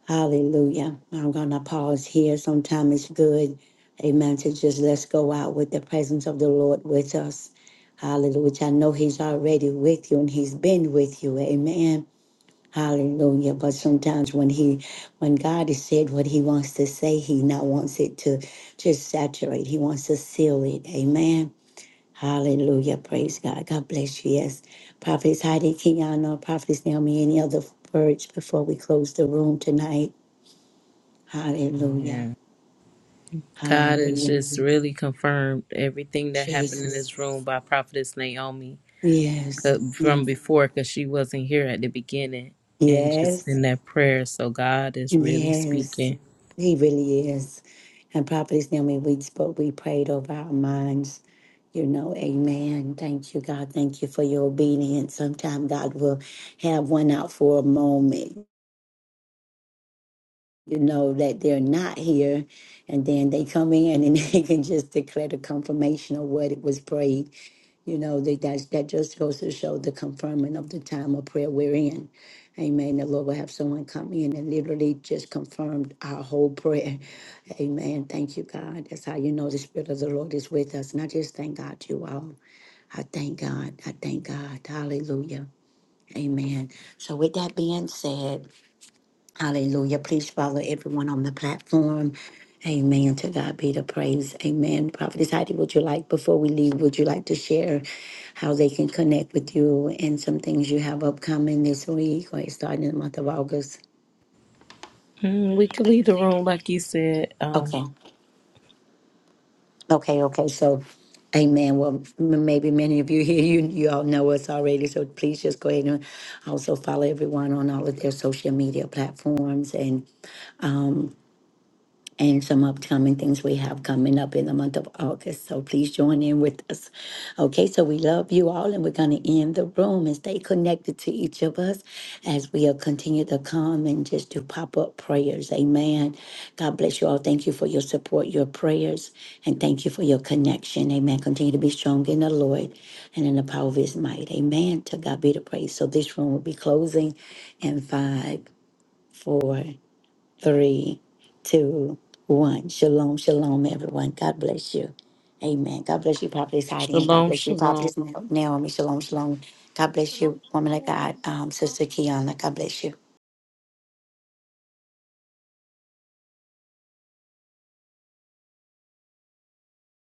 A: hallelujah. I'm going to pause here. Sometimes it's good, amen, to just let's go out with the presence of the Lord with us. Hallelujah. Which I know He's already with you and He's been with you. Amen. Hallelujah. But sometimes when He, when God has said what He wants to say, He now wants it to just saturate. He wants to seal it. Amen. Hallelujah. Praise God. God bless you. Yes. Prophetess Heidi Kenyana, Prophetess Naomi, any other words before we close the room tonight? Hallelujah.
B: Yeah. God has
A: Hallelujah.
B: just really confirmed everything that happened in
A: Jesus.
B: this room by Prophetess Naomi
A: Yes.
B: uh,
A: Yeah.
B: from before because she wasn't here at the beginning and just
A: Yes.
B: in that prayer. So God is really
A: Yes.
B: speaking.
A: He really is. And Prophetess Naomi, we spoke, we prayed over our minds you know, amen. Thank you, God. Thank you for your obedience. Sometimes God will have one out for a moment. you know that they're not here and then they come in and they can just declare the confirmation of what it was prayed you know that that's, that just goes to show the confirming of the time of prayer we're in amen the lord will have someone come in and literally just confirmed our whole prayer amen thank you god that's how you know the spirit of the lord is with us and i just thank god you all i thank god i thank god hallelujah amen so with that being said Hallelujah. Please follow everyone on the platform. Amen. To God be the praise. Amen. Prophetess Heidi, would you like, before we leave, would you like to share how they can connect with you and some things you have upcoming this week or starting in the month of August?
B: Mm, we could leave the room, like you said. Um,
A: Okay. Okay. Okay. So, amen. Well, m- maybe many of you here, you, you all know us already. So please just go ahead and also follow everyone on all of their social media platforms. and some upcoming things we have coming up in the month of August. So please join in with us. Okay, so we love you all, and we're going to end the room and stay connected to each of us as we'll continue to come and just do pop up prayers. Amen. God bless you all. Thank you for your support, your prayers, and thank you for your connection. Amen. Continue to be strong in the Lord and in the power of his might. Amen. To God be the praise. So this room will be closing in five, four three, two, one. Shalom, shalom, everyone. God bless you. Amen. God bless you, Prophetess Heidi, and God
B: shalom,
A: bless you,
B: shalom.
A: Prophetess Na- Naomi. Shalom, shalom. God bless
E: Shalom,
A: you, woman of God, um,
E: shalom.
A: Sister Kiana. God bless you.